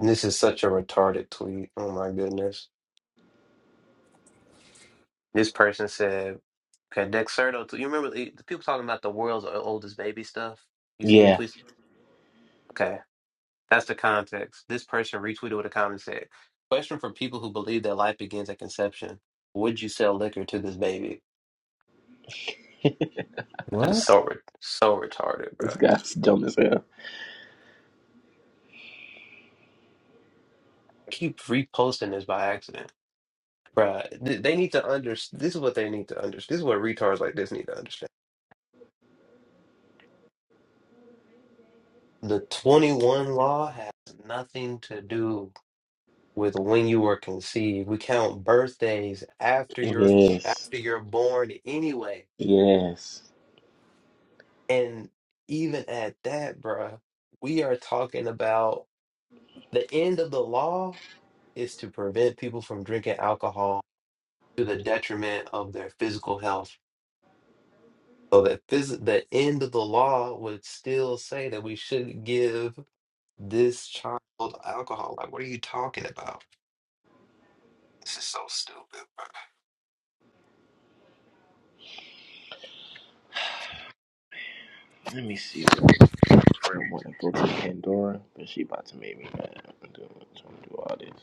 S1: This is such a retarded tweet. Oh my goodness. This person said, okay, Dexerto, tw- you remember the the people talking about the world's o- oldest baby stuff? You seen
S5: Yeah,
S1: tweets? Okay, that's the context. This person retweeted with a comment said, question for people who believe that life begins at conception. Would you sell liquor to this baby? Just
S2: What?
S1: so, re- so retarded,
S5: this
S1: bro.
S5: guy's dumb as hell.
S1: Keep reposting this by accident. Bruh, th- they need to understand. This is what they need to understand. This is what retards like this need to understand. The 21 law has nothing to do with when you were conceived. We count birthdays after you're
S5: Yes,
S1: after you're born anyway.
S5: yes.
S1: And even at that, bruh, we are talking about the end of the law is to prevent people from drinking alcohol to the detriment of their physical health. So that phys- the end of the law would still say that we shouldn't give this child alcohol. Like, what are you talking about? This is so stupid, bro.
S5: Let me see. I want to go to Pandora, but she about to make me mad. I'm doing, trying to do all this.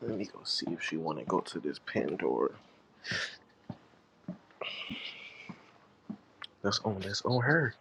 S5: Let me go see if she want to go to this Pandora. That's on that's on her.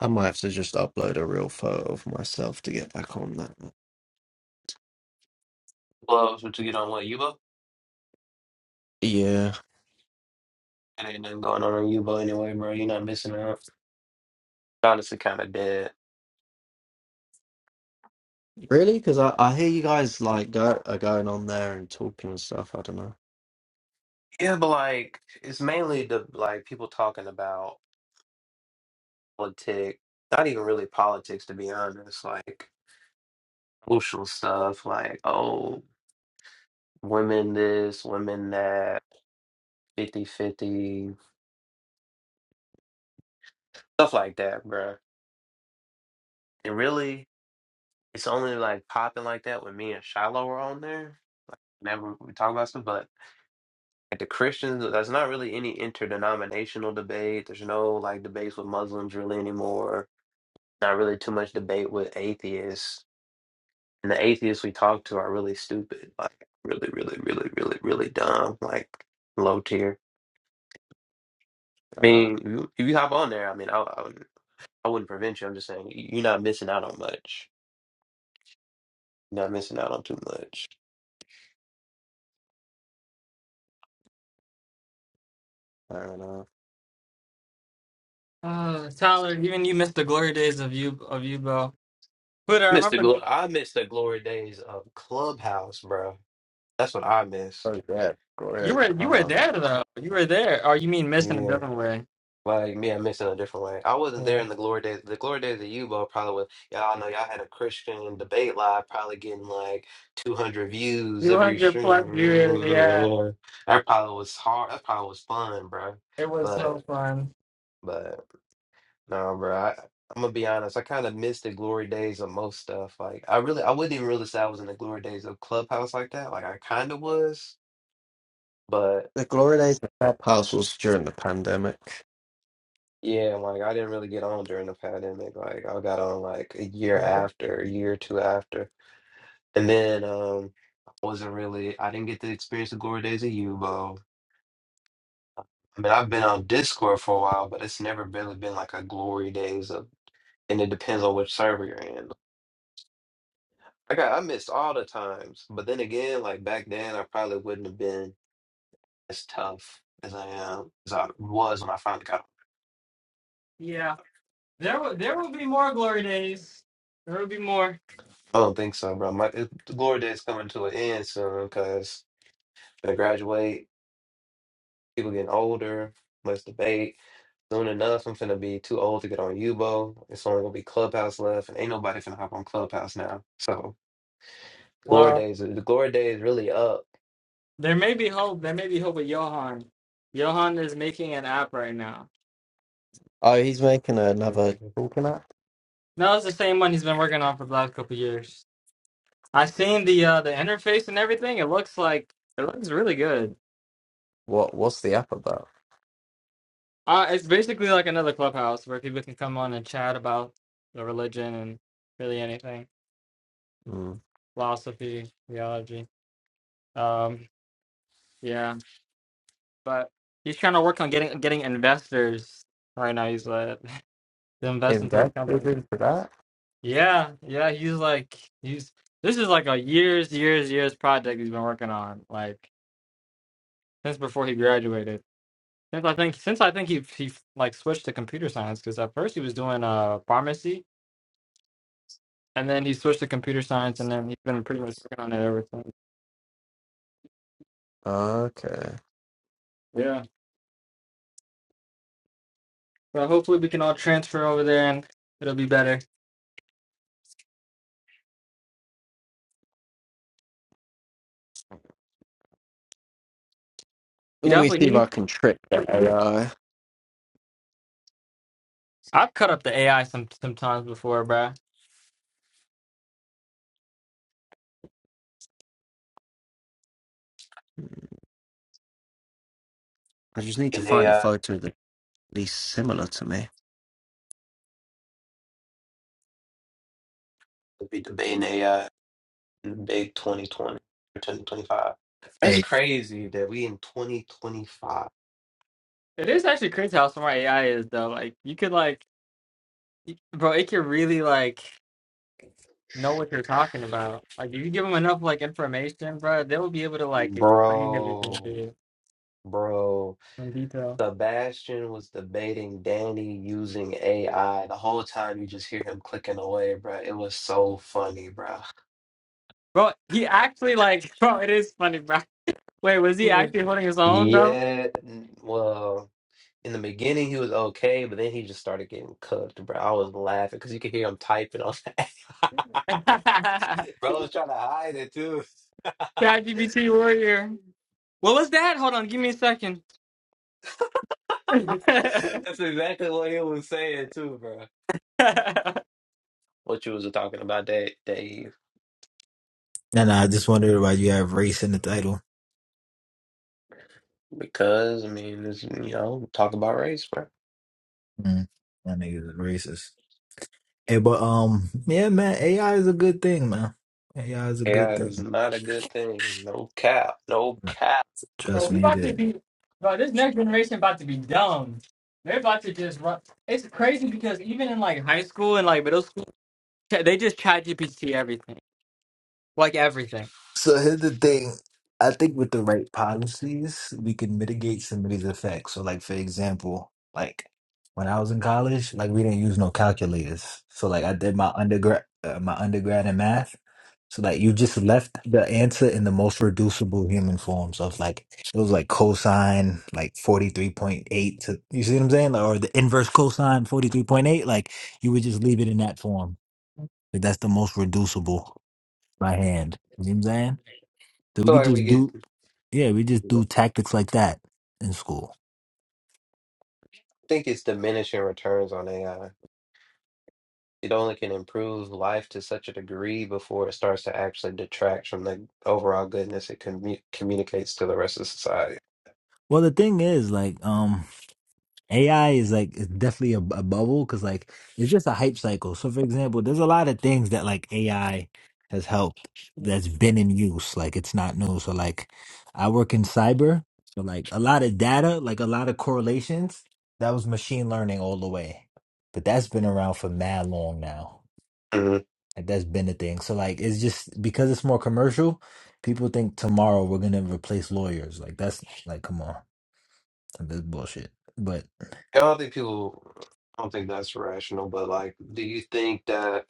S2: I might have to just upload a real photo of myself to get back on that.
S1: Gloves, what you get on what, Yubo?
S2: Yeah.
S1: It ain't nothing going on on Yubo anyway, bro. You're not missing out. Honestly, kind of dead.
S2: Really? Because I, I hear you guys like go are going on there and talking and stuff. I don't know.
S1: Yeah, but like, it's mainly the like people talking about politics. Not even really politics, to be honest. Like social stuff, like oh, women this, women that, fifty fifty stuff like that, bro. And really, it's only like popping like that when me and Shiloh were on there. Never we talk about stuff, but Like the Christians, there's not really any interdenominational debate. There's no like debates with Muslims really anymore. Not really too much debate with atheists. And the atheists we talk to are really stupid. Like really, really, really, really, really dumb. Like low tier. I mean,
S2: Um,
S1: you, if you hop on there, I mean, I, I, wouldn't- I wouldn't prevent you. I'm just saying you- you're not missing out on much. You're not missing out on too much.
S2: fair enough.
S8: Uh, Tyler, even you missed the glory days of you of you, bro. But I
S1: Miss the
S8: remember the
S1: glo-
S8: gl-
S1: I miss the glory days of Clubhouse, bro. That's what I miss.
S2: Oh yeah,
S8: you
S2: Gloria Days
S8: were you were
S2: Clubhouse.
S8: there though. You were there. Oh, you mean missing a
S1: Yeah.
S8: different way?
S1: Like me, I missed it in a different way. I wasn't there in the glory days. The glory days of Yubo probably was, y'all know y'all had a Christian debate live, probably getting like 200 views
S8: 200
S1: every
S8: plus viewers. yeah.
S1: stream. That probably was hard. That probably was fun, bro.
S8: It was
S1: But,
S8: so fun.
S1: but no, bro. I, I'm gonna be honest. I kind of missed the glory days of most stuff. Like, I really, I wouldn't even really say I was in the glory days of Clubhouse like that. Like, I kind of was, but.
S2: The Gloria Days Clubhouse was during the pandemic.
S1: Yeah, and, like I didn't really get on during the pandemic. Like I got on like a year
S8: Yeah.
S1: after, a year or two after. And then um I wasn't really I didn't get to experience the glory days of Yubo. I mean I've been on Discord for a while, but it's never really been like a glory days of and it depends on which server you're in. Like I, I missed all the times. But then again, like back then I probably wouldn't have been as tough as I am as I was when I finally got on.
S8: yeah. There will there will be more glory days. There will be more.
S1: I don't think so, bro. My it, the glory days coming to an end soon because I graduate People getting older, less debate. Soon enough, I'm finna be too old to get on Yubo. It's only gonna be Clubhouse left, and ain't nobody finna hop on Clubhouse now. So glory
S8: Well,
S1: days, the glory days really up
S8: there may be hope. There may be hope with Johan. Johan is making an app right now.
S2: Oh, he's making another
S1: Mhm.
S2: talking app.
S8: No, it's the same one he's been working on for the last couple years. I've seen the uh the interface and everything. It looks like it looks really good.
S2: What? What's the app about?
S8: Uh it's basically like another clubhouse where people can come on and chat about the religion and really anything.
S2: Mm.
S8: Philosophy, theology. Um yeah. But he's trying to work on getting getting investors right now. He's like to invest into the
S2: Investors
S8: company.
S2: into that?
S8: Yeah, yeah. He's like he's this is like a years, years, years project he's been working on like since before he graduated. Since I think since I think he he like switched to computer science because at first he was doing uh pharmacy and then he switched to computer science and then he's been pretty much working on it ever since.
S2: Okay.
S8: Yeah. So hopefully we can all transfer over there and it'll be better. He
S2: Let me see if I
S8: definitely
S2: can trick that AI. I
S8: I've cut up the AI some sometimes before, bruh.
S2: I just need to
S1: in
S2: find a
S1: AI.
S2: photo that's at least similar to me.
S1: It'll be debating AI in the big 2020 or 2025. That's
S9: Hey,
S1: crazy that we in 2025,
S8: It is actually crazy how smart AI is, though. Like, you could like, y- bro, it can really like know what you're talking about. Like, if you give them enough like information, bro, they'll be able to like explain everything to
S1: bro,
S8: you
S1: bro.
S8: in detail.
S1: Sebastian was debating Danny using AI. The whole time you just hear him clicking away, bro. It was so funny, bro.
S8: Bro, he actually like, bro, it is funny, bro. Wait, was he
S1: Mhm.
S8: actually holding his own though?
S1: Yeah, n- well, in the beginning he was okay, but then he just started getting cooked, bro. I was laughing because you could hear him typing on that. Bro was trying to hide it too.
S8: ChatGPT warrior. What was that? Hold on, give me a second.
S1: That's exactly what he was saying too, bro. What you was talking about, that Dave?
S9: no, no, I just wondered why you have race in the title.
S1: Because I mean, it's, you know, talk about race, bro.
S9: Mm, that nigga's racist. Hey, but um, yeah, man, AI is a good thing, man. AI is a good
S1: AI is
S9: thing.
S1: not a good thing. No cap. No
S9: Nah,
S1: cap.
S8: Bro,
S9: Trust
S8: we
S9: me, it
S8: about
S1: So
S8: to
S9: is.
S8: be, bro. This next generation about to be dumb. They're about to just run. It's crazy because even in like high school and like middle school, ch- they just chat GPT everything, like everything.
S9: So here's the thing. I think with the right policies, we can mitigate some of these effects. So, like for example, like when I was in college, like we didn't use no calculators. So, like I did my undergrad, uh, my undergrad in math. So, like you just left the answer in the most reducible human form. So, it's like it was like cosine like forty three point eight to you see what I'm saying, or the inverse cosine forty three point eight. Like you would just leave it in that form. Like that's the most reducible by hand. You know what I'm saying? That we could
S1: like we
S9: just
S1: get,
S9: do yeah, we just do
S1: I
S9: tactics like that in school.
S1: think it's diminishing returns on AI. It only can improve life to such a degree before it starts to actually detract from the overall goodness it commu- communicates to the rest of society.
S9: Well, the thing is, like, um, AI is like it's definitely a, a bubble because like it's just a hype cycle. So, for example, there's a lot of things that like AI has helped that's been in use. Like, it's not new. So, like, I work in cyber, so like a lot of data, like a lot of correlations, that was machine learning all the way. But that's been around for mad long now.
S1: Mhm.
S9: Like, that's been a thing. So like it's just because it's more commercial, people think tomorrow we're gonna replace lawyers. Like that's like come on, Like, that's bullshit. But
S1: I don't think people, I don't think that's rational, but like, do you think that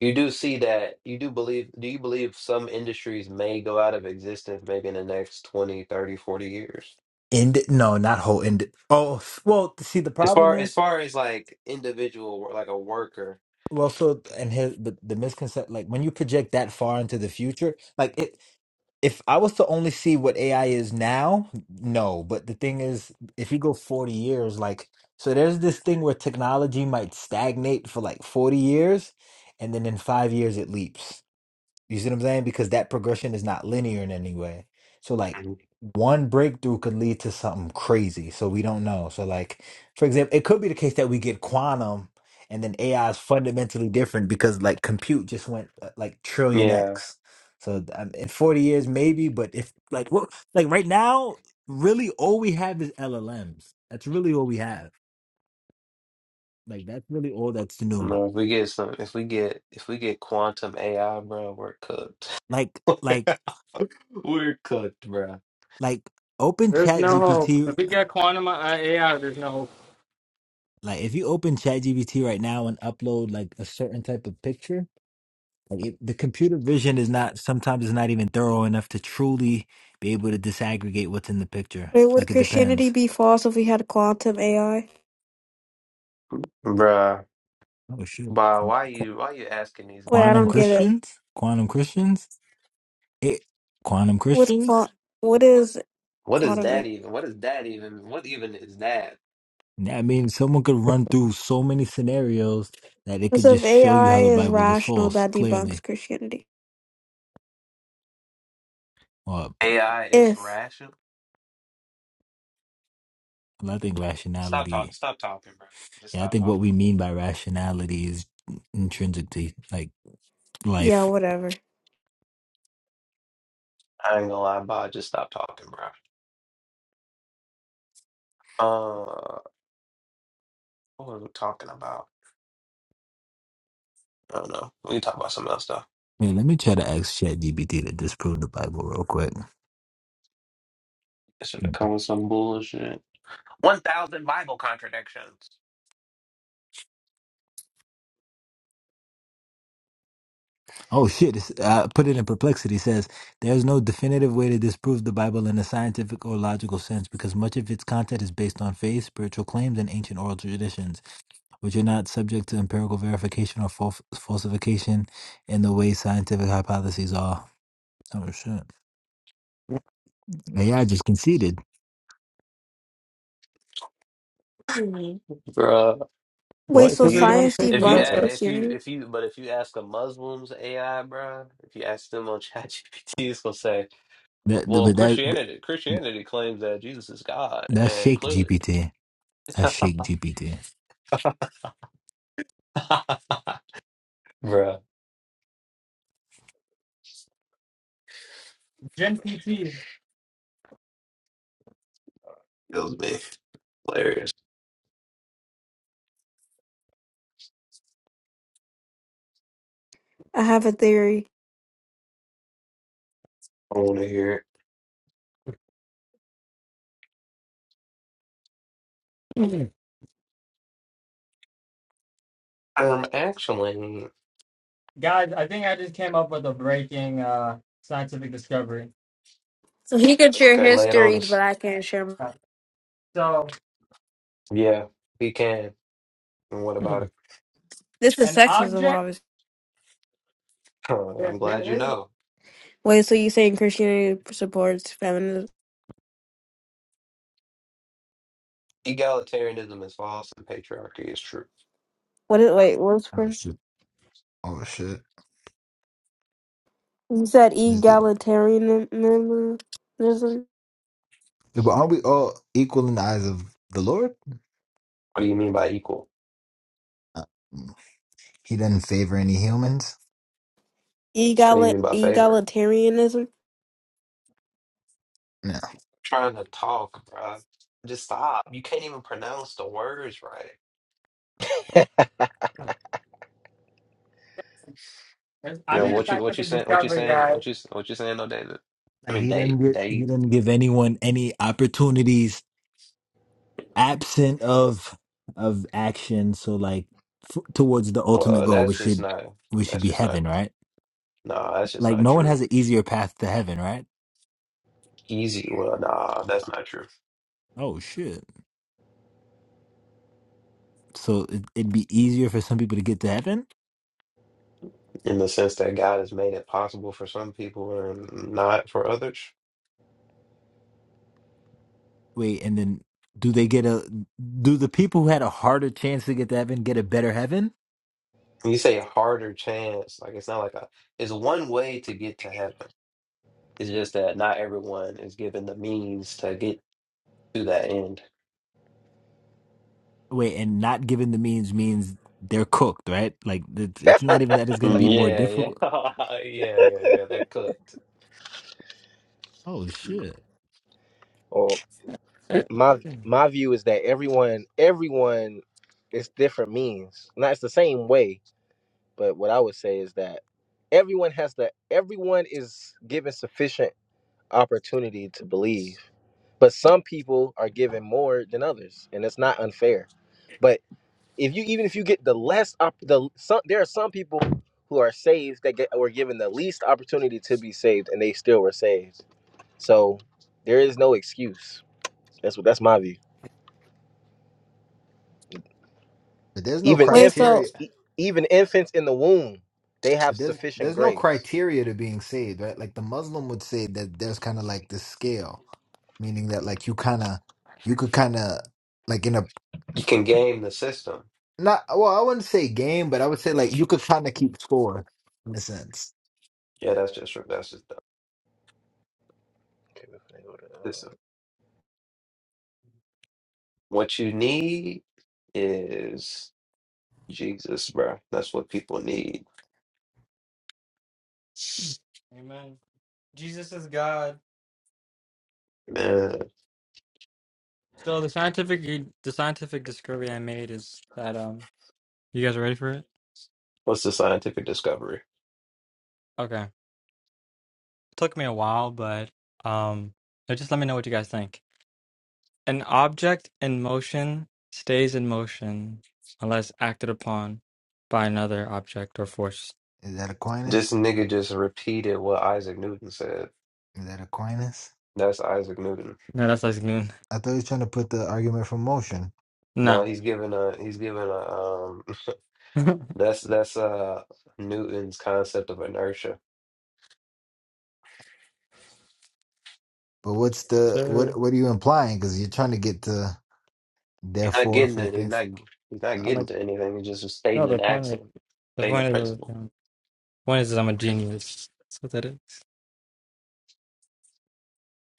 S1: you do see that, you do believe, do you believe some industries may go out of existence maybe in the next 20, 30, 40 years?
S9: end no, not whole end. Oh well, see the
S1: As
S9: problem
S1: far as
S9: is
S1: far as like individual, wor- like a worker.
S9: well, so and here the, the misconception like when you project that far into the future, like it if I was to only see what AI is now, no. But the thing is, if you go forty years, like so there's this thing where technology might stagnate for like forty years, and then in five years it leaps. You see what I'm saying? Because that progression is not linear in any way. So like
S1: Mhm.
S9: one breakthrough could lead to something crazy. So we don't know. So like for example, it could be the case that we get quantum and then AI is fundamentally different because like compute just went uh, like trillion
S1: Yeah.
S9: X. So um, in 40 years maybe, but if like what like right now really all we have is LLMs. That's really all we have. Like that's really all that's new.
S1: No, if we get some, if we get, if we get quantum AI, bro, we're cooked.
S9: Like like
S1: We're cooked, bro.
S9: like open
S8: There's
S9: chat
S8: no hope.
S9: gpt
S8: If we get quantum uh, AI, there's no hope.
S9: Like if you open ChatGPT right now and upload like a certain type of picture, like it, the computer vision is not sometimes it's not even thorough enough to truly be able to disaggregate what's in the picture.
S6: Wait, would
S9: Like it
S6: Christianity
S9: depends.
S6: be false if we had quantum AI?
S1: Bruh,
S9: Oh shoot,
S1: but why
S9: Qu-
S1: you why you asking these
S6: Wait, I
S1: dumb
S9: quantum
S6: don't get
S1: questions?
S6: it.
S9: Christians, quantum Christians, it quantum
S6: With
S9: Christians.
S6: qua- what is
S1: What is
S6: quantum
S1: that
S6: AI?
S1: even? What is that even? What even is that?
S9: I mean, someone could run through so many scenarios that it
S6: Because
S9: could
S6: if
S9: just show you
S6: AI
S9: how the
S6: is
S9: Bible is
S6: rational,
S9: false,
S6: that debunks
S9: clearly.
S6: Christianity.
S9: Or
S1: AI is
S6: If
S1: rational.
S9: I think
S1: Stop
S9: rationality.
S1: talking. Stop talking, bro. Just
S9: Yeah, I
S1: stop
S9: think
S1: talking.
S9: what we mean by rationality is intrinsic to like
S6: yeah,
S9: life.
S6: whatever.
S1: I ain't gonna lie, bro. Just stop talking, bro. Uh, what were we talking about? I don't know. We can talk about something else, though.
S9: Man, let me try to ask ChatGPT to disprove the Bible real quick.
S1: I should have
S9: Mhm.
S1: come with some bullshit. 1,000 Bible contradictions.
S9: Oh shit! It's, I put it in perplexity. Says there is no definitive way to disprove the Bible in a scientific or logical sense because much of its content is based on faith, spiritual claims, and ancient oral traditions, which are not subject to empirical verification or fal- falsification in the way scientific hypotheses are. Oh shit! AI just conceded
S1: Mhm. Bruh.
S6: Wait,
S2: What is
S6: so
S1: You,
S2: everyone
S6: science
S1: if
S2: thinking
S1: you
S2: about
S6: debunks
S1: a-
S2: that?
S1: if you
S6: Christianity?
S1: if you but if you ask a Muslim's AI, bruh, if you ask them on ChatGPT, it's gonna say,
S9: that,
S1: "Well,
S9: but that
S1: Christianity Christianity claims that Jesus is God,"
S9: That's
S1: and
S9: Shake
S1: clearly,
S9: GPT. That's Shake GPT.
S1: bruh,
S8: Gen PT,
S1: it was me hilarious.
S6: I have a theory.
S1: I want to hear it. Um, actually,
S8: guys. I think I just came up with a breaking uh, scientific discovery.
S6: So he can share
S1: okay,
S6: his
S1: lay it on
S6: theories, but
S1: us.
S6: I can't share. mine.
S8: Uh, So
S1: Yeah, we can. And what about it?
S6: This is
S8: an
S6: sexism,
S8: object.
S6: obviously.
S1: Huh, I'm
S8: here-
S1: glad
S8: here-
S1: you
S8: here-
S1: know.
S6: Wait, so you saying Christianity supports feminism?
S1: Egalitarianism is false and patriarchy is true.
S6: What is wait? What's
S9: Oh
S6: for?
S9: shit! Oh shit!
S6: You said
S9: This dude.
S6: egalitarianism?
S9: Yeah, But aren't we all equal in the eyes of the Lord?
S1: What do you mean by equal?
S9: Uh, he doesn't favor any humans.
S1: What do you
S6: Egali-
S1: mean by favor?
S6: egalitarianism?
S9: No.
S1: trying to talk, bro. Just stop. You can't even pronounce the words right.
S8: I
S1: Yeah,
S8: made
S5: eat
S8: a
S1: what you what you
S8: scientific
S1: saying? What you
S8: discovery,
S1: saying?
S8: guys.
S1: What you what you saying? No, David. I
S9: Like
S1: mean,
S9: he
S1: date
S9: didn't get, he
S1: date.
S9: didn't give anyone any opportunities absent of of action. So like f- towards the ultimate
S1: Well,
S9: goal, we
S1: that's just
S9: should
S1: not.
S9: we should
S1: That's
S9: be
S1: just not.
S9: heaven, right?
S1: Nah, that's just
S9: Like
S1: not
S9: no one
S1: true.
S9: has an easier path to heaven, right?
S1: Easy. Well, nah, that's not true.
S9: Oh shit! So it, it'd be easier for some people to get to heaven.
S1: In the sense that God has made it possible for some people and not for others.
S9: Wait, and then do they get a? Do the people who had a harder chance to get to heaven get a better heaven?
S1: When you say harder chance, like it's not like a. It's one way to get to heaven. It's just that not everyone is given the means to get to that end.
S9: Wait, and not given the means means they're cooked, right? Like it's, it's not even that it's going to be
S1: Mm,
S9: more
S1: Yeah,
S9: difficult.
S1: yeah, yeah, yeah, yeah. They're cooked.
S9: Oh shit!
S5: or my my view is that everyone everyone is different means. Not it's the same way, but what I would say is that everyone has the everyone is given sufficient opportunity to believe. But some people are given more than others, and it's not unfair. But if you even if you get the less op, the some there are some people who are saved that get were given the least opportunity to be saved and they still were saved So there is no excuse. That's what that's my view.
S9: But there's no
S5: Even
S6: Wait, so
S5: infants,
S9: criteria.
S5: e- even infants in the womb, they have
S9: But there's
S5: sufficient
S9: there's no
S5: grace.
S9: criteria to being saved, right? Like the Muslim would say that there's kind of like this scale, meaning that like you kind of you could kind of like in a
S1: You can game the system.
S9: not well, I wouldn't say game, but I would say like you could kind of keep score in a sense.
S1: Yeah, that's just that's just the
S5: Okay, we finna go to, uh,
S1: system. What you need is Jesus, bro. That's what people need,
S8: Amen. Jesus is God.
S1: man.
S8: So the scientific the scientific discovery I made is that um you guys are ready for it?
S1: What's the scientific discovery?
S8: Okay. It took me a while, but um uh, just let me know what you guys think. An object in motion stays in motion unless acted upon by another object or force.
S9: Is that Aquinas?
S1: This nigga just repeated what Isaac Newton said.
S9: Is that Aquinas?
S1: That's Isaac Newton.
S8: No, that's like noon.
S9: I thought you were trying to put the argument from motion.
S1: No,
S8: Nah.
S1: he's giving a he's giving a um. That's that's uh Newton's concept of inertia.
S9: But what's the what?
S8: They're-
S9: What are you implying? Because you're trying to get to
S1: He's not
S9: therefore
S1: getting
S9: for
S1: it. He's
S9: things.
S1: not. He's not
S9: Uh,
S8: I'm
S1: getting
S8: like
S1: to anything. He's just
S8: no
S1: stating an
S8: the point is
S1: accent,
S8: the
S1: stating a
S8: point is
S1: principle.
S8: the point is I'm a genius. That's what that is.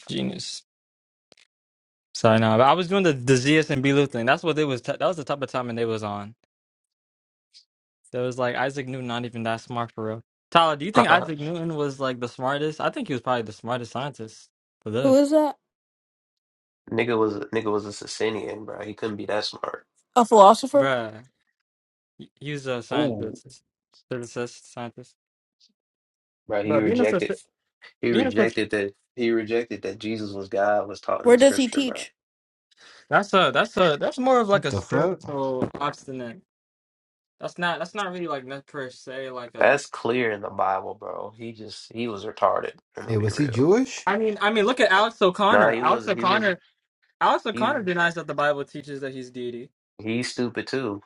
S8: Genius. So no, but I was doing the the ZS and Belu thing. That's what they was. T- That was the type of timing they was on. There was like Isaac Newton, not even that smart for real. Tyler, do you think Isaac
S1: nigga
S8: Newton was like the smartest? I think he was probably the smartest scientist to
S6: who
S8: live.
S6: is that?
S1: was nigga was a Sicilian, bro. He couldn't be that smart.
S6: A philosopher?
S8: Bruh, he he was a
S1: Oh,
S8: scientist, physicist, scientist.
S1: bro. He
S8: Bruh, being a
S1: rejected.
S8: sci-
S1: He
S8: being a sci-
S1: rejected that. He rejected that Jesus was God was taught in
S6: Where
S1: the
S6: does he
S1: scripture, bro.
S6: teach?
S8: that's a that's a that's more of like
S9: what
S8: a
S9: the fuck?
S8: spiritual obstinate. That's not that's not really like not per se like a.
S1: That's clear in the Bible, bro. He just he was retarded. I'm gonna
S9: Hey,
S1: be
S9: was he
S1: real.
S9: Jewish?
S8: I mean I mean look at Alex
S1: Nah,
S8: O'Connor.
S1: he
S8: Alex
S1: was he was
S8: O'Connor. Alex
S1: he
S8: O'Connor denies that the Bible teaches that he's deity.
S1: he's stupid too.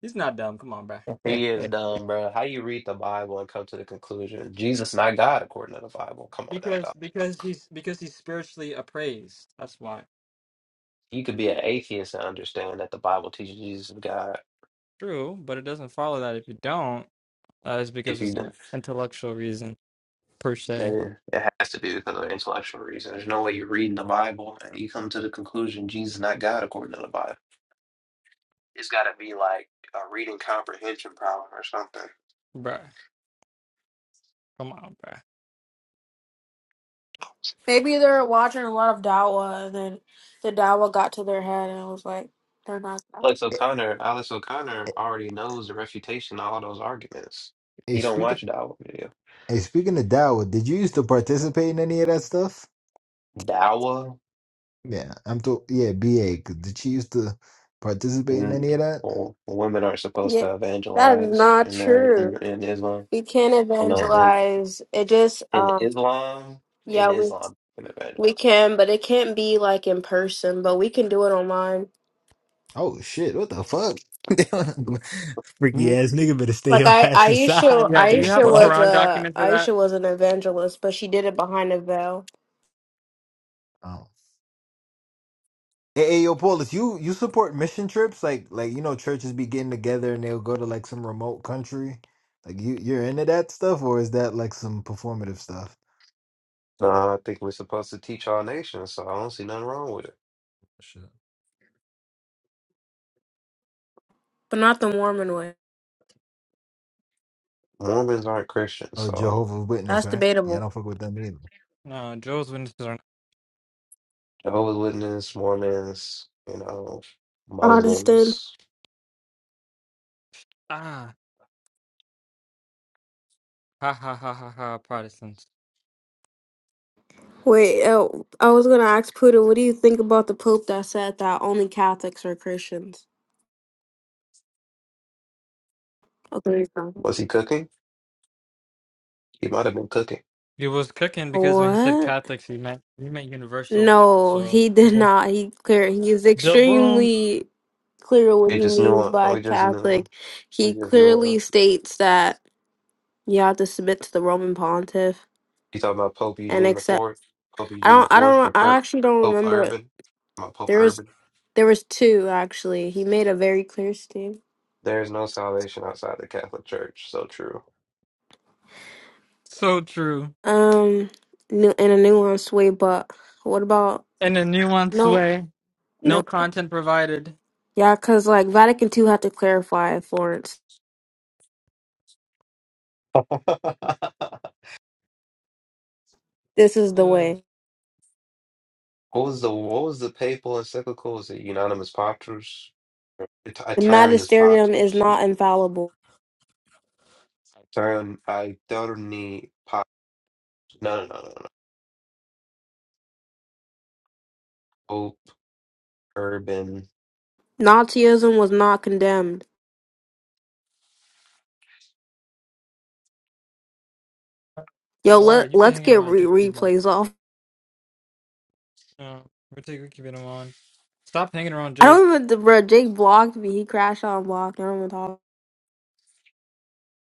S8: He's not dumb. Come on, bro.
S1: He is dumb, bro. How you read the Bible and come to the conclusion Jesus not God according to the Bible? Come on now, dog.
S8: Because because he's because he's spiritually appraised. That's why.
S1: You could be an atheist and understand that the Bible teaches Jesus is God.
S8: True, but it doesn't follow that if you don't, that is because
S1: If
S8: of
S1: you
S8: some
S1: do-
S8: intellectual reason per
S1: that
S8: se,
S1: it has to be because of intellectual reason. There's no way you're reading the Bible and you come to the conclusion Jesus is not God according to the Bible. It's got to be like a reading comprehension problem or something.
S8: bruh. Come on, bruh.
S6: Maybe they're watching a lot of Dawa and then the Dawa got to their head and it was like, they're not.
S1: Alex
S9: Hey,
S1: O'Connor, Alex O'Connor
S9: hey,
S1: already knows the refutation of all those arguments.
S9: hey,
S1: You don't
S9: speaking.
S1: watch Dawa video.
S9: Hey, speaking of Dawa, did you used to participate in any of that stuff?
S1: Dawa,
S9: Yeah, I'm to yeah, B.A. Did she used to participate in any of
S1: Mm.
S9: that?
S1: well, women aren't supposed
S6: Yeah,
S1: to
S6: that is
S1: evangelize
S6: not
S1: in their
S6: true.
S1: in, in Islam.
S6: We can't
S1: You know,
S9: Oh,
S1: and
S6: evangelize. It just,
S1: in
S6: um,
S1: Islam, in
S6: yeah, we,
S1: Islam, in the no,
S6: we can, but it can't be like in person, but we can do it online.
S9: oh shit! What the fuck? Freaky
S8: Who-
S9: ass nigga better stay
S6: Like
S9: your
S6: I,
S9: ass inside.
S6: Aisha,
S9: What
S8: Yeah. Do you
S9: the
S8: have
S6: Aisha
S8: a
S9: fuck?
S6: was
S8: Quran
S6: a
S8: document for that?
S6: Aisha was an evangelist, but she did it behind a veil,
S9: Uh, Hey, hey, yo, Paulus, you you support mission trips? Like, like you know, churches be getting together and they'll go to like some remote country. Like, you you're into that stuff, or is that like some performative stuff?
S1: I think we're supposed to teach all nations, so I don't see nothing wrong with it.
S9: Shit.
S6: but not the Mormon way.
S1: Mormons aren't Christians,
S9: Or
S1: so
S9: Jehovah's Witness,
S6: That's
S9: right? Yeah, I
S6: debatable.
S9: don't fuck with them either.
S8: No, Joe's witnesses are
S1: Jehovah's Witness, Mormons, you know,
S6: Protestant.
S1: Muslims.
S8: ah ha ha ha ha ha Protestants.
S6: Wait, oh, I was gonna ask Puda, what do you think about the Pope that said that only Catholics are Christians? Okay. so-
S1: Was he cooking? He might have been cooking.
S8: He was cooking because when he said
S6: What?
S8: Catholics, he meant he meant universal.
S6: No,
S8: So
S6: he
S8: the
S6: did
S8: boom,
S6: not. He clear. He is
S8: the boom.
S6: extremely clear what
S1: It
S6: he
S1: just knew.
S6: means by
S1: We just
S6: Catholic.
S1: knew.
S6: He
S1: We just knew.
S6: clearly
S1: us.
S6: states that you have to submit to the Roman Pontiff
S1: You talking about Pope
S6: and
S1: Eugene the
S6: accept.
S1: Fourth? Pope
S6: I
S1: Eugene the
S6: don't. I
S1: Fourth or
S6: don't. I
S1: Perp,
S6: actually don't
S1: Pope
S6: remember.
S1: Urban? My Pope
S6: There was.
S1: Urban.
S6: There was two actually. He made a very clear statement.
S1: There is no salvation outside the Catholic Church. So true.
S8: So true.
S6: Um, nu- in a nuanced way. But what about
S8: In a nuanced
S6: no?
S8: way. No
S6: No.
S8: content provided.
S6: Yeah, because like Vatican II had to clarify Florence. This is the way.
S1: What was the what was the papal encyclical? Was it Unanimous Patris? Et-
S6: The
S1: Aeternus
S6: magisterium is
S1: Patris.
S6: not infallible.
S1: Aetern Aeterni Pat. No, no, no, no, no. Pope Urban.
S6: Nazism was not condemned. Yo,
S8: Why?
S6: let
S8: You've been
S6: let's
S8: hanging
S6: get
S8: around Jake
S6: re-
S8: too much.
S6: replays off.
S8: No, we're taking we're keeping him on. Stop hanging around
S6: I
S8: Jake.
S6: don't even, bro. Jake blocked me. He crashed out and blocked. I don't even talk.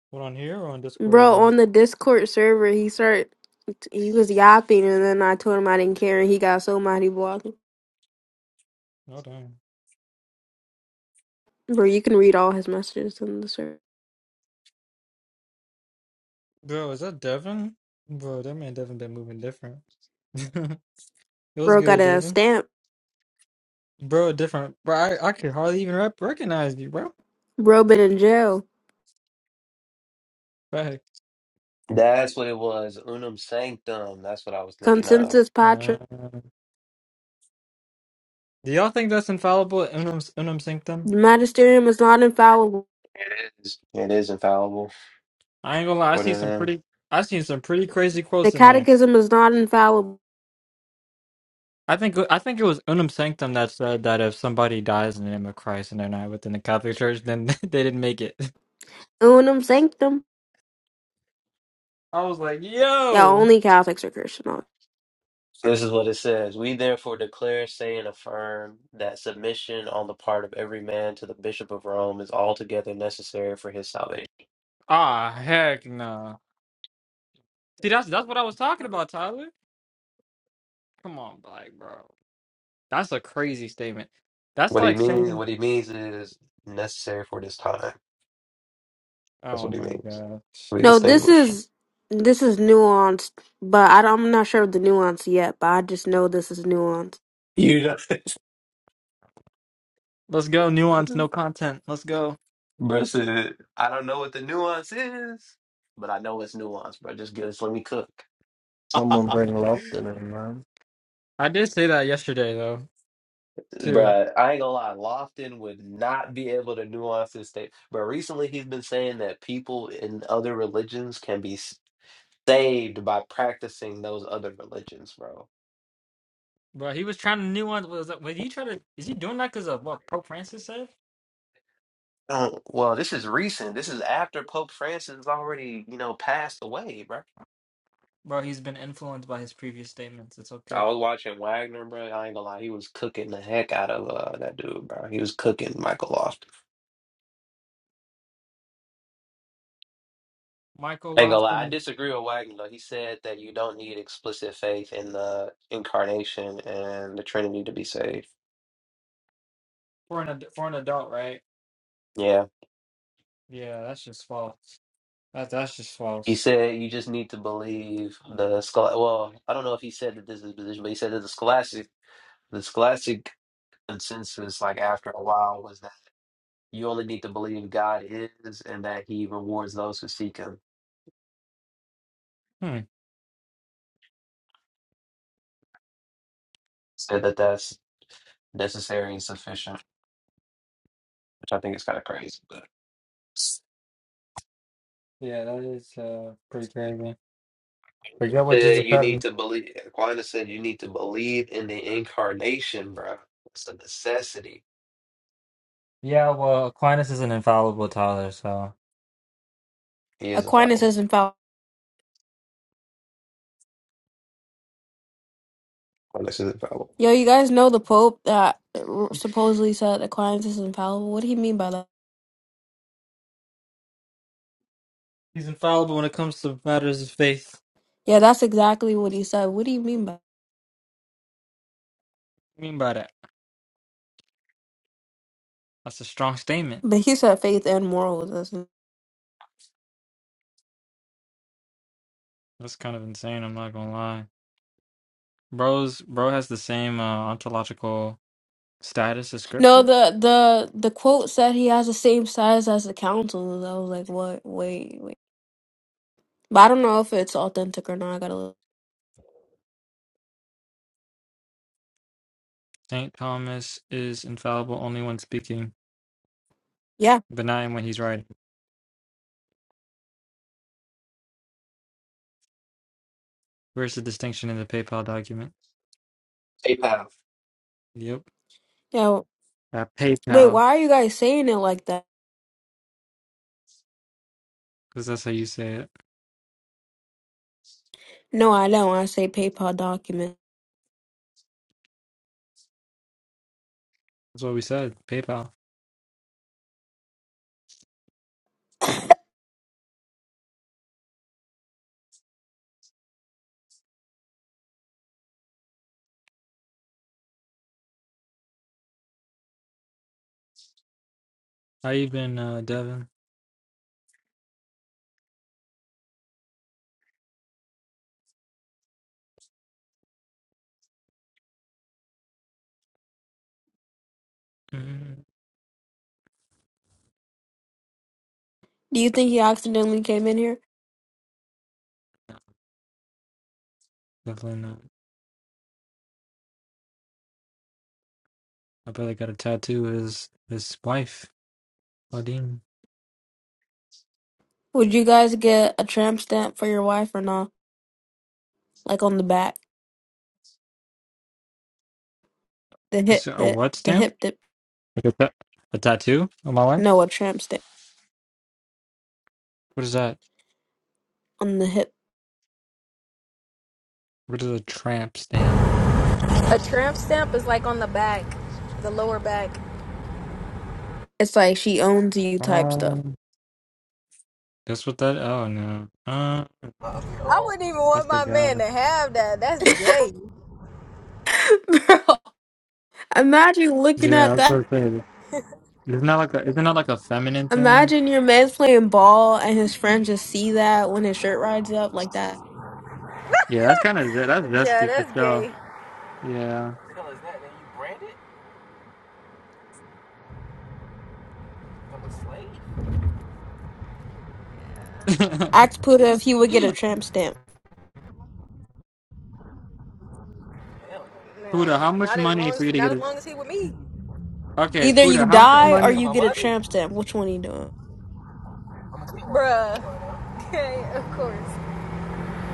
S8: What on here or on Discord or
S6: Bro,
S8: both?
S6: on the Discord server, he started, he was yapping, and then I told him I didn't care, and he got so mad he blocked me.
S8: Oh damn.
S6: Bro, you can read all his messages in the server.
S8: Bro, is that Devin? Bro, that man Devin been moving different. it was
S6: Bro got
S8: good,
S6: a
S8: Devin.
S6: stamp.
S8: Bro, different. Bro, I, I could hardly even rep- recognize you, bro.
S6: Bro been in jail.
S8: Back.
S1: That's what it was. Unum Sanctum. That's what I was thinking of.
S6: Consensus
S8: Uh,
S6: Patra.
S8: do y'all think that's infallible? Unum unum sanctum.
S6: The magisterium is not infallible.
S1: It is. It is infallible.
S8: I ain't gonna lie. I
S1: What
S8: seen
S1: in
S8: some
S1: them?
S8: pretty. I seen some pretty crazy
S6: The
S8: quotes in there.
S6: catechism is not infallible.
S8: I think I think it was Unum Sanctum that said that if somebody dies in the name of Christ and they're not within the Catholic Church, then they didn't make it.
S6: Unum sanctum.
S8: I was like,
S6: Yeah,
S8: yo,
S6: only Catholics are Christian.
S1: This is what it says. We therefore declare, say, and affirm that submission on the part of every man to the Bishop of Rome is altogether necessary for his salvation.
S8: ah, heck no. See, that's that's what I was talking about, Tyler. Come on, like, bro, that's a crazy statement. That's
S1: What he
S8: like
S1: means,
S8: saying,
S1: what he means is necessary for this time. That's
S8: oh
S1: what he
S8: my
S1: means.
S8: gosh,
S1: We
S6: No, this
S1: distinguish.
S6: is this is nuanced, but I don't, I'm not sure of the nuance yet. But I just know this is nuanced.
S1: You don't,
S8: let's go, nuance, no content, let's go.
S1: Bro said, I don't know what the nuance is, but I know it's nuance, bro. Just get us, let me cook. Bruh,
S2: Someone bring Lofton in, man.
S8: I did say that yesterday though, too.
S1: I ain't gonna lie, Lofton would not be able to nuance his state. But recently, he's been saying that people in other religions can be s- saved by practicing those other religions, bro.
S8: But he was trying to nuance. Was was he trying to? Is he doing that because of what Pope Francis said?
S1: Um, well, this is recent. This is after Pope Francis has already, you know, passed away, bro.
S8: Bro, he's been influenced by his previous statements. It's
S1: I
S8: okay.
S1: was watching Wagner, bro. I ain't gonna lie, he was cooking the heck out of uh, that dude, bro. He was cooking Michael Loft.
S8: Michael
S1: I ain't gonna lie, I
S8: Lofton
S1: disagree with Wagner. though. He said that you don't need explicit faith in the incarnation and the Trinity to be saved.
S8: for an ad- for an adult, right?
S1: Yeah,
S8: Yeah, that's just false. That that's just
S1: he
S8: false.
S1: said you just need to believe the school. Well, I don't know if he said that this is his position, but he said that the scholastic, the scholastic consensus, like after a while, was that. You only need to believe God is and that He rewards those who seek Him.
S8: Hmm.
S1: Said that that's necessary and sufficient, which I think is kind of crazy. But
S8: Yeah, that is uh pretty crazy. But yeah,
S1: Uh,
S8: what Jesus
S1: you need
S8: said.
S1: to believe. Aquinas said you need to believe in the incarnation, bro. It's a necessity.
S8: Yeah, well, Aquinas is an infallible, Tyler. So
S1: He is
S6: Aquinas
S1: infallible.
S6: is infallible.
S1: Aquinas is infallible.
S6: Yo, you guys know the Pope that supposedly said Aquinas is infallible? What do you mean by that?
S8: he's infallible when it comes to matters of faith.
S6: Yeah, that's exactly what he said. What do you mean by
S8: What do you mean by that? That's a strong statement.
S6: But he said faith and morals. doesn't he?
S8: That's kind of insane. I'm not gonna lie. Bro's bro has the same uh, ontological status as
S6: No,
S8: Scripture.
S6: the the the quote said he has the same size as the council. I was like, what? Wait, wait. But I don't know if it's authentic or not. I gotta look.
S8: Saint Thomas is infallible only when speaking
S6: Yeah.
S8: benign when he's writing. Where's the distinction in the PayPal document?
S1: Hey, pal.
S8: Yep.
S6: Yeah. well,
S8: Uh,
S6: Wait,
S8: PayPal,
S6: why are you guys saying it like that?
S8: because that's how you say it.
S6: No, I don't. I say PayPal document.
S8: That's what we said. PayPal. How you been, uh, Devin? Mm,
S6: Do you think he accidentally came in here?
S8: no, definitely not. I barely got a tattoo of his his wife, Claudine.
S6: Would you guys get a tramp stamp for your wife or not? Like on the back? the
S8: You
S6: hip
S8: said a
S6: that
S8: what
S6: the
S8: stamp?
S6: hip that
S8: Like a, ta- a tattoo of my wife?
S6: no a tramp stamp
S8: What is that?
S6: on the hip.
S8: What is a tramp stamp?
S10: A tramp stamp is like on the back, the lower back.
S6: It's like she owns you type stuff.
S8: Um, that's what that. Oh no. Uh,
S10: I wouldn't even
S8: I
S10: want my man
S8: forgot.
S10: to have that. That's gay.
S6: Bro, imagine looking
S8: Yeah, I
S6: at
S8: was
S6: that.
S8: gonna say. Isn't that like a? Isn't that like a feminine thing?
S6: Imagine your man's playing ball and his friends just see that when his shirt rides up like that.
S8: Yeah, that's kind of that's
S10: Yeah,
S8: zesty for
S10: that's
S8: sure.
S10: gay.
S8: Yeah.
S10: What the hell Hell is that? Then you brand it? I'm a slave.
S6: Ask Puda if he would get a tramp stamp.
S10: Hell No,
S8: Puda,
S10: No,
S8: how much
S10: not as
S8: money
S10: long
S8: for you
S10: as
S8: to get
S10: not as
S8: it?
S10: long as he with me,
S8: Okay,
S6: Either you
S8: Puda, how much
S10: Oh,
S6: die
S10: now you
S6: or
S10: talking
S8: money?
S6: you
S10: about
S6: get a
S10: money?
S6: tramp stamp. Which one are you doing?
S10: I'm a bruh. Okay, of course.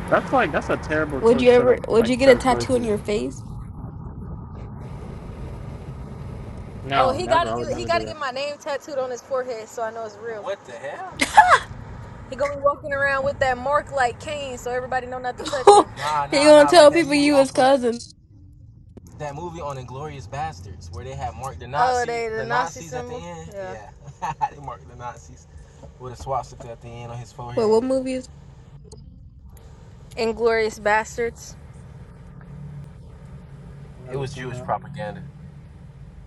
S8: That's like that's a terrible
S6: Would you
S8: choice set
S6: ever?
S8: of
S6: Would
S8: like
S6: you get a
S8: set of
S6: tattoo on
S8: choices.
S6: your face?
S10: Oh,
S8: No,
S10: he
S8: never.
S10: gotta
S8: I would
S10: get he
S8: never do
S10: gotta
S8: that.
S10: get my name tattooed on his forehead so I know it's real. What the hell? He gonna be walking around with that mark like Kane, so everybody know not to touch
S6: you
S10: him. Nah, nah,
S6: gonna
S10: nah. Like
S6: tell
S10: that
S6: people
S10: movie
S6: you his
S10: off of
S6: cousin?
S10: that movie on Inglorious Bastards where they had Mark the Nazis, Oh, they- the, the Nazis Nazi at the end. Yeah. yeah. they marked the Nazis with a swastika at the end on his
S6: Wait, what
S10: forehead.
S6: movie is?
S10: Inglorious Bastards.
S8: I've
S10: It
S8: never
S10: was
S8: seen
S10: Jewish
S8: that.
S10: propaganda.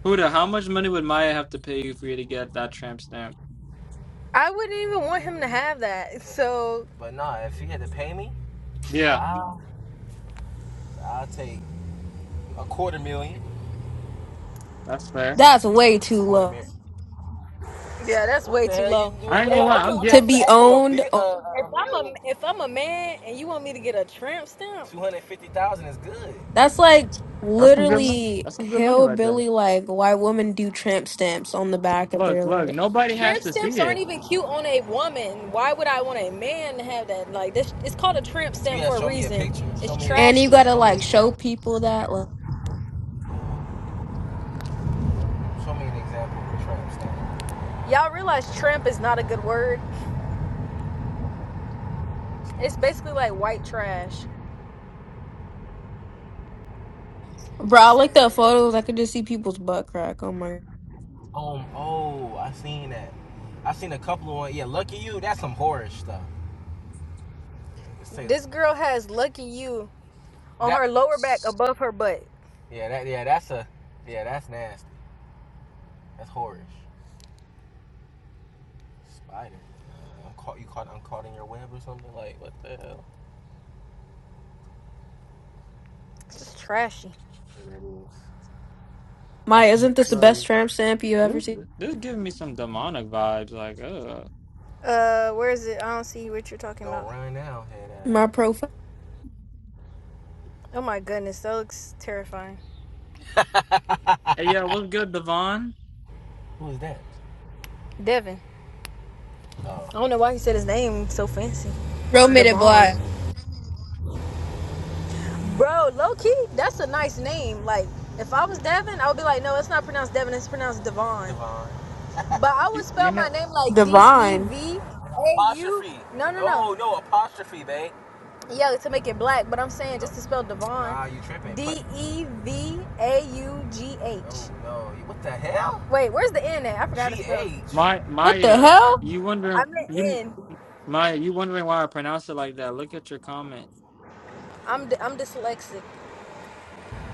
S8: Puda, how much money would Maya have to pay you for you to get that tramp stamp?
S10: I wouldn't even want him to have that. So But nah, if he had to pay me,
S8: Yeah,
S10: I'll I'll take a quarter million.
S8: that's fair.
S6: That's way too
S10: Quarter
S6: low
S10: million. yeah, that's way too low.
S8: I
S10: what-
S8: ain't
S10: what If
S8: gonna
S10: I am
S8: lie,
S10: a-
S8: I'm
S10: I'm
S6: to
S8: get
S10: not gonna
S6: be
S10: ask for a
S6: owned.
S10: bit. Uh, If I'm a if I'm a man and you want me to get a tramp stamp, two hundred fifty thousand is good.
S6: That's like
S8: that's some good money.
S6: literally
S8: That's some good money right there.
S6: hillbilly like why women do tramp stamps on the back of
S8: Look,
S6: their
S8: look,
S6: leg.
S8: nobody has
S10: Tramp
S8: to see
S10: stamps aren't
S8: it.
S10: even cute on a woman. Why would I want a man to have that? Like this, it's called a tramp stamp Yeah, for a show a reason. picture. It's Show me,
S6: And you
S10: trashy. A,
S6: gotta
S10: show me an
S6: like show
S10: example.
S6: people that like
S10: Show me an example of a tramp stamp. Y'all realize tramp is not a good word. It's basically like white trash.
S6: bro,
S10: It's
S6: I looked
S10: something
S6: at
S10: like that.
S6: photos, I could just see people's butt crack. Oh my
S10: Um, oh, I seen that. I seen a couple of one. Yeah, lucky you. That's some horror stuff. Let's This that. girl has lucky you on that. her lower back above her butt. Yeah, that. Yeah, that's a. Yeah, that's nasty. That's horrorish. Spider. I'm caught. You caught. I'm caught in your web or something. Like what the hell? It's trashy. And that is. I
S6: my
S10: see.
S6: isn't this the best
S8: Right.
S6: tramp stamp you ever
S8: this,
S6: seen?
S8: this is giving me some demonic vibes. Like, ugh.
S10: Uh, where is it? I don't see what you're talking Don't about. run now, head
S6: My
S10: ass.
S6: profile.
S10: Oh my goodness, that looks terrifying.
S8: Hey, yeah, what's good, Devon?
S10: Who is that? Devin. Oh, I don't know why he said his name so fancy.
S6: Bro made it
S10: Devon.
S6: black.
S10: Bro, low key, that's a nice name. Like, if I was Devin, I would be like, no, it's not pronounced Devin, it's pronounced Devon. Devon. But I would
S8: You, you
S10: spell
S8: know,
S10: my name like D E
S6: Divine.
S10: V A U. No, no, no. Oh no, apostrophe, babe. Yeah, to make it black, but I'm saying just to spell Devon. Ah, you tripping. D E V A U G H. no, no. What the hell? Wait, where's the N at? I forgot to spell. G-H.
S8: my
S6: What the
S8: Maya,
S6: hell?
S8: you wondering
S10: I'm the
S8: you
S10: N.
S8: Maya, you wondering why I pronounce it like that? Look at your comment.
S10: I'm d- I'm dyslexic.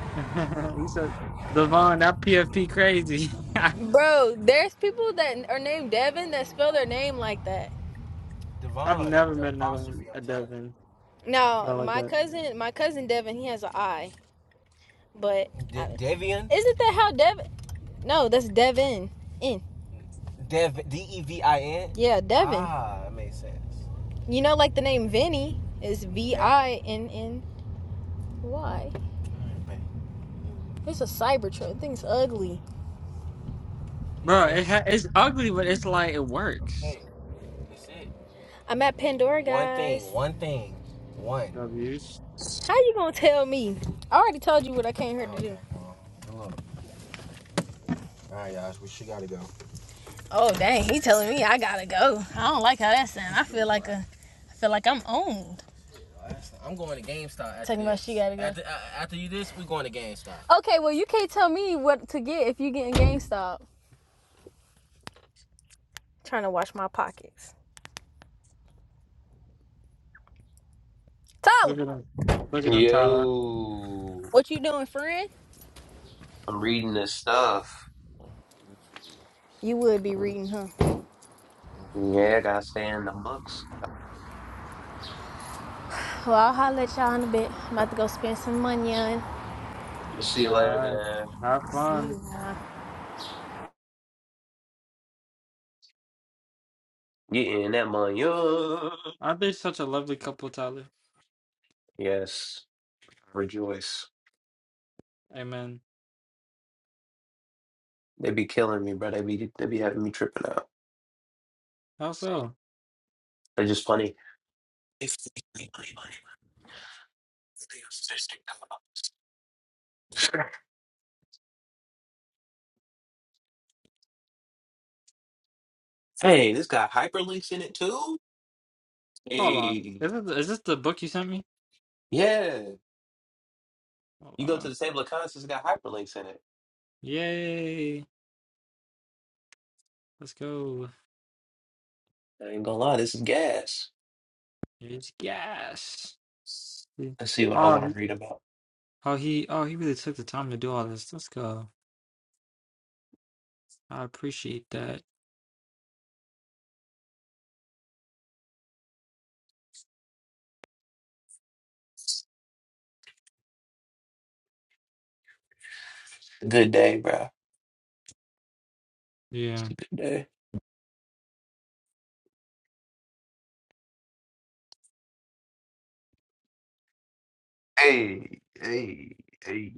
S8: you said Devon, that PFP crazy.
S10: Bro, there's people that are named Devin that spell their name like that.
S8: I've
S10: Devon
S8: never
S10: with an
S8: met another one,
S10: apostrophe, I'm
S8: a
S10: telling you.
S8: Devon
S10: Now,
S8: spelled like
S10: my
S8: that,
S10: cousin, my cousin Devin, he has an I, but De- Devian? isn't that how Dev? No, that's Devin. In. Dev D E V I N. Yeah, Devin. Ah, that makes sense. You know, like the name Vinny is V I N N Y. It's a Cybertruck. Thing's ugly. Be
S8: bro. It
S10: careful.
S8: ha- it's ugly, but it's like it works.
S10: Hey, that's it. I'm at Pandora, guys. One thing. One thing. One.
S8: W's.
S10: How you gonna tell me? I already told you what I came here to do. All right, y'all. We should gotta go. Oh dang, he telling me I gotta go. I don't like how that sound. I feel like a, I feel like I'm owned. I'm going to GameStop. Talking about she gotta go. After, after you this, we going to GameStop. Okay, well you can't tell me what to get if you getting GameStop. Trying to wash my pockets.
S8: Look
S10: Tyler,
S8: at them. Look at them, Tyler.
S1: Yo,
S10: What you doing, friend?
S1: I'm reading this stuff.
S10: You would be
S1: Mm,
S10: reading, huh?
S1: Yeah, I gotta stay in the books.
S10: well I'll holler at y'all in a bit. I'm about to go spend some money on.
S1: We'll see
S8: All
S1: you later,
S8: right,
S1: man.
S8: have
S10: See
S8: fun.
S10: ya.
S1: Getting that money. up.
S8: Aren't they such a lovely couple, Tyler?
S1: Yes, rejoice.
S8: Amen.
S1: They be killing me, bro. They be they be having me tripping out.
S8: How so?
S1: They're just funny. Hey, this got hyperlinks in it too.
S8: Hold on.
S1: Hey,
S8: Is this, is this the book you sent me?
S1: yeah.
S8: Hold
S1: You go to
S8: on.
S1: the table of contents, it's got hyperlinks in it.
S8: Yay. Let's go.
S1: I ain't gonna lie, this is gas.
S8: It's gas. Yeah.
S1: Let's see what I want
S8: Oh, he-
S1: to read about.
S8: oh, he, oh, he really took the time to do all this. Let's go. I appreciate that.
S1: Good day, bro.
S8: Yeah.
S1: Good day. Hey, hey, hey.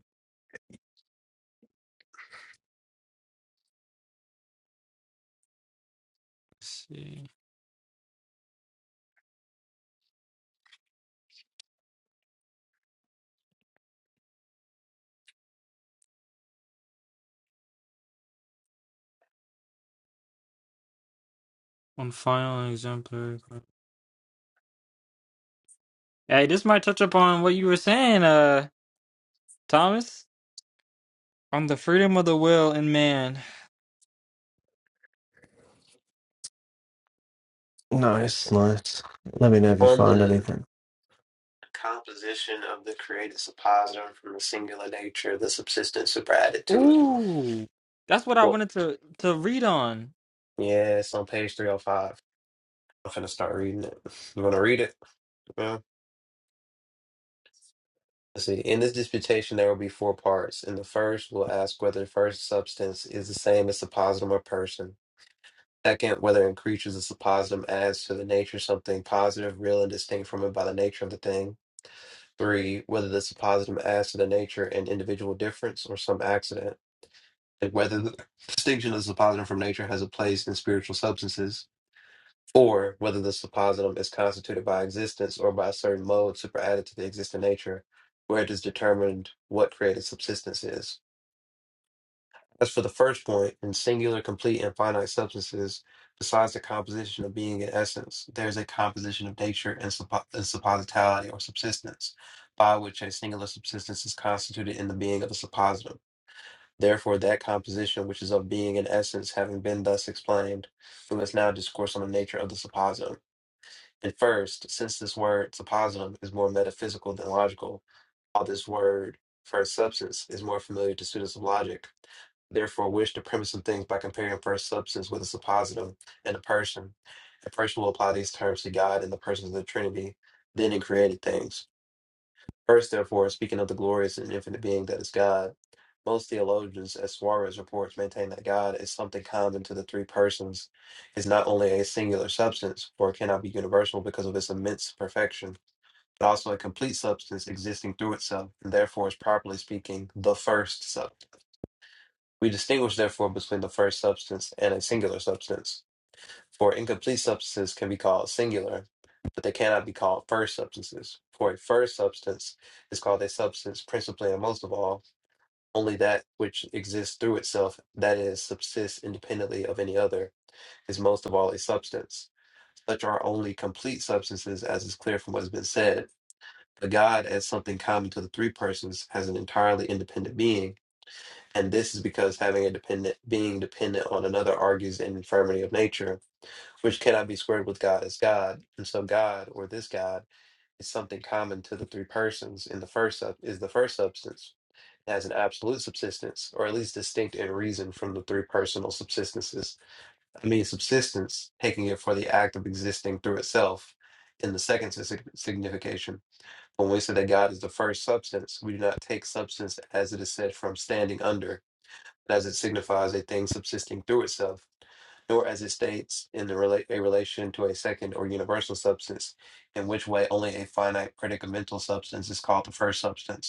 S8: Let's see. One final exemplar. Hey, this might touch upon what you were saying, uh, Thomas, on the freedom of the will in man.
S2: Nice, nice. Let me know if you
S1: On
S2: find
S1: the
S2: anything.
S1: composition of the created suppositum from the singular nature, the subsistence superadded to
S8: Ooh, that's what I
S1: it.
S8: wanted to to read on.
S1: Yeah, it's on page 305. I'm finna start reading it. You wanna read it? Yeah. Let's see. In this disputation, there will be four parts. In the first, we'll ask whether the first substance is the same as the positum or person. Second, whether in creatures the suppositum adds to the nature something positive, real, and distinct from it by the nature of the thing. Three, whether the suppositum adds to the nature an individual difference or some accident. And whether the distinction of the suppositum from nature has a place in spiritual substances. or whether the suppositum is constituted by existence or by a certain mode superadded to the existing nature, where it is determined what created subsistence is. As for the first point, in singular, complete, and finite substances, besides the composition of being and essence, there is a composition of nature and, suppo- and suppositality or subsistence, by which a singular subsistence is constituted in the being of the suppositum. Therefore, that composition which is of being and essence, having been thus explained, we must now discourse on the nature of the suppositum. At first, since this word suppositum is more metaphysical than logical, while this word first substance is more familiar to students of logic, therefore wish to premise some things by comparing first substance with a suppositum and a person. A person will apply these terms to God and the persons of the Trinity, then in created things. First, therefore, speaking of the glorious and infinite being that is God. Most theologians, as Suarez reports, maintain that God is something common to the three persons, is not only a singular substance, for it cannot be universal because of its immense perfection, but also a complete substance existing through itself, and therefore is properly speaking the first substance. We distinguish, therefore, between the first substance and a singular substance, for incomplete substances can be called singular, but they cannot be called first substances, for a first substance is called a substance principally and most of all only that which exists through itself, that is, subsists independently of any other, is most of all a substance. Such are only complete substances, as is clear from what has been said. But God, as something common to the three persons, has an entirely independent being, and this is because having a dependent being dependent on another argues an infirmity of nature, which cannot be squared with God as God. And so God, or this God, is something common to the three persons in the first sub- is the first substance has an absolute subsistence, or at least distinct in reason from the three personal subsistences. I mean, subsistence, taking it for the act of existing through itself in the second sig- signification. But When we say that God is the first substance, we do not take substance as it is said from standing under, but as it signifies a thing subsisting through itself, nor as it states in the rela- a relation to a second or universal substance, in which way only a finite predicamental substance is called the first substance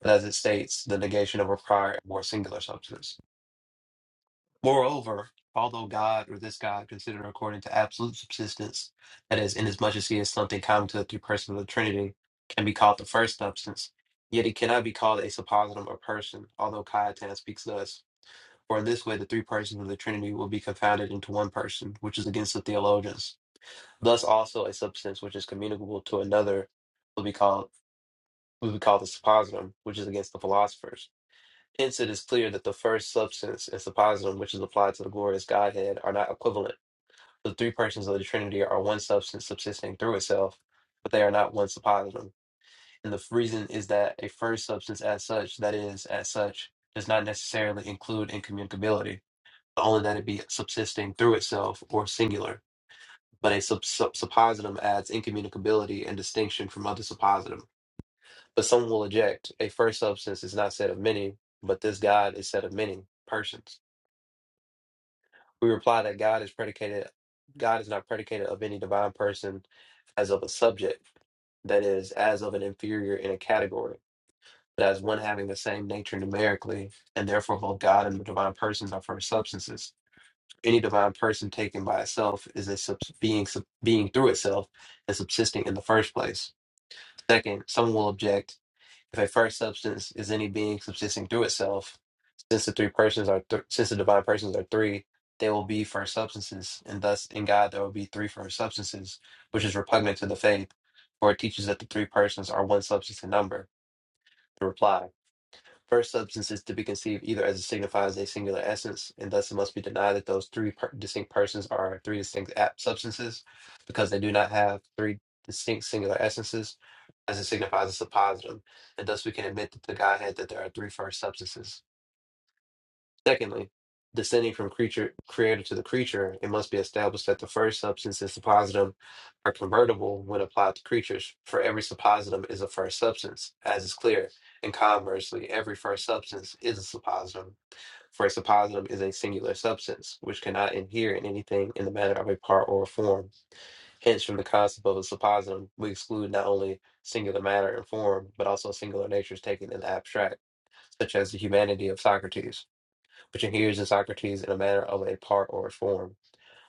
S1: but as it states, the negation of a prior or singular substance. Moreover, although God or this God considered according to absolute subsistence, that is, inasmuch as he is something common to the three persons of the Trinity, can be called the first substance, yet he cannot be called a suppositum or person, although Cajetan speaks thus. For in this way the three persons of the Trinity will be confounded into one person, which is against the theologians. Thus also a substance which is communicable to another will be called will be called the suppositum, which is against the philosophers Hence, it is clear that the first substance and suppositum, which is applied to the glorious Godhead, are not equivalent. The three persons of the Trinity are one substance subsisting through itself, but they are not one suppositum. And the reason is that a first substance, as such, that is, as such, does not necessarily include incommunicability, but only that it be subsisting through itself or singular. But a sub- sub- suppositum adds incommunicability and distinction from other suppositum. But some will object a first substance is not said of many, but this God is said of many persons. We reply that God is predicated, God is not predicated of any divine person as of a subject, that is, as of an inferior in a category, but as one having the same nature numerically, and therefore both God and the divine persons are first substances. Any divine person taken by itself is a subs- being sub- being through itself and subsisting in the first place. Second, someone will object. If a first substance is any being subsisting through itself, since the three persons are th- since the divine persons are three, they will be first substances, and thus in God there will be three first substances, which is repugnant to the faith, for it teaches that the three persons are one substance in number. The reply. First substance is to be conceived either as a signifies a singular essence, and thus it must be denied that those three per- distinct persons are three distinct ap- substances, because they do not have three distinct singular essences, as it signifies a suppositum, and thus we can admit that the Godhead that there are three first substances. Secondly, descending from creature creator to the creature, it must be established that the first substance and suppositum are convertible when applied to creatures, for every suppositum is a first substance, as is clear, and conversely, every first substance is a suppositum, for a suppositum is a singular substance, which cannot adhere in anything in the manner of a part or a form. Hence, from the concept of a suppositum, we exclude not only singular matter and form, but also singular natures taken in the abstract, such as the humanity of Socrates which adheres to Socrates in a manner of a part or a form,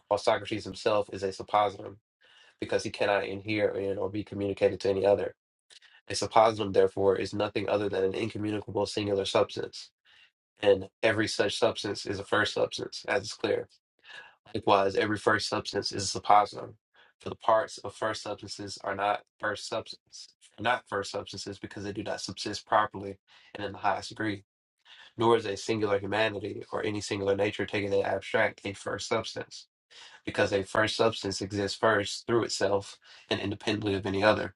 S1: while Socrates himself is a suppositum, because he cannot inhere in or be communicated to any other. A suppositum, therefore, is nothing other than an incommunicable singular substance, and every such substance is a first substance, as is clear. Likewise, every first substance is a suppositum, for the parts of first substances are not first substance, not first substances because they do not subsist properly and in the highest degree nor is a singular humanity or any singular nature taken in abstract a first substance, because a first substance exists first through itself and independently of any other,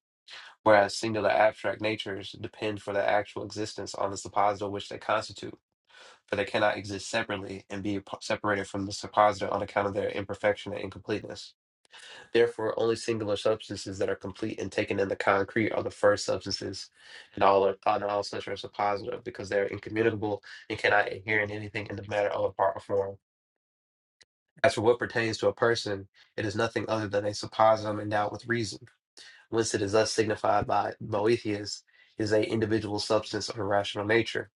S1: whereas singular abstract natures depend for their actual existence on the suppositor which they constitute, for they cannot exist separately and be separated from the suppositor on account of their imperfection and incompleteness. Therefore, only singular substances that are complete and taken in the concrete are the first substances, and all are, and all such are suppositive because they are incommunicable and cannot adhere in anything in the matter of a part or form. As for what pertains to a person, it is nothing other than a suppositum endowed with reason, whence it is thus signified by Boethius is a individual substance of a rational nature.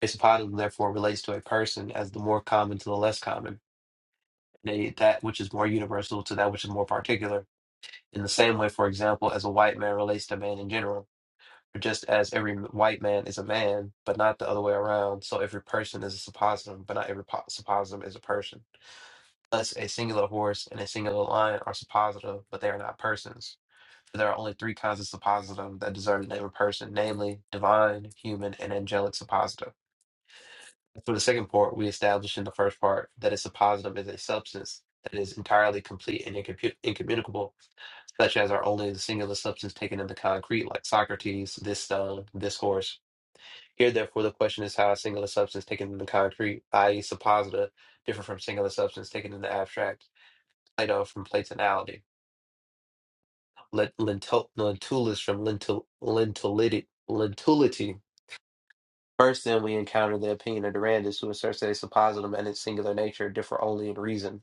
S1: A suppositum therefore relates to a person as the more common to the less common, and a, that which is more universal to that which is more particular In the same way, for example, as a white man relates to man in general, or just as every m- white man is a man, but not the other way around, so every person is a suppositum, but not every po- suppositum is a person. Thus, a singular horse and a singular lion are suppositive, but they are not persons. For there are only three kinds of suppositum that deserve the name of person, namely divine, human, and angelic suppositum. For the second part, we established in the first part that a suppositum is a substance that is entirely complete and incompu- incommunicable such as are only the singular substance taken in the concrete, like Socrates, this stone, this horse. Here, therefore, the question is how a singular substance taken in the concrete, i.e., supposita, differ from singular substance taken in the abstract, Plato from Platonality, Let lentil- lentulus from lentil- lentulity, lentulity. First, then, we encounter the opinion of Durandus, who asserts that a suppositum and its singular nature differ only in reason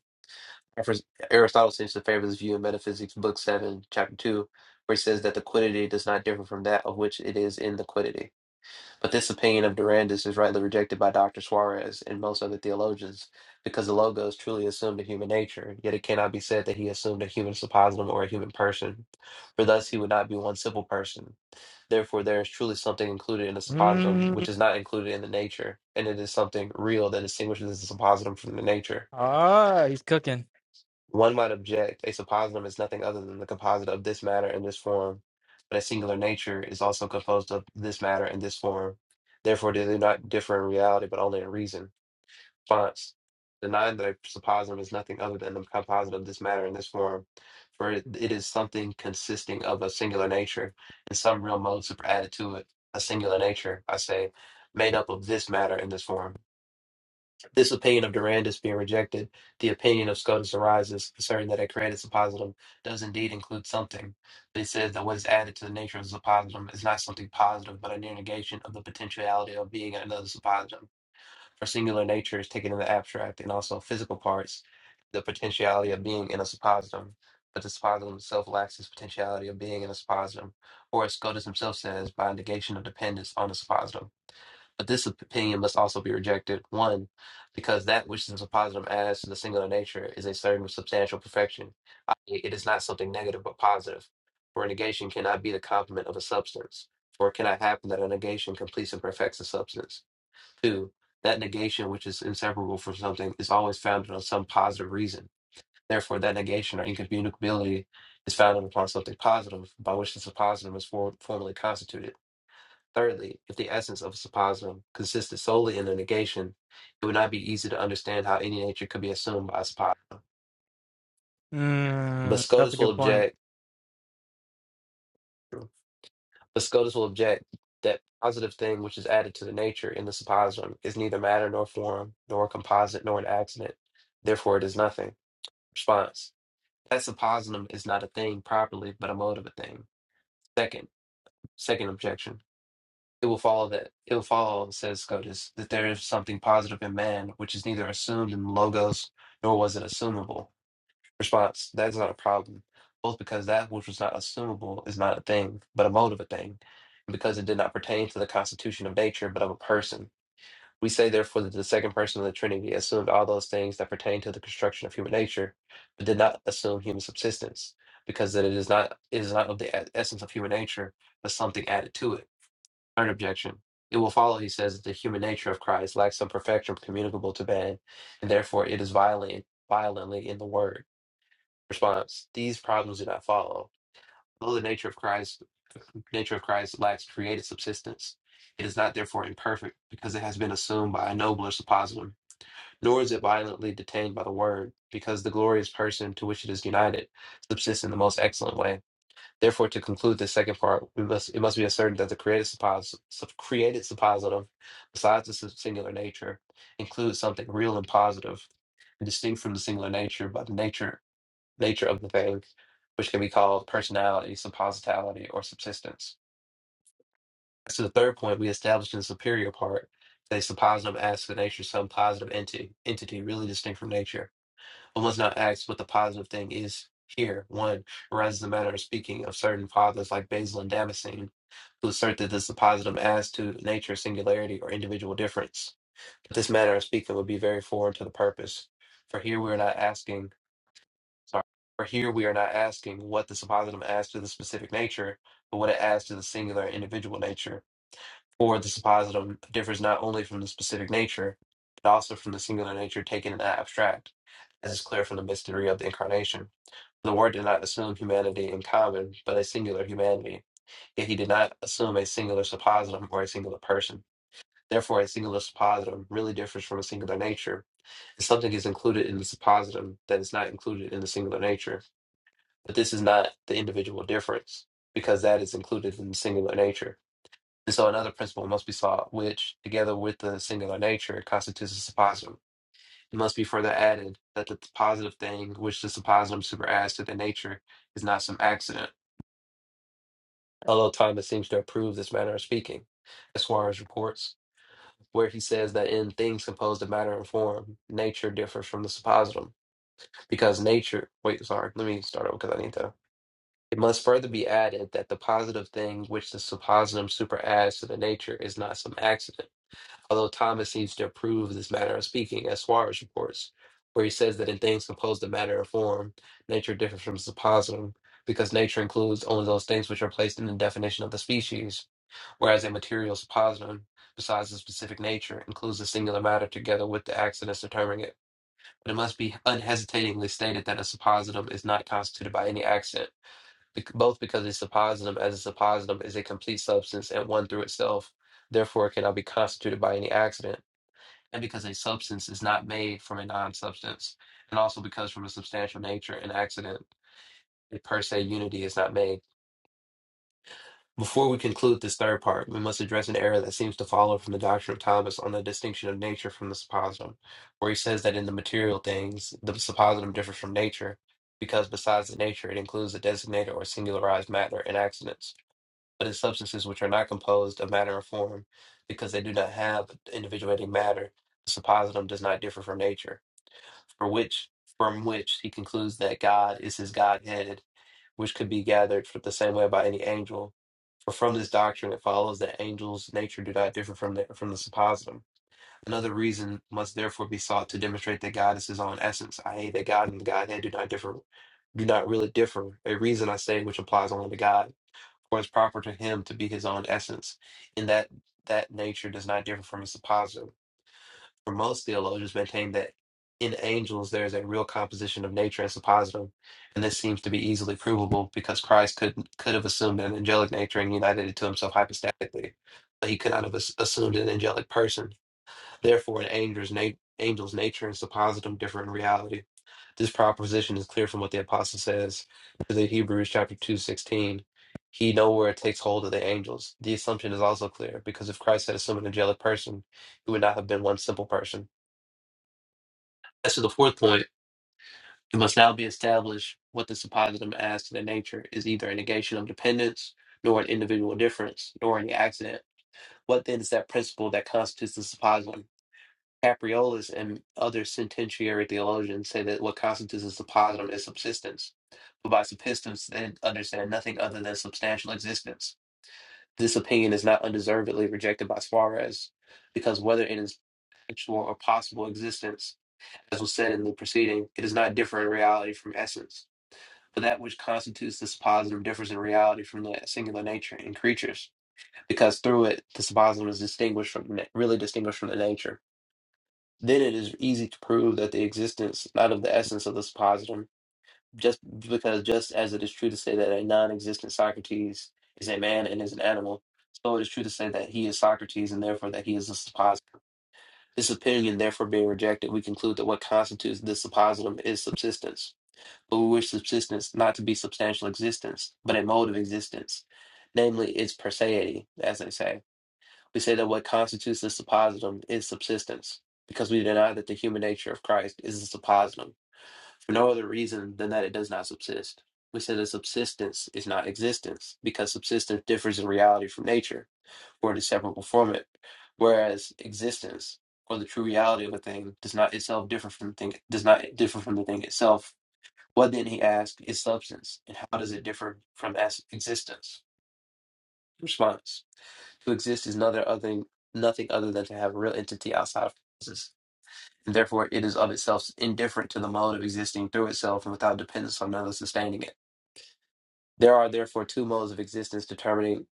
S1: Refers- Aristotle seems to favor this view in Metaphysics, Book 7, Chapter 2, where he says that the quiddity does not differ from that of which it is in the quiddity. But this opinion of Durandus is rightly rejected by Dr. Suarez and most other theologians, because the Logos truly assumed a human nature, yet it cannot be said that he assumed a human suppositum or a human person, for thus he would not be one simple person. Therefore, there is truly something included in the suppositum
S8: Mm.
S1: which is not included in the nature, and it is something real that distinguishes the suppositum from the nature.
S8: Ah, he's cooking.
S1: One might object a suppositum is nothing other than the composite of this matter and this form, but a singular nature is also composed of this matter and this form. Therefore, do they do not differ in reality, but only in reason? Response. Denying that a suppositum is nothing other than the composite of this matter and this form, for it, it is something consisting of a singular nature and some real mode superadded to it, a singular nature, I say, made up of this matter and this form. This opinion of Durandus being rejected, the opinion of Scotus arises concerning that a created suppositum does indeed include something. They it that what is added to the nature of the suppositum is not something positive, but a near negation of the potentiality of being another suppositum. For singular nature is taken in the abstract and also physical parts, the potentiality of being in a suppositum. But the suppositum itself lacks this potentiality of being in a suppositum, or as Scotus himself says, by negation of dependence on the suppositum. But this opinion must also be rejected, one, because that which is a positive as to the singular nature is a certain substantial perfection, i.e., it is not something negative but positive. For a negation cannot be the complement of a substance, for it cannot happen that a negation completes and perfects a substance. Two, that negation which is inseparable from something is always founded on some positive reason. Therefore, that negation or incommunicability is founded upon something positive, by which the positive is for- formally constituted. Thirdly, if the essence of a suppositum consisted solely in a negation, it would not be easy to understand how any nature could be assumed by a suppositum. But
S8: Mm, that's a
S1: Scotus will
S8: good point.
S1: object. But Scotus will object that positive thing which is added to the nature in the suppositum is neither matter nor form, nor a composite nor an accident. Therefore, it is nothing. Response: That suppositum is not a thing properly, but a mode of a thing. Second, second objection. it will follow that it will follow, says Scotus, that there is something positive in man, which is neither assumed in logos nor was it assumable. Response: That is not a problem, both because that which was not assumable is not a thing, but a mode of a thing, and because it did not pertain to the constitution of nature, but of a person. We say therefore that the second person of the Trinity assumed all those things that pertain to the construction of human nature, but did not assume human subsistence, because that it is not it is not of the e- essence of human nature, but something added to it Third objection. It will follow, he says, that the human nature of Christ lacks some perfection communicable to man, and therefore it is violent, violently in the word. Response: These problems do not follow. Although the nature of Christ, nature of Christ lacks created subsistence, it is not therefore imperfect because it has been assumed by a nobler suppositum. Nor is it violently detained by the word because the glorious person to which it is united subsists in the most excellent way. Therefore, to conclude this second part, we must it must be asserted that the created suppos sup- created suppositum, besides the singular nature, includes something real and positive, and distinct from the singular nature by the nature nature of the thing, which can be called personality, suppositality, or subsistence. As to the third point, we established in the superior part that a suppositum adds to the nature some positive entity, entity really distinct from nature one must not ask what the positive thing is here. One arises the matter of speaking of certain fathers like Basil and Damascene, who assert that this is a positive as to nature, singularity, or individual difference. But this manner of speaking would be very foreign to the purpose. For here we are not asking sorry, for here we are not asking what the suppositum adds to the specific nature, but what it adds to the singular individual nature. For the suppositum differs not only from the specific nature, but also from the singular nature taken in the abstract, as is clear from the mystery of the incarnation. The Word did not assume humanity in common, but a singular humanity. Yet he did not assume a singular suppositum or a singular person. Therefore, a singular suppositum really differs from a singular nature, and something is included in the suppositum that is not included in the singular nature. But this is not the individual difference, because that is included in the singular nature. And so another principle must be sought, which, together with the singular nature, constitutes a suppositum. It must be further added that the positive thing which the suppositum superadds to the nature is not some accident, although Thomas seems to approve this manner of speaking, as Suarez reports, where he says that in things composed of matter and form, nature differs from the suppositum, because nature. Wait, sorry, let me start over because I need to. It must further be added that the positive thing which the suppositum superadds to the nature is not some accident although Thomas seems to approve of this manner of speaking, as Suarez reports, where he says that in things composed of matter or form, nature differs from suppositum, because nature includes only those things which are placed in the definition of the species, whereas a material suppositum, besides the specific nature, includes the singular matter together with the accidents determining it. But it must be unhesitatingly stated that a suppositum is not constituted by any accident, bec- both because a suppositum as a suppositum is a complete substance and one through itself, therefore it cannot be constituted by any accident and because a substance is not made from a non-substance, and also because from a substantial nature and accident, a per se unity is not made. Before we conclude this third part, we must address an error that seems to follow from the doctrine of Thomas on the distinction of nature from the suppositum, where he says that in the material things, the suppositum differs from nature, because besides the nature, it includes the designated or singularized matter and accidents, but in substances which are not composed of matter or form, because they do not have individuating matter, the suppositum does not differ from nature for which from which he concludes that God is his Godhead, which could be gathered from the same way by any angel. For from this doctrine it follows that angels' nature do not differ from the from the suppositum. Another reason must therefore be sought to demonstrate that God is his own essence, i.e., that God and the Godhead do not differ do not really differ, a reason I say which applies only to God, for it's proper to him to be his own essence, in that that nature does not differ from his suppositum for most theologians maintain that in angels there is a real composition of nature and suppositum, and this seems to be easily provable because Christ could could have assumed an angelic nature and united it to himself hypostatically, but he could not have as- assumed an angelic person. Therefore, an angel's na- angel's nature and suppositum differ in reality. This proposition is clear from what the apostle says to the Hebrews chapter two sixteen. He nowhere takes hold of the angels. The assumption is also clear because if Christ had assumed an angelic person, he would not have been one simple person as to the fourth point, it must now be established what the suppositum as to their nature is either a negation of dependence, nor an individual difference, nor any accident. What then is that principle that constitutes the suppositum? Capriolus and other sententiary theologians say that what constitutes a suppositum is subsistence, but by subsistence they understand nothing other than substantial existence. This opinion is not undeservedly rejected by Suarez, because whether in its actual or possible existence as was said in the preceding, it is not different in reality from essence. But that which constitutes the suppositum differs in reality from the singular nature in creatures, because through it the suppositum is distinguished from na- really distinguished from the nature. Then it is easy to prove that the existence not of the essence of the suppositum, just because just as it is true to say that a non-existent Socrates is a man and is an animal, so it is true to say that he is Socrates and therefore that he is a suppositum. This opinion, therefore, being rejected, we conclude that what constitutes this suppositum is subsistence we wish subsistence not to be substantial existence, but a mode of existence, namely its perseity, as they say. We say that what constitutes the suppositum is subsistence, because we deny that the human nature of Christ is the suppositum, for no other reason than that it does not subsist. We say that subsistence is not existence, because subsistence differs in reality from nature, for it is separable from it, whereas existence, or the true reality of a thing, does not itself differ from the thing, does not differ from the thing itself, what then, he asked, is substance, and how does it differ from as- existence? Response To exist is nothing other, nothing other than to have a real entity outside of causes, and therefore it is of itself indifferent to the mode of existing through itself and without dependence on another sustaining it. There are therefore two modes of existence determining,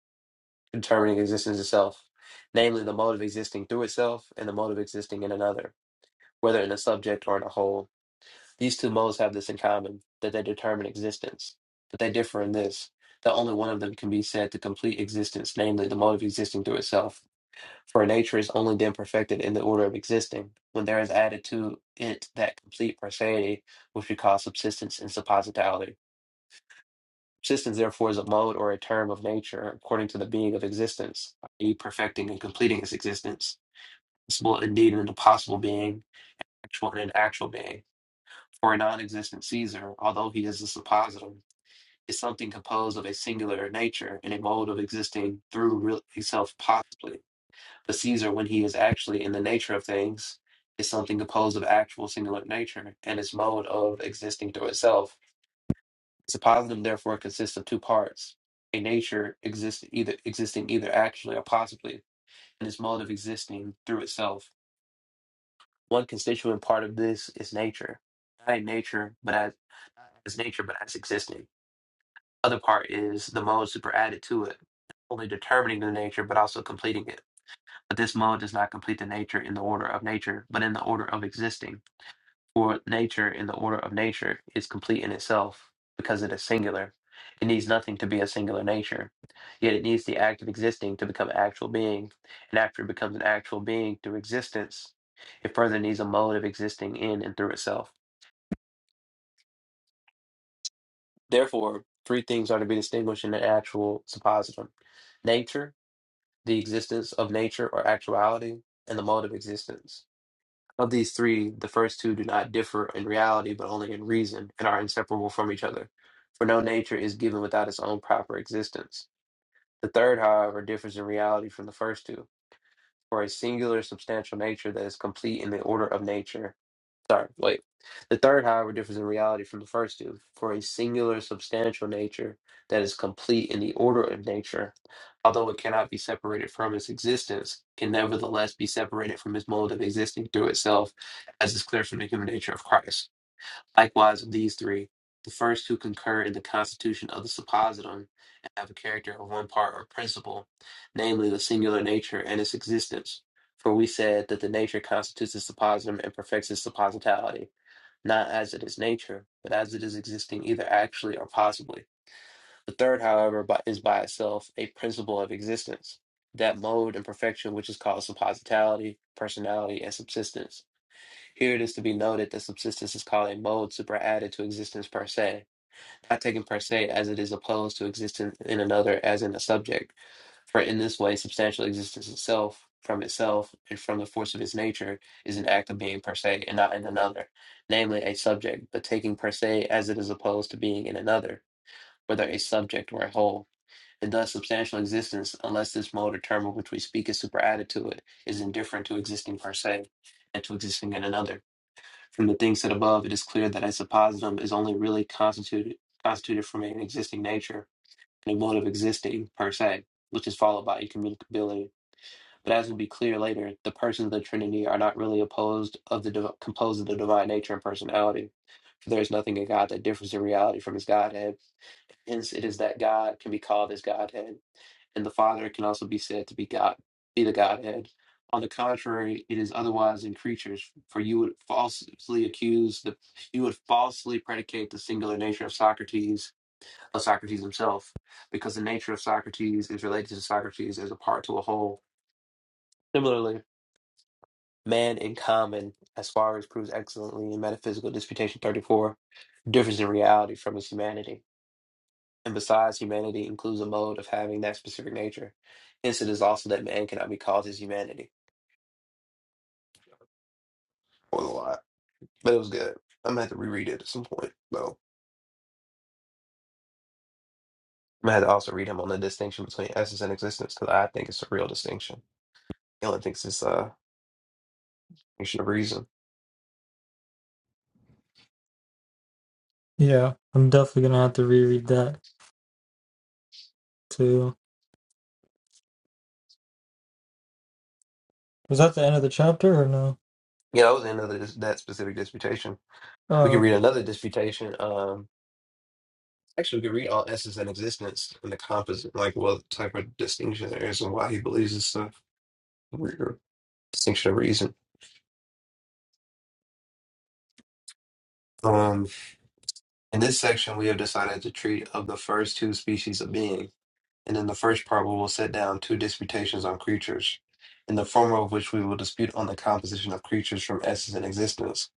S1: determining existence itself, namely the mode of existing through itself and the mode of existing in another, whether in a subject or in a whole. These two modes have this in common that they determine existence, but they differ in this that only one of them can be said to complete existence, namely the mode of existing through itself. For nature is only then perfected in the order of existing, when there is added to it that complete prosody which we call subsistence and suppositality. Subsistence, therefore, is a mode or a term of nature according to the being of existence, i.e., perfecting and completing its existence. Possible indeed and an impossible being, actual and an actual being. For a non existent Caesar, although he is a suppositum, is something composed of a singular nature and a mode of existing through real itself possibly. But Caesar, when he is actually in the nature of things, is something composed of actual singular nature and its mode of existing through itself. Suppositum therefore consists of two parts. A nature exist either existing either actually or possibly, and its mode of existing through itself. One constituent part of this is nature. Not in nature, but as not as nature, but as existing other part is the modes that were added to it, only determining the nature but also completing it. But this mode does not complete the nature in the order of nature, but in the order of existing. For nature in the order of nature is complete in itself because it is singular. It needs nothing to be a singular nature. Yet it needs the act of existing to become actual being, and after it becomes an actual being through existence, it further needs a mode of existing in and through itself. Therefore, three things are to be distinguished in an actual suppositum nature, the existence of nature or actuality, and the mode of existence. Of these three, the first two do not differ in reality, but only in reason, and are inseparable from each other. For no nature is given without its own proper existence. The third, however, differs in reality from the first two. For a singular substantial nature that is complete in the order of nature Sorry, wait. The third, however, differs in reality from the first two, for a singular substantial nature that is complete in the order of nature, although it cannot be separated from its existence, can nevertheless be separated from its mode of existing through itself, as is clear from the human nature of Christ. Likewise, of these three, the first two concur in the constitution of the suppositum and have a character of one part or principle, namely the singular nature and its existence. For we said that the nature constitutes the suppositum and perfects its suppositality, not as it is nature, but as it is existing either actually or possibly. The third, however, by, is by itself a principle of existence, that mode and perfection which is called suppositality, personality, and subsistence. Here it is to be noted that subsistence is called a mode superadded to existence per se, not taken per se as it is opposed to existence in another as in a subject. For in this way, substantial existence itself, from itself, and from the force of its nature, is an act of being per se and not in another, namely a subject, but taking per se as it is opposed to being in another, whether a subject or a whole. And thus, substantial existence, unless this mode or term of which we speak is superadded to it, is indifferent to existing per se and to existing in another. From the things said above, it is clear that a suppositum is only really constituted constituted from an existing nature and a mode of existing per se, which is followed by incommunicability. But as will be clear later, the persons of the Trinity are not really opposed of the div- composed of the divine nature and personality. For there is nothing in God that differs in reality from His Godhead. Hence, it is that God can be called His Godhead and the Father can also be said to be God, be the Godhead. On the contrary, it is otherwise in creatures, for you would falsely accuse the you would falsely predicate the singular nature of Socrates of Socrates himself, because the nature of Socrates is related to Socrates as a part to a whole. Similarly, man in common, as far as proves excellently in Metaphysical Disputation 34, differs in reality from his humanity And besides, humanity includes a mode of having that specific nature. Hence, it is also that man cannot be called his humanity. That was a lot, but it was good. I'm gonna have to reread it at some point, though. I'm gonna have to also read him on the distinction between essence and existence because I think it's a real distinction. Galen thinks it's a distinction of reason.
S8: Yeah, I'm definitely gonna have to reread that too. Was that the end of the chapter or no?
S1: Yeah, that was the end of the, that specific disputation.
S8: Oh,
S1: We can
S8: okay.
S1: read another disputation. Um, actually, we could read all essence and existence and the composite, like what type of distinction there is and why he believes it's a weird distinction of reason. Um. In this section, we have decided to treat of the first two species of being, and in the first part, we will set down two disputations on creatures, in the former of which we will dispute on the composition of creatures from essence and existence,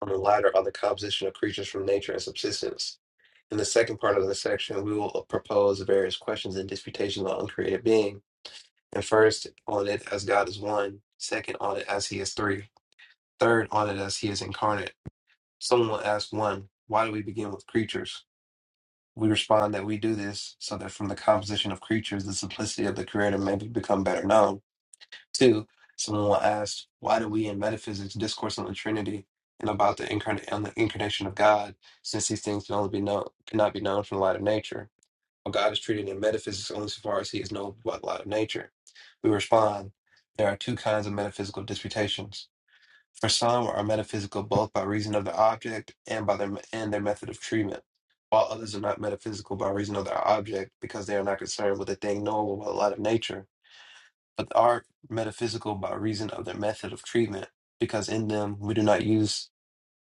S1: on the latter on the composition of creatures from nature and subsistence. In the second part of the section, we will propose various questions and disputations on uncreated being, and first on it as God is one, second on it as He is three, third on it as He is incarnate. Someone will ask one, why do we begin with creatures? We respond that we do this so that from the composition of creatures, the simplicity of the creator may be become better known. Two, someone asked, why do we in metaphysics discourse on the Trinity and about the, incarn- on the incarnation of God, since these things can only be known, cannot be known from the light of nature? Well, God is treated in metaphysics only so far as he is known by the light of nature. We respond, there are two kinds of metaphysical disputations. For some are metaphysical both by reason of their object and by their and their method of treatment, while others are not metaphysical by reason of their object because they are not concerned with a thing knowable by the light of nature, but are metaphysical by reason of their method of treatment because in them we do not use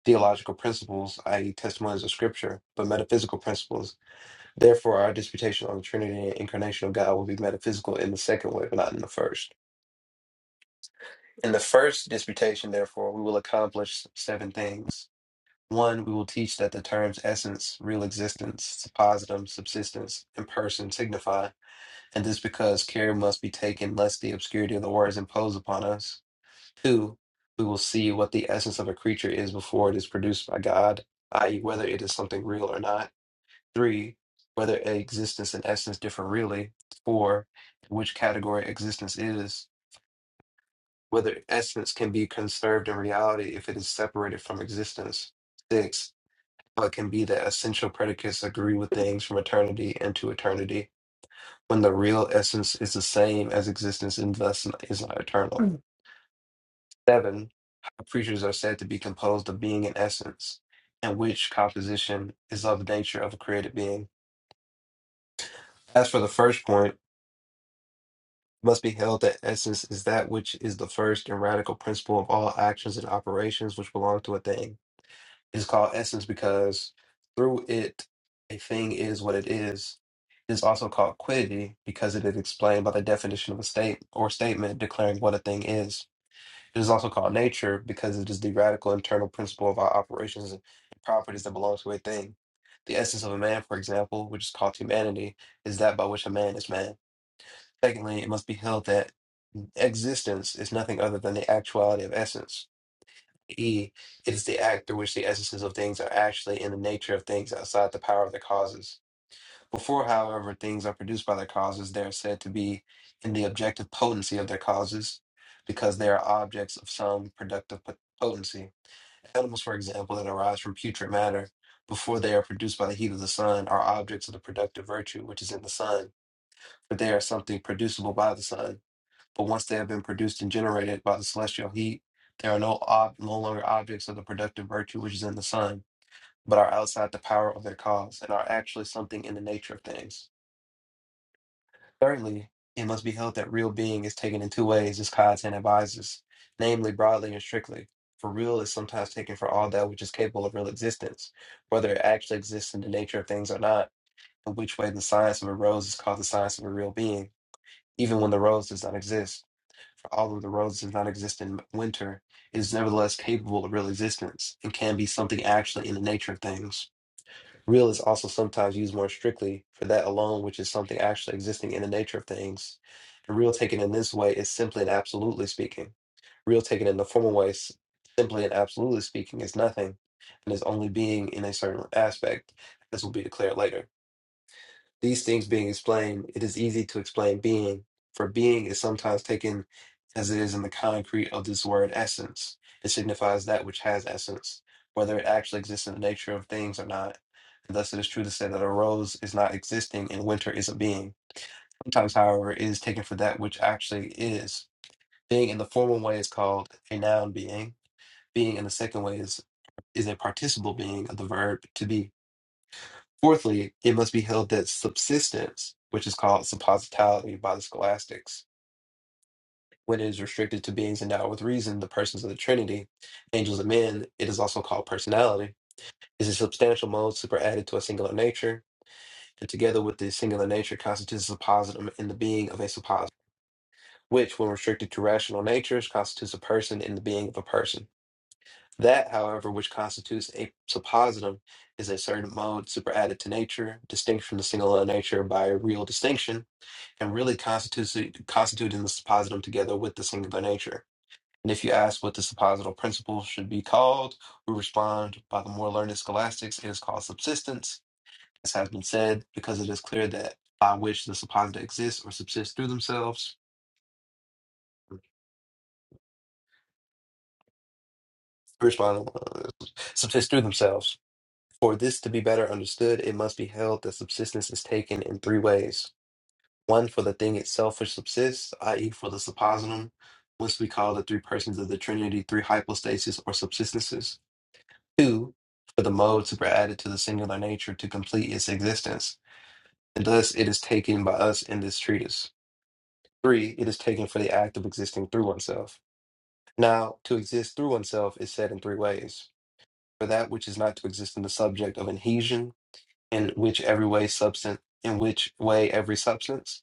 S1: theological principles, i.e., testimonies of Scripture, but metaphysical principles. Therefore, our disputation on the Trinity and incarnation of God will be metaphysical in the second way, but not in the first. In the first disputation, therefore, we will accomplish seven things. One, we will teach that the terms essence, real existence, suppositum, subsistence, and person signify, and this because care must be taken lest the obscurity of the words impose upon us. Two, we will see what the essence of a creature is before it is produced by God, i.e., whether it is something real or not. Three, whether existence and essence differ really. Four, which category existence is. Whether essence can be conserved in reality if it is separated from existence. Six, how it can be that essential predicates agree with things from eternity into eternity when the real essence is the same as existence and thus is not eternal. Seven, how creatures are said to be composed of being and essence, and which composition is of the nature of a created being. As for the first point, it must be held that essence is that which is the first and radical principle of all actions and operations which belong to a thing is called essence because through it a thing is what it is. It is also called quiddity because it is explained by the definition of a state or statement declaring what a thing is. It is also called nature because it is the radical internal principle of our operations and properties that belong to a thing. The essence of a man, for example, which is called humanity, is that by which a man is man. Secondly, it must be held that existence is nothing other than the actuality of essence E, it is the act through which the essences of things are actually in the nature of things outside the power of their causes. Before, however, things are produced by their causes, they are said to be in the objective potency of their causes, because they are objects of some productive po- potency. Animals, for example, that arise from putrid matter, before they are produced by the heat of the sun, are objects of the productive virtue which is in the sun, but they are something producible by the sun. But once they have been produced and generated by the celestial heat, they are no, ob- no longer objects of the productive virtue which is in the sun, but are outside the power of their cause and are actually something in the nature of things. Thirdly, it must be held that real being is taken in two ways, as Kaizen advises, namely broadly and strictly. For real is sometimes taken for all that which is capable of real existence, whether it actually exists in the nature of things or not, in which way the science of a rose is called the science of a real being, even when the rose does not exist. although the rose does not exist in winter, it is nevertheless capable of real existence and can be something actually in the nature of things. Real is also sometimes used more strictly for that alone which is something actually existing in the nature of things. And real taken in this way is simply and absolutely speaking. Real taken in the former way, s- simply and absolutely speaking, is nothing and is only being in a certain aspect, as will be declared later. These things being explained, it is easy to explain being, for being is sometimes taken as it is in the concrete of this word essence. It signifies that which has essence, whether it actually exists in the nature of things or not. And thus it is true to say that a rose is not existing and winter is a being. Sometimes, however, it is taken for that which actually is. Being in the formal way is called a noun being. Being in the second way is, is a participle being of the verb to be. Fourthly, it must be held that subsistence, which is called suppositality by the scholastics, when it is restricted to beings endowed with reason, the persons of the Trinity, angels and men, it is also called personality, is a substantial mode superadded to a singular nature, and together with the singular nature constitutes a suppositum in the being of a suppositum, which, when restricted to rational natures, constitutes a person in the being of a person. That, however, which constitutes a suppositum is a certain mode superadded to nature, distinct from the singular nature by a real distinction, and really constitutes- constituting the suppositum together with the singular nature. And if you ask what the supposital principle should be called, we respond by the more learned scholastics, it is called subsistence, as has been said, because it is clear that by which the supposita exists or subsists through themselves, we respond, uh, subsist through themselves. For this to be better understood, it must be held that subsistence is taken in three ways. one for the thing itself which subsists, i.e., for the suppositum, which we call the three persons of the Trinity, three hypostases or subsistences. Two, for the mode superadded to the singular nature to complete its existence, and thus it is taken by us in this treatise. Three, it is taken for the act of existing through oneself. Now, to exist through oneself is said in three ways. For that which is not to exist in the subject of adhesion, in which every way substance, in which way every substance,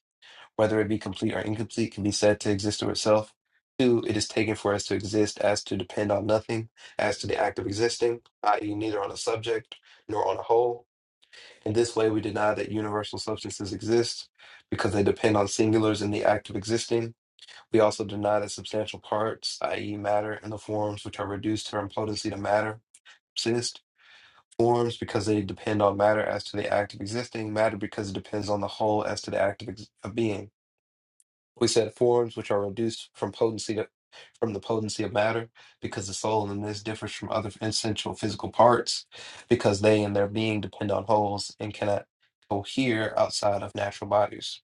S1: whether it be complete or incomplete, can be said to exist of itself. Two, it is taken for us to exist as to depend on nothing, as to the act of existing, i.e., neither on a subject nor on a whole. In this way, we deny that universal substances exist because they depend on singulars in the act of existing. We also deny that substantial parts, i.e., matter, and the forms which are reduced to their impotency to matter exist. Forms because they depend on matter as to the act of existing, matter because it depends on the whole as to the act of, ex- of being. We said forms which are reduced from potency to, from the potency of matter, because the soul in this differs from other essential physical parts, because they in their being depend on wholes and cannot cohere outside of natural bodies.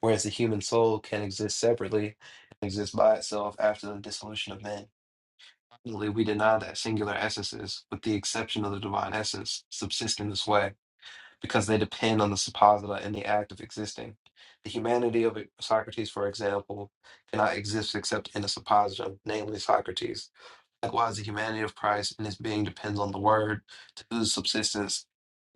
S1: Whereas the human soul can exist separately and exist by itself after the dissolution of men. Finally, we deny that singular essences, with the exception of the divine essence, subsist in this way because they depend on the supposita and the act of existing. The humanity of Socrates, for example, cannot exist except in a suppositum, namely Socrates. Likewise, the humanity of Christ and his being depends on the Word, to whose subsistence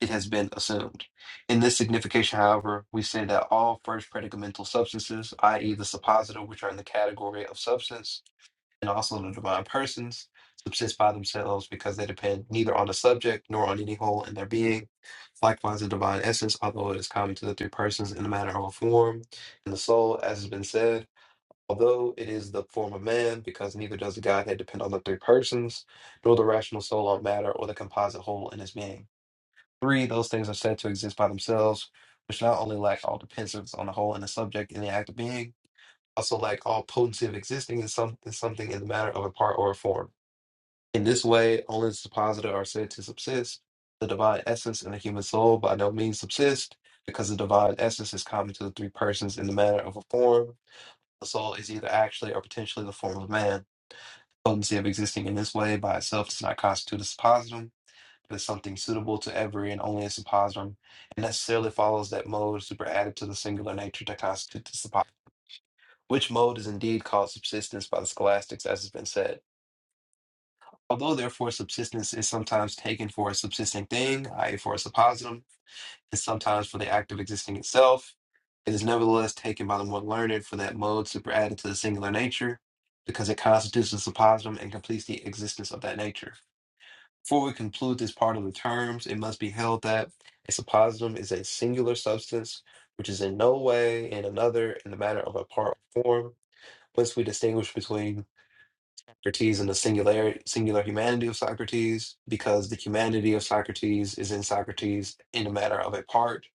S1: it has been assumed. In this signification, however, we say that all first predicamental substances, i.e., the supposita, which are in the category of substance, and also the divine persons subsist by themselves because they depend neither on the subject nor on any whole in their being. Likewise, the divine essence, although it is common to the three persons in the matter of form and the soul, as has been said, although it is the form of man, because neither does the Godhead depend on the three persons, nor the rational soul on matter or the composite whole in its being. Three, those things are said to exist by themselves, which not only lack all dependence on the whole and the subject in the act of being, also like all potency of existing is, some, is something in the matter of a part or a form. In this way, only the supposita are said to subsist. The divine essence and the human soul by no means subsist, because the divine essence is common to the three persons in the matter of a form. The soul is either actually or potentially the form of man. Potency of existing in this way by itself does not constitute a suppositum, but is something suitable to every and only a suppositum. It necessarily follows that mode superadded to the singular nature to constitute the suppositum which mode is indeed called subsistence by the scholastics, as has been said. Although, therefore, subsistence is sometimes taken for a subsisting thing, i.e., for a suppositum, and sometimes for the act of existing itself, it is nevertheless taken by the more learned for that mode superadded to the singular nature, because it constitutes the suppositum and completes the existence of that nature. Before we conclude this part of the terms, it must be held that a suppositum is a singular substance which is in no way in another in the matter of a part or form Once we distinguish between Socrates and the singular singular humanity of Socrates, because the humanity of Socrates is in Socrates in the matter of a part,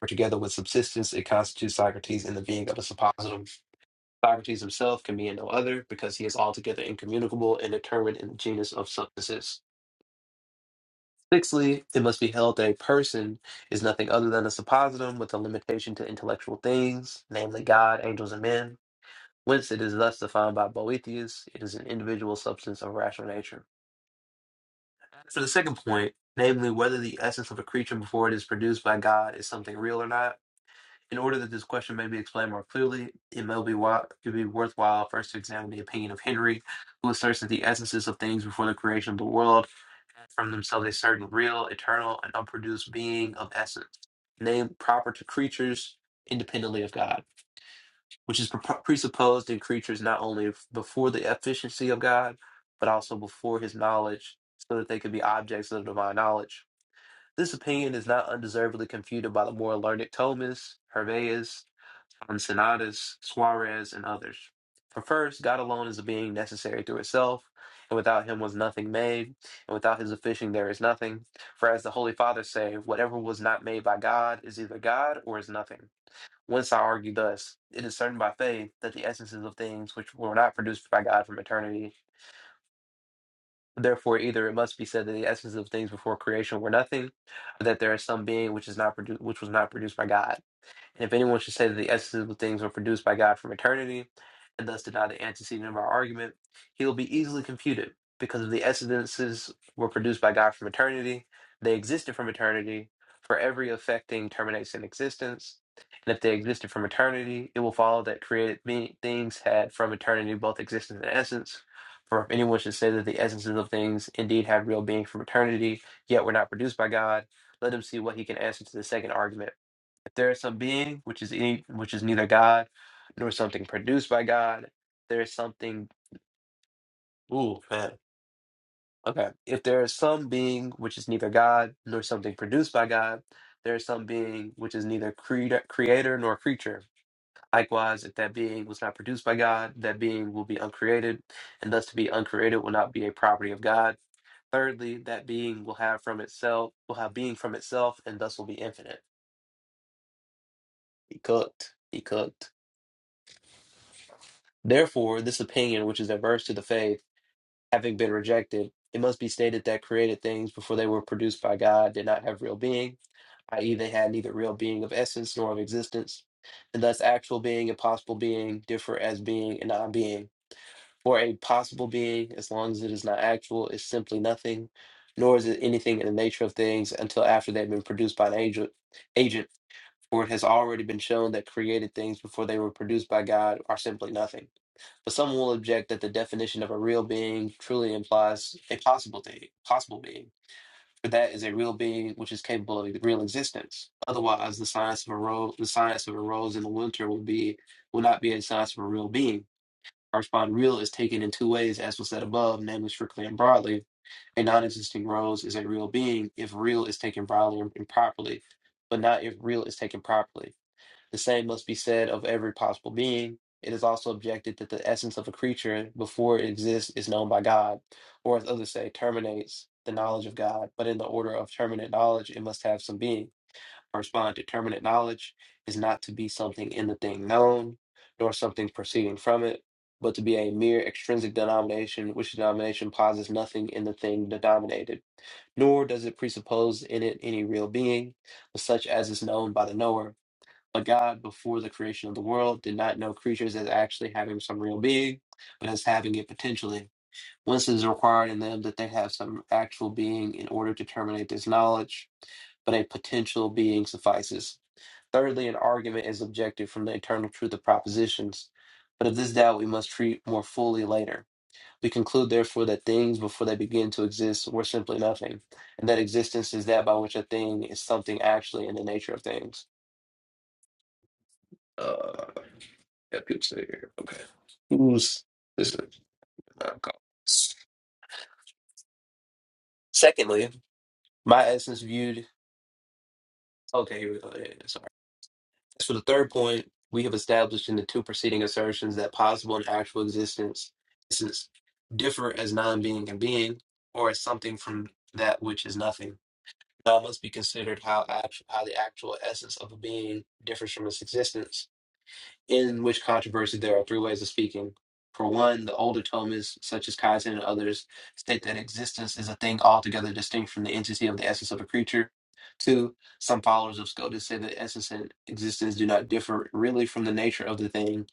S1: for together with subsistence it constitutes Socrates in the being of a suppositum. Socrates himself can be in no other, because he is altogether incommunicable and determined in the genus of substances. Sixthly, it must be held that a person is nothing other than a suppositum with a limitation to intellectual things, namely God, angels, and men. Whence it is thus defined by Boethius, it is an individual substance of rational nature. For the second point, namely whether the essence of a creature before it is produced by God is something real or not, in order that this question may be explained more clearly, it may be, wi- it be worthwhile first to examine the opinion of Henry, who asserts that the essences of things before the creation of the world had from themselves a certain real, eternal, and unproduced being of essence, named proper to creatures independently of God which is pre- presupposed in creatures not only f- before the efficiency of God, but also before his knowledge, so that they could be objects of divine knowledge. This opinion is not undeservedly confuted by the more learned Thomas, Hervaeus, Ensenatus, Suarez, and others. For first, God alone is a being necessary to itself, and without him was nothing made, and without his efficient there is nothing. For as the Holy Father say, whatever was not made by God is either God or is nothing. Whence I argue thus, it is certain by faith that the essences of things which were not produced by God from eternity. Therefore, either it must be said that the essences of things before creation were nothing, or that there is some being which is not produced, which was not produced by God. And if anyone should say that the essences of things were produced by God from eternity, and thus deny the antecedent of our argument, he will be easily confuted, because if the essences were produced by God from eternity, they existed from eternity, for every affecting terminates in existence. And if they existed from eternity, it will follow that created me- things had from eternity both existence and essence. For if anyone should say that the essences of things indeed have real being from eternity, yet were not produced by God, let him see what he can answer to the second argument. If there is some being which is any, which is neither God nor something produced by God, there is something. Ooh, man. Okay. If there is some being which is neither God nor something produced by God, there is some being which is neither creator, creator nor creature. Likewise, if that being was not produced by God, that being will be uncreated, and thus to be uncreated will not be a property of God. Thirdly, that being will have from itself will have being from itself, and thus will be infinite. He cooked. He cooked. Therefore, this opinion, which is adverse to the faith, having been rejected, it must be stated that created things before they were produced by God did not have real being, i.e., they had neither real being of essence nor of existence, and thus actual being and possible being differ as being and non being. For a possible being, as long as it is not actual, is simply nothing, nor is it anything in the nature of things until after they've been produced by an agent. agent for it has already been shown that created things before they were produced by God are simply nothing. But some will object that the definition of a real being truly implies a possible thing, possible being, for that is a real being which is capable of real existence. Otherwise, the science of a rose, the science of a rose in the winter will be will not be a science of a real being. Correspond real is taken in two ways, as was said above, namely strictly and broadly. A non-existing rose is a real being if real is taken broadly and properly, but not if real is taken properly. The same must be said of every possible being. It is also objected that the essence of a creature before it exists is known by God, or as others say, terminates the knowledge of God. But in the order of terminate knowledge, it must have some being. I respond to terminate knowledge is not to be something in the thing known, nor something proceeding from it, but to be a mere extrinsic denomination, which denomination posits nothing in the thing denominated, nor does it presuppose in it any real being, but such as is known by the knower but God, before the creation of the world, did not know creatures as actually having some real being, but as having it potentially. Once it is required in them that they have some actual being in order to terminate this knowledge, but a potential being suffices. Thirdly, an argument is objected from the eternal truth of propositions, but of this doubt we must treat more fully later. We conclude, therefore, that things before they begin to exist were simply nothing, and that existence is that by which a thing is something actually in the nature of things. Uh, Yeah, people still here. Okay. Who's this? is- uh, call. Secondly, my essence viewed. Okay, here we go. Yeah, yeah, sorry. As for the third point, we have established in the two preceding assertions that possible and actual existence essence differ as non-being and being, or as something from that which is nothing. Now it must be considered how actual, how the actual essence of a being differs from its existence in which controversy there are three ways of speaking. For one, the older Thomists, such as Kaizen and others, state that existence is a thing altogether distinct from the entity of the essence of a creature. Two, some followers of Scotus say that essence and existence do not differ really from the nature of the thing,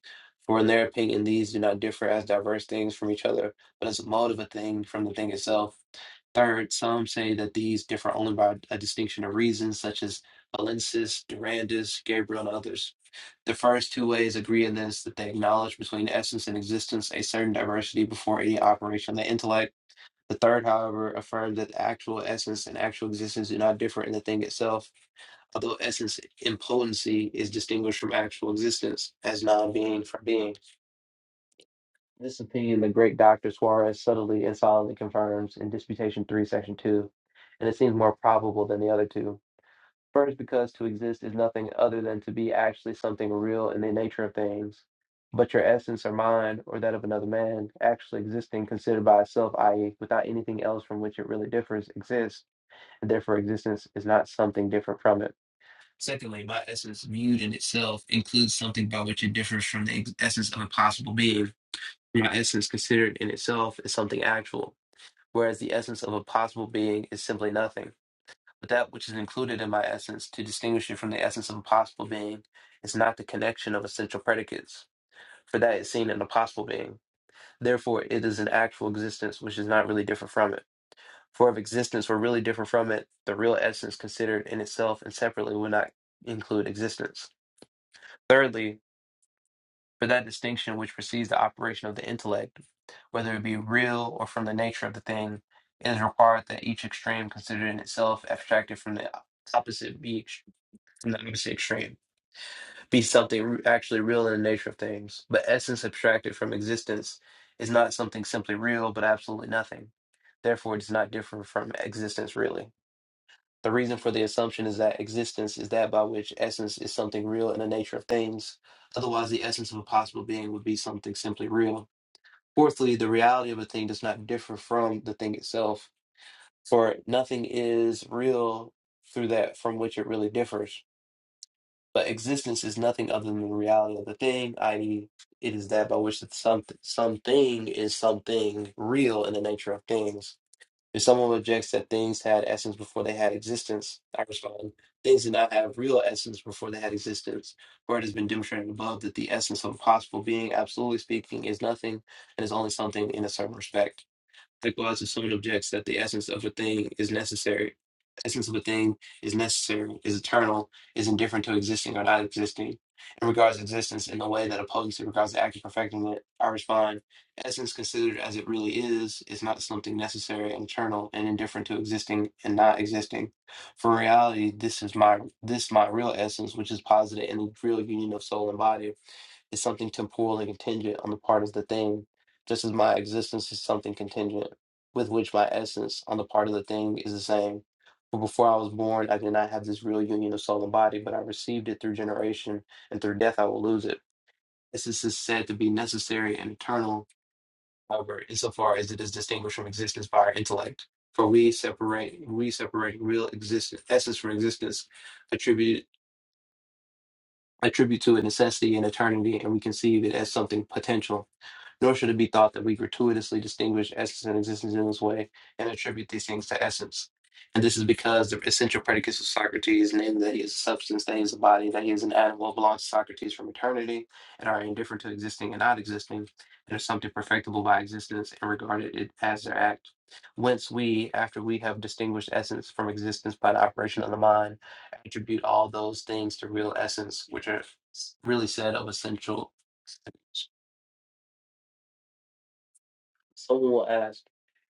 S1: for in their opinion, these do not differ as diverse things from each other, but as a mode of a thing from the thing itself. Third, some say that these differ only by a distinction of reasons, such as Valensis, Durandus, Gabriel, and others. The first two ways agree in this that they acknowledge between essence and existence a certain diversity before any operation of the intellect. The third, however, affirms that the actual essence and actual existence do not differ in the thing itself, although essence in potency is distinguished from actual existence as non-being from being. This opinion the great Dr. Suarez subtly and solidly confirms in Disputation 3, Section 2, and it seems more probable than the other two. First, because to exist is nothing other than to be actually something real in the nature of things. But your essence or mind, or that of another man, actually existing considered by itself, i.e., without anything else from which it really differs, exists, and therefore existence is not something different from it. Secondly, my essence viewed in itself includes something by which it differs from the ex- essence of a possible being. My essence considered in itself is something actual, whereas the essence of a possible being is simply nothing. But that which is included in my essence, to distinguish it from the essence of a possible being, is not the connection of essential predicates, for that is seen in a possible being. Therefore, it is an actual existence which is not really different from it. For if existence were really different from it, the real essence considered in itself and separately would not include existence. Thirdly, for that distinction which precedes the operation of the intellect, whether it be real or from the nature of the thing, it is required that each extreme considered in itself abstracted from the opposite be not even extreme, be something re- actually real in the nature of things. But essence abstracted from existence is not something simply real, but absolutely nothing. Therefore, it does not differ from existence really. The reason for the assumption is that existence is that by which essence is something real in the nature of things. Otherwise, the essence of a possible being would be something simply real. Fourthly, the reality of a thing does not differ from the thing itself, for nothing is real through that from which it really differs But existence is nothing other than the reality of the thing, i.e., it is that by which that some, something is something real in the nature of things. If someone rejects that things had essence before they had existence, I respond, things did not have real essence before they had existence. For it has been demonstrated above that the essence of a possible being, absolutely speaking, is nothing and is only something in a certain respect. The clause of someone objects that the essence of a thing is necessary. Essence of a thing is necessary, is eternal, is indifferent to existing or not existing, and regards existence in a way that opposes it, regards the act of perfecting it. I respond, essence considered as it really is, is not something necessary and eternal and indifferent to existing and not existing. For reality, this is my this my real essence, which is posited in the real union of soul and body is something temporal and contingent on the part of the thing, just as my existence is something contingent with which my essence on the part of the thing is the same. For before I was born, I did not have this real union of soul and body, but I received it through generation, and through death I will lose it. Essence is said to be necessary and eternal, however, insofar as it is distinguished from existence by our intellect. For we separate we separate real existence essence from existence, attribute attribute to it necessity and eternity, and we conceive it as something potential nor should it be thought that we gratuitously distinguish essence and existence in this way and attribute these things to essence. And this is because the essential predicates of Socrates, namely that he is a substance, that he is a body, that he is an animal, belongs to Socrates from eternity, and are indifferent to existing and not existing, and are something perfectible by existence and regarded it as their act. Whence we, after we have distinguished essence from existence by the operation of the mind, attribute all those things to real essence, which are s- really said of essential. Someone will ask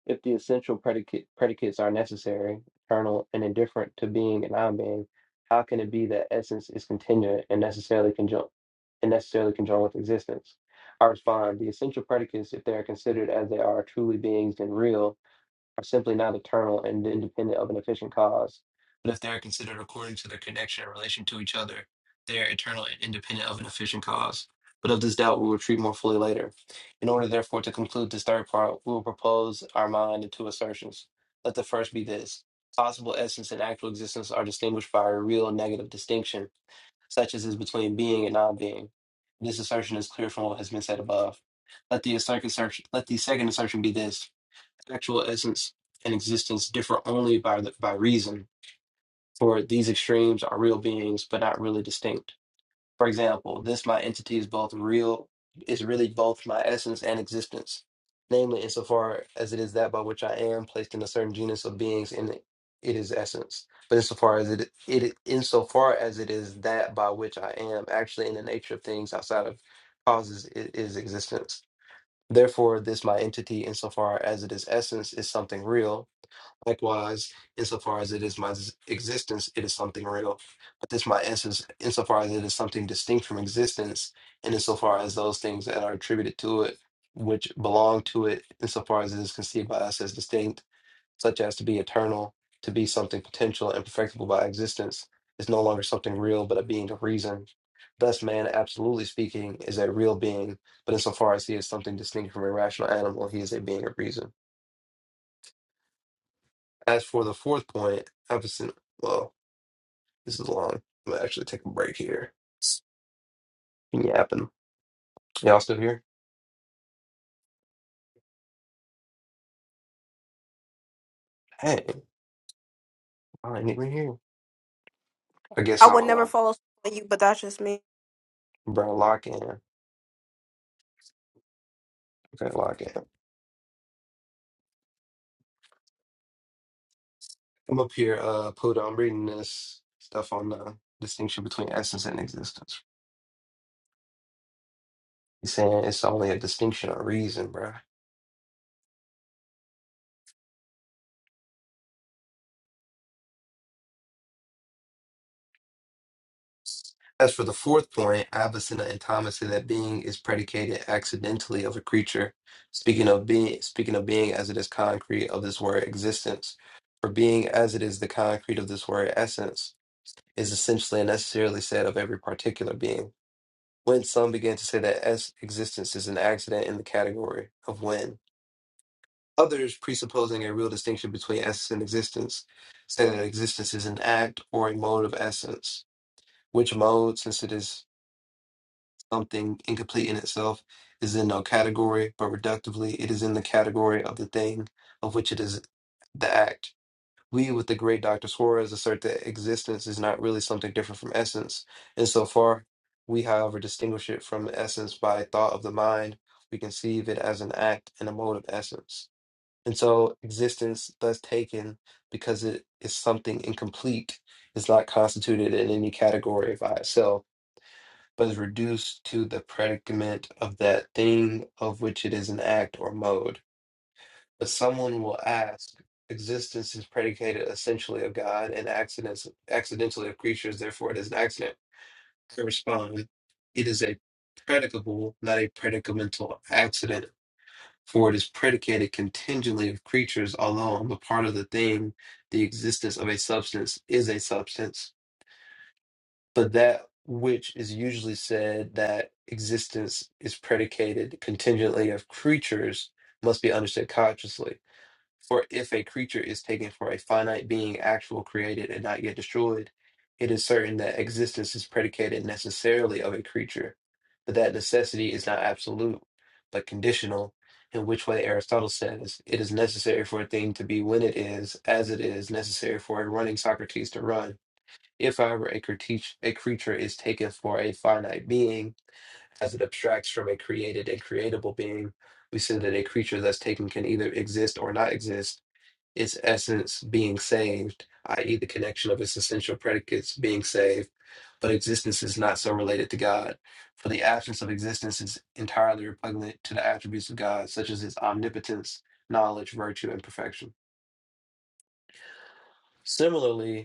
S1: if the essential predicate, predicates are necessary, eternal, and indifferent to being and non-being. How can it be that essence is contingent and necessarily conjoined and necessarily conjoined with existence? I respond: the essential predicates, if they are considered as they are, truly beings and real, are simply not eternal and independent of an efficient cause. But if they are considered according to their connection and relation to each other, they are eternal and independent of an efficient cause. But of this doubt we will treat more fully later. In order, therefore, to conclude this third part, we will propose our mind in two assertions. Let the first be this possible essence and actual existence are distinguished by a real negative distinction, such as is between being and non being. This assertion is clear from what has been said above. Let the, assert- assert- let the second assertion be this actual essence and existence differ only by the, by reason. For these extremes are real beings, but not really distinct. For example, this my entity is both real, is really both my essence and existence, namely insofar as it is that by which I am placed in a certain genus of beings in it, it is essence. But insofar as it, it insofar as it is that by which I am actually in the nature of things outside of causes it is existence. Therefore, this my entity, insofar as it is essence, is something real, Likewise, insofar as it is my s- existence, it is something real. But this my essence, insofar as it is something distinct from existence, and insofar as those things that are attributed to it, which belong to it, insofar as it is conceived by us as distinct, such as to be eternal, to be something potential and perfectible by existence, is no longer something real, but a being of reason. Thus, man, absolutely speaking, is a real being, but insofar as he is something distinct from a rational animal, he is a being of reason. As for the fourth point, Ephesus, well, this is long. I'm gonna actually take a break here. Been yapping. Y'all still here? Hey, I ain't even here. I
S6: I
S1: guess
S6: would
S1: I'll
S6: never
S1: uh,
S6: follow you, but that's just me.
S1: bring a lock in. Okay, lock in. I'm up here, uh, Pluto. I'm reading this stuff on the distinction between essence and existence. He's saying it's only a distinction of reason, bro. As for the fourth point, Avicenna and Thomas say that being is predicated accidentally of a creature, speaking of being speaking of being as it is concrete of this word existence. For being as it is the concrete of this word essence is essentially and necessarily said of every particular being. When some begin to say that s existence is an accident in the category of when. Others, presupposing a real distinction between essence and existence, say that existence is an act or a mode of essence which mode, since it is something incomplete in itself is in no category, but reductively it is in the category of the thing of which it is the act. We, with the great Dr. Suarez, assert that existence is not really something different from essence. In so far, we, however, distinguish it from essence by thought of the mind. We conceive it as an act and a mode of essence. And so, existence, thus taken, because it is something incomplete, is not constituted in any category by itself but is reduced to the predicament of that thing of which it is an act or mode. But someone will ask, existence is predicated essentially of God and accidents accidentally of creatures, therefore it is an accident. I respond, it is a predicable, not a predicamental accident, for it is predicated contingently of creatures, although on the part of the thing, the existence of a substance is a substance for that which is usually said that existence is predicated contingently of creatures must be understood consciously. For if a creature is taken for a finite being actual created and not yet destroyed, it is certain that existence is predicated necessarily of a creature, but that necessity is not absolute, but conditional, in which way Aristotle says it is necessary for a thing to be when it is, as it is necessary for a running Socrates to run if, however, a, critique, a creature is taken for a finite being, as it abstracts from a created and creatable being, we say that a creature that's taken can either exist or not exist, its essence being saved, i.e., the connection of its essential predicates being saved, but existence is not so related to God. For the absence of existence is entirely repugnant to the attributes of God, such as his omnipotence, knowledge, virtue, and perfection. Similarly,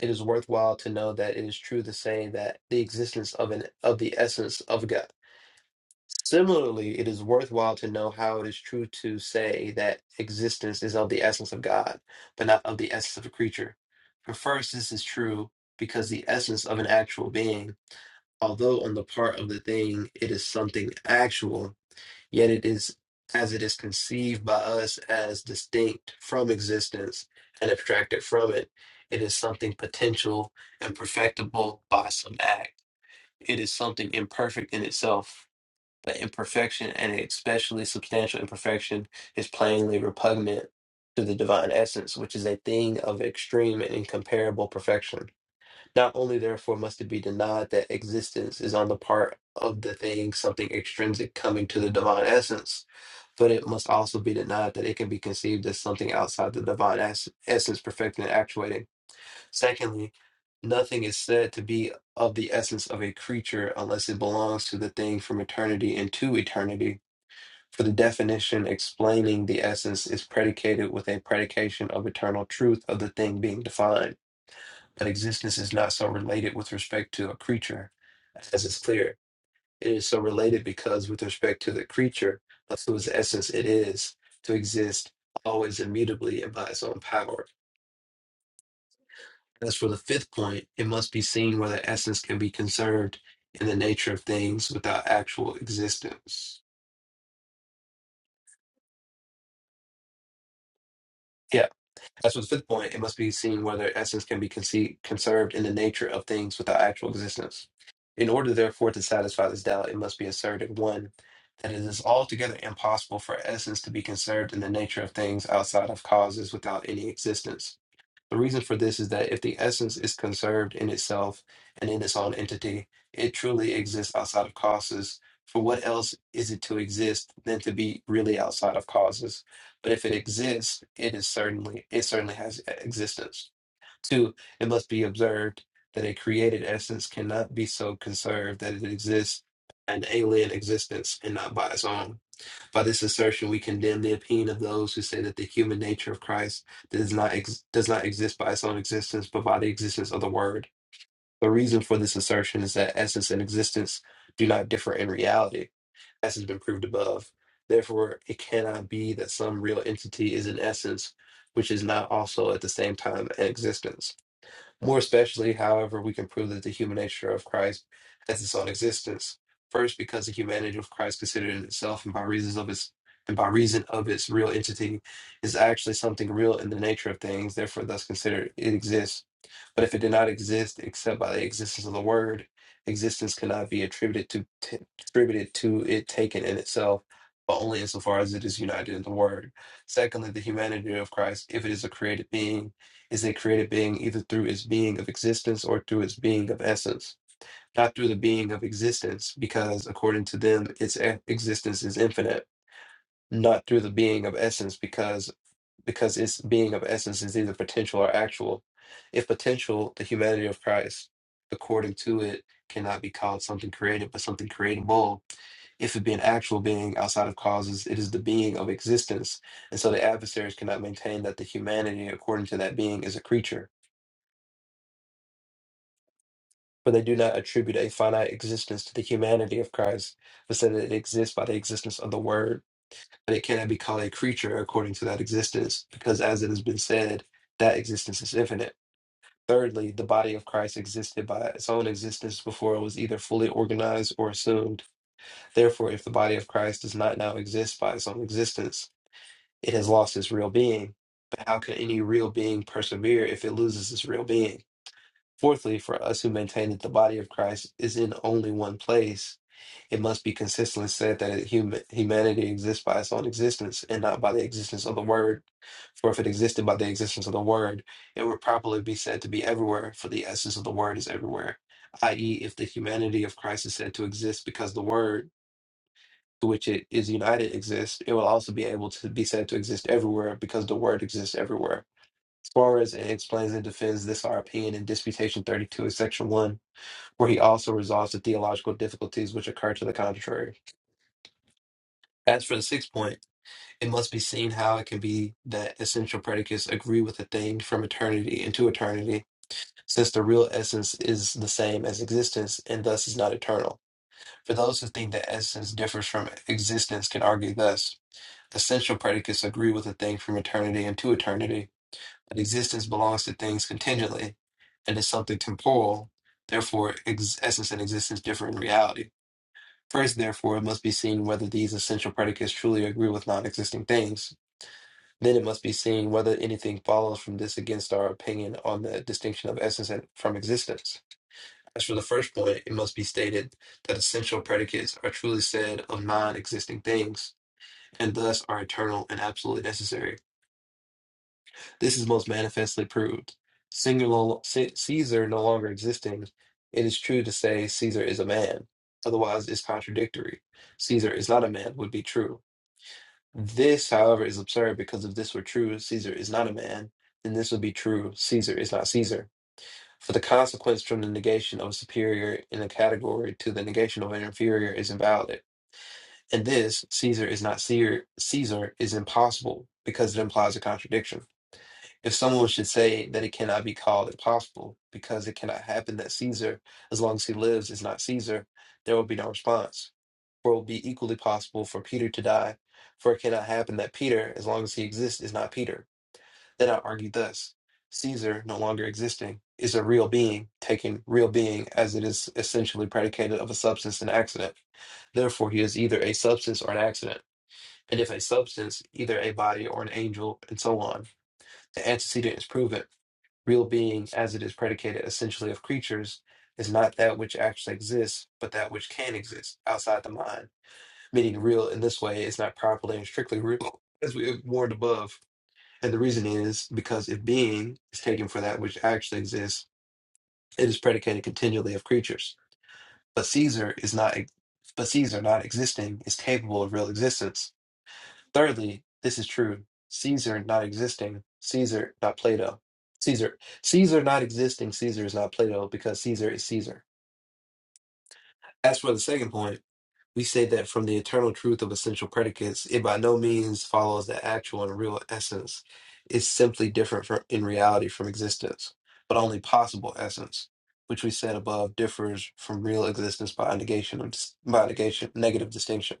S1: It is worthwhile to know that it is true to say that the existence of an of the essence of God. Similarly, it is worthwhile to know how it is true to say that existence is of the essence of God, but not of the essence of a creature. For first, this is true because the essence of an actual being, although on the part of the thing it is something actual, Yet it is as it is conceived by us as distinct from existence and abstracted from it, it is something potential and perfectible by some act. It is something imperfect in itself, but imperfection and especially substantial imperfection is plainly repugnant to the divine essence, which is a thing of extreme and incomparable perfection. Not only therefore must it be denied that existence is on the part of the thing something extrinsic coming to the divine essence, but it must also be denied that it can be conceived as something outside the divine ess- essence perfecting and actuating. Secondly, nothing is said to be of the essence of a creature unless it belongs to the thing from eternity and to eternity. For the definition explaining the essence is predicated with a predication of eternal truth of the thing being defined that existence is not so related with respect to a creature as is clear. It is so related because, with respect to the creature, of whose essence it is to exist always immutably and by its own power. As for the fifth point, it must be seen whether essence can be conserved in the nature of things without actual existence. Yeah, As for the fifth point, it must be seen whether essence can be conceived, conserved in the nature of things without actual existence. In order, therefore, to satisfy this doubt, it must be asserted one, that it is altogether impossible for essence to be conserved in the nature of things outside of causes without any existence. The reason for this is that if the essence is conserved in itself and in its own entity, it truly exists outside of causes. For what else is it to exist than to be really outside of causes? But if it exists, it is certainly it certainly has existence. Two, it must be observed that a created essence cannot be so conserved that it exists an alien existence and not by its own. By this assertion, we condemn the opinion of those who say that the human nature of Christ does not ex- does not exist by its own existence, but by the existence of the Word. The reason for this assertion is that essence and existence do not differ in reality, as has been proved above. Therefore, it cannot be that some real entity is an essence, which is not also at the same time an existence. More especially, however, we can prove that the human nature of Christ has its own existence. First, because the humanity of Christ considered in itself and by reasons of its and by reason of its real entity is actually something real in the nature of things, therefore thus considered it exists. But if it did not exist except by the existence of the word, existence cannot be attributed to t- attributed to it taken in itself, but only insofar as it is united in the word. Secondly, the humanity of Christ, if it is a created being, is a created being either through its being of existence or through its being of essence, not through the being of existence, because according to them, its e- existence is infinite, not through the being of essence, because because its being of essence is either potential or actual. If potential, the humanity of Christ, according to it, cannot be called something created, but something creatable. If it be an actual being outside of causes, it is the being of existence. And so the adversaries cannot maintain that the humanity, according to that being, is a creature For they do not attribute a finite existence to the humanity of Christ, but say that it exists by the existence of the Word, but it cannot be called a creature according to that existence, because as it has been said, that existence is infinite. Thirdly, the body of Christ existed by its own existence before it was either fully organized or assumed. Therefore, if the body of Christ does not now exist by its own existence, it has lost its real being. But how can any real being persevere if it loses its real being? Fourthly, for us who maintain that the body of Christ is in only one place, it must be consistently said that hum- humanity exists by its own existence and not by the existence of the Word. For if it existed by the existence of the Word, it would properly be said to be everywhere, for the essence of the Word is everywhere. I.e., if the humanity of Christ is said to exist because the Word to which it is united exists, it will also be able to be said to exist everywhere because the Word exists everywhere. Suarez explains and defends this our opinion in Disputation 32 of Section 1, where he also resolves the theological difficulties which occur to the contrary. As for the sixth point, it must be seen how it can be that essential predicates agree with a thing from eternity into eternity, since the real essence is the same as existence and thus is not eternal. For those who think that essence differs from existence can argue thus. Essential predicates agree with a thing from eternity into eternity, that existence belongs to things contingently and is something temporal. Therefore, ex- essence and existence differ in reality. First, therefore, it must be seen whether these essential predicates truly agree with non existing things. Then it must be seen whether anything follows from this against our opinion on the distinction of essence and from existence. As for the first point, it must be stated that essential predicates are truly said of non existing things, and thus are eternal and absolutely necessary. This is most manifestly proved. Singular C- Caesar no longer existing, it is true to say Caesar is a man. Otherwise, it's contradictory. Caesar is not a man would be true. This, however, is absurd because if this were true, Caesar is not a man, then this would be true, Caesar is not Caesar. For the consequence from the negation of a superior in a category to the negation of an inferior is invalid. And this, Caesar is not Caesar, Caesar is impossible because it implies a contradiction. If someone should say that it cannot be called impossible because it cannot happen that Caesar, as long as he lives, is not Caesar, there will be no response. For it will be equally possible for Peter to die, for it cannot happen that Peter, as long as he exists, is not Peter. Then I argue thus Caesar, no longer existing, is a real being, taking real being as it is essentially predicated of a substance and accident. Therefore, he is either a substance or an accident. And if a substance, either a body or an angel, and so on, the antecedent is proven Real being, as it is predicated essentially of creatures, is not that which actually exists, but that which can exist outside the mind. Meaning, real in this way is not properly and strictly real, as we have warned above. And the reason is because if being is taken for that which actually exists, it is predicated continually of creatures. But Caesar is not, but Caesar not existing is capable of real existence Thirdly, this is true. Caesar not existing, Caesar not Plato. Caesar. Caesar not existing, Caesar is not Plato because Caesar is Caesar. As for the second point, we say that from the eternal truth of essential predicates, it by no means follows that actual and real essence is simply different from, in reality from existence, but only possible essence, which we said above differs from real existence by negation of dis- by negation negative distinction.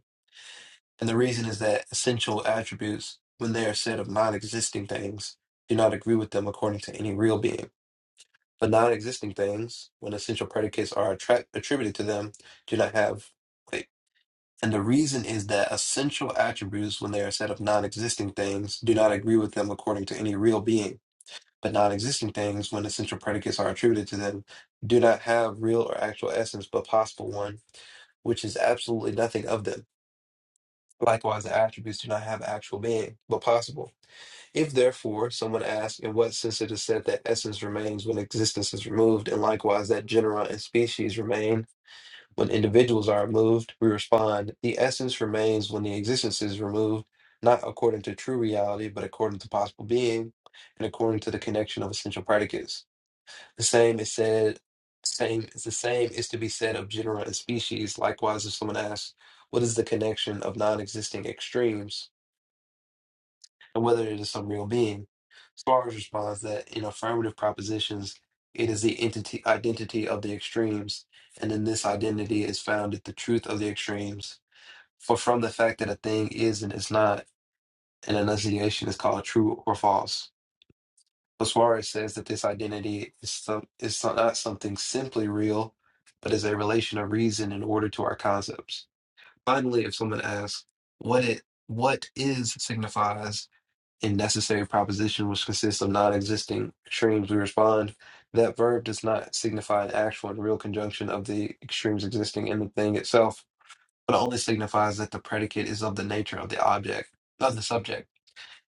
S1: And the reason is that essential attributes, when they are said of non existing things, do not agree with them according to any real being. But non existing things, when essential predicates are attra- attributed to them, do not have weight. And the reason is that essential attributes, when they are said of non existing things, do not agree with them according to any real being. But non existing things, when essential predicates are attributed to them, do not have real or actual essence, but possible one, which is absolutely nothing of them. Likewise, the attributes do not have actual being, but possible. If therefore someone asks, in what sense it is said that essence remains when existence is removed, and likewise that genera and species remain when individuals are removed, we respond, the essence remains when the existence is removed, not according to true reality, but according to possible being, and according to the connection of essential predicates. The same is said, same is the same is to be said of genera and species. Likewise, if someone asks, what is the connection of non-existing extremes and whether it is some real being? Spars responds that in affirmative propositions, it is the entity identity of the extremes, and in this identity is founded the truth of the extremes. For from the fact that a thing is and is not, an enunciation is called true or false. Suarez says that this identity is some is so- not something simply real, but is a relation of reason in order to our concepts. Finally, if someone asks what it what is signifies in necessary proposition which consists of non-existing extremes, we respond that verb does not signify an actual and real conjunction of the extremes existing in the thing itself, but only signifies that the predicate is of the nature of the object of the subject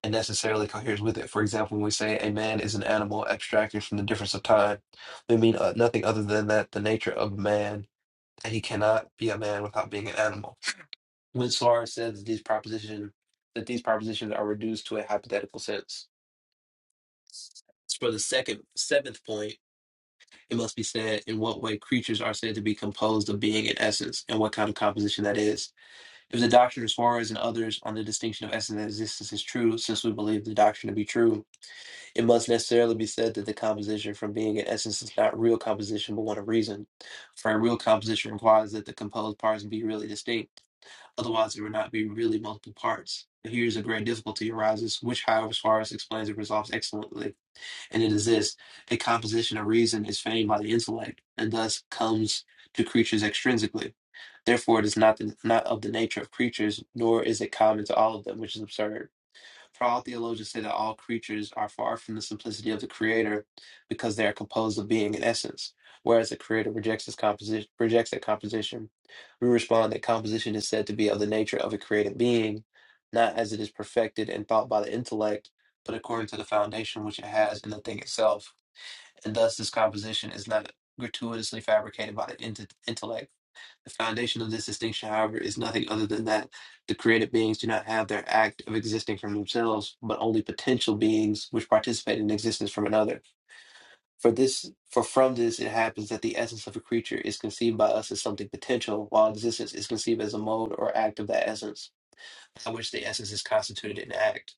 S1: and necessarily coheres with it. For example, when we say a man is an animal abstracted from the difference of time, we mean uh, nothing other than that the nature of man, that he cannot be a man without being an animal. When Suarez says that these proposition that these propositions are reduced to a hypothetical sense. For the second seventh point, it must be said in what way creatures are said to be composed of being and essence, and what kind of composition that is. If the doctrine of Suarez and others on the distinction of essence and existence is true, since we believe the doctrine to be true, It must necessarily be said that the composition from being in essence is not real composition, but one of reason. For a real composition requires that the composed parts be really distinct, otherwise there would not be really multiple parts. But Here's a great difficulty arises, which, however, Suarez explains and resolves excellently, and it is this: a composition of reason is feigned by the intellect, and thus comes to creatures extrinsically. Therefore, it is not the, not of the nature of creatures, nor is it common to all of them, which is absurd. For all theologians say that all creatures are far from the simplicity of the Creator because they are composed of being and essence, whereas the Creator rejects this composition rejects that composition. We respond that composition is said to be of the nature of a created being, not as it is perfected and thought by the intellect, but according to the foundation which it has in the thing itself. And thus this composition is not gratuitously fabricated by the int- intellect the foundation of this distinction, however, is nothing other than that the created beings do not have their act of existing from themselves, but only potential beings which participate in existence from another. For this, for from this it happens that the essence of a creature is conceived by us as something potential, while existence is conceived as a mode or act of that essence, by which the essence is constituted in act.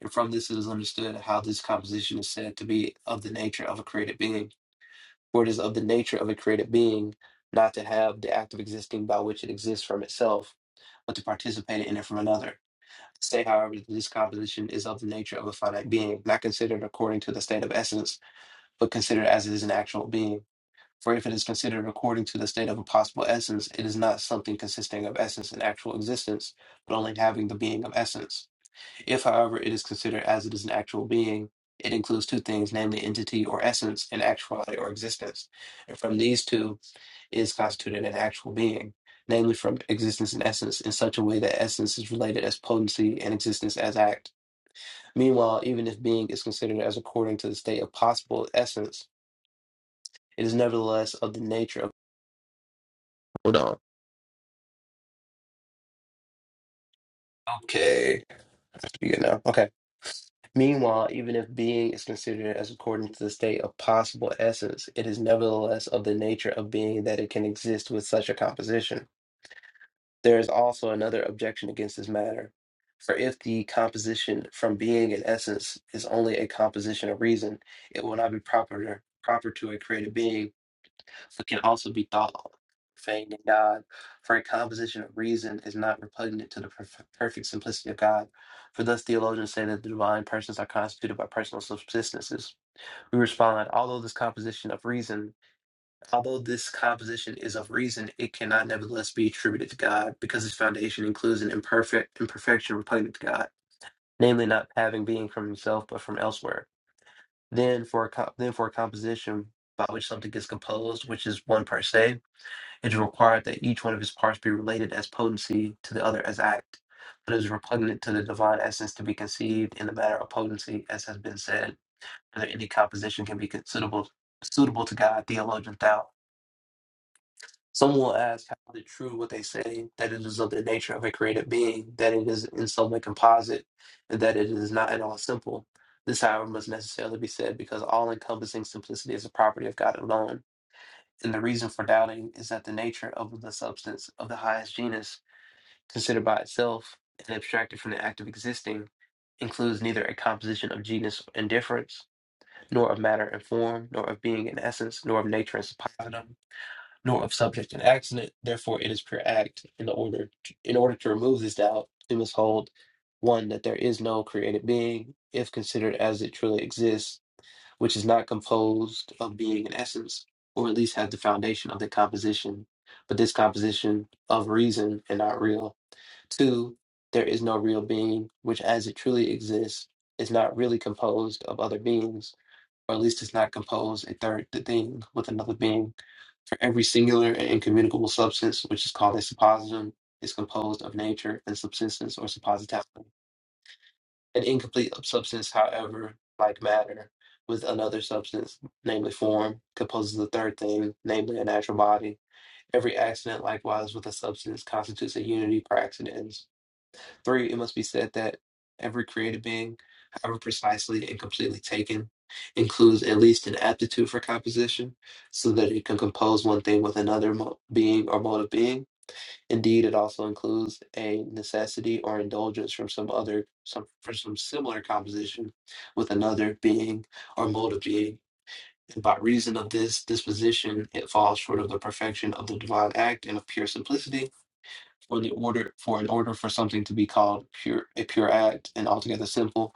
S1: And from this it is understood how this composition is said to be of the nature of a created being. For it is of the nature of a created being not to have the act of existing by which it exists from itself, but to participate in it from another. Say, however, that this composition is of the nature of a finite being, not considered according to the state of essence, but considered as it is an actual being. For if it is considered according to the state of a possible essence, it is not something consisting of essence and actual existence, but only having the being of essence. If, however, it is considered as it is an actual being, it includes two things, namely entity or essence and actuality or existence. And from these two is constituted an actual being, namely from existence and essence, in such a way that essence is related as potency and existence as act. Meanwhile, even if being is considered as according to the state of possible essence, it is nevertheless of the nature of. Hold on. Okay. That's good now. Okay. Meanwhile, even if being is considered as according to the state of possible essence, it is nevertheless of the nature of being that it can exist with such a composition. There is also another objection against this matter. For if the composition from being and essence is only a composition of reason, it will not be proper proper to a created being but can also be thought on. Faith in God, for a composition of reason is not repugnant to the perf- perfect simplicity of God. For thus theologians say that the divine persons are constituted by personal subsistences. We respond, although this composition of reason, although this composition is of reason, it cannot nevertheless be attributed to God, because its foundation includes an imperfect imperfection repugnant to God, namely not having being from himself but from elsewhere. Then for a co- then for a composition by which something is composed, which is one per se, it is required that each one of his parts be related as potency to the other as act, but it is repugnant to the divine essence to be conceived in the matter of potency, as has been said, whether any composition can be considerable suitable to God, theologians doubt. Some will ask how is it true what they say, that it is of the nature of a created being, that it is in some way composite, and that it is not at all simple. This, however, must necessarily be said because all encompassing simplicity is a property of God alone and the reason for doubting is that the nature of the substance of the highest genus, considered by itself and abstracted from the act of existing, includes neither a composition of genus and difference, nor of matter and form, nor of being and essence, nor of nature and suppositum, nor of subject and accident. Therefore, it is pure act. In the order, in order to remove this doubt, we must hold one that there is no created being, if considered as it truly exists, which is not composed of being and essence, or at least has the foundation of the composition, but this composition of reason and not real. Two, there is no real being, which as it truly exists, is not really composed of other beings, or at least is not composed a third the thing with another being. For every singular and incommunicable substance, which is called a suppositum, is composed of nature and subsistence or suppositality. An incomplete substance, however, like matter, with another substance, namely form, composes a third thing, namely a natural body. Every accident, likewise, with a substance constitutes a unity per accidents. Three, it must be said that every created being, however precisely and completely taken, includes at least an aptitude for composition, so that it can compose one thing with another mo- being or mode of being Indeed, it also includes a necessity or indulgence from some other, some for some similar composition with another being or mode of being. And by reason of this disposition, it falls short of the perfection of the divine act and of pure simplicity, or the order for an order for something to be called pure a pure act and altogether simple.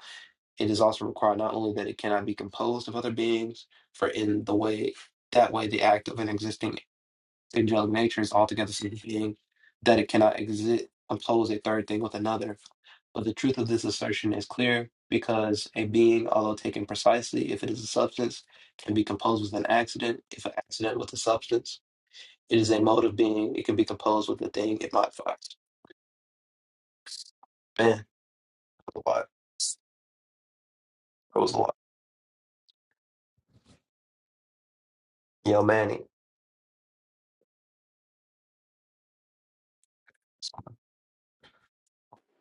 S1: It is also required not only that it cannot be composed of other beings, for in the way that way the act of an existing angelic nature is altogether such a being that it cannot exist oppose a third thing with another. But the truth of this assertion is clear because a being, although taken precisely, if it is a substance, can be composed with an accident, if an accident with a substance. It is a mode of being, it can be composed with the thing it modifies. Man, that was a lot. That was a lot. Yo, Manny.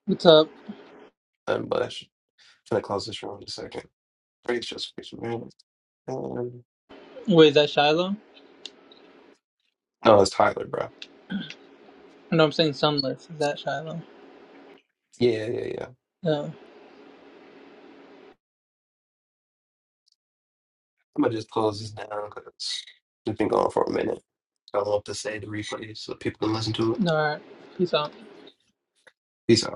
S11: What's up?
S1: Nothing but I'm gonna close this room in a second. Praise just man. Um,
S11: Wait, is that Shiloh?
S1: no, it's Tyler, bro.
S11: No, I'm saying Sunless. Is that Shiloh?
S1: Yeah, yeah, yeah.
S11: No.
S1: I'm gonna just close this down because it's been going for a minute. I don't know to say the replay so people can listen to it.
S11: No, alright. Peace out.
S1: Peace out.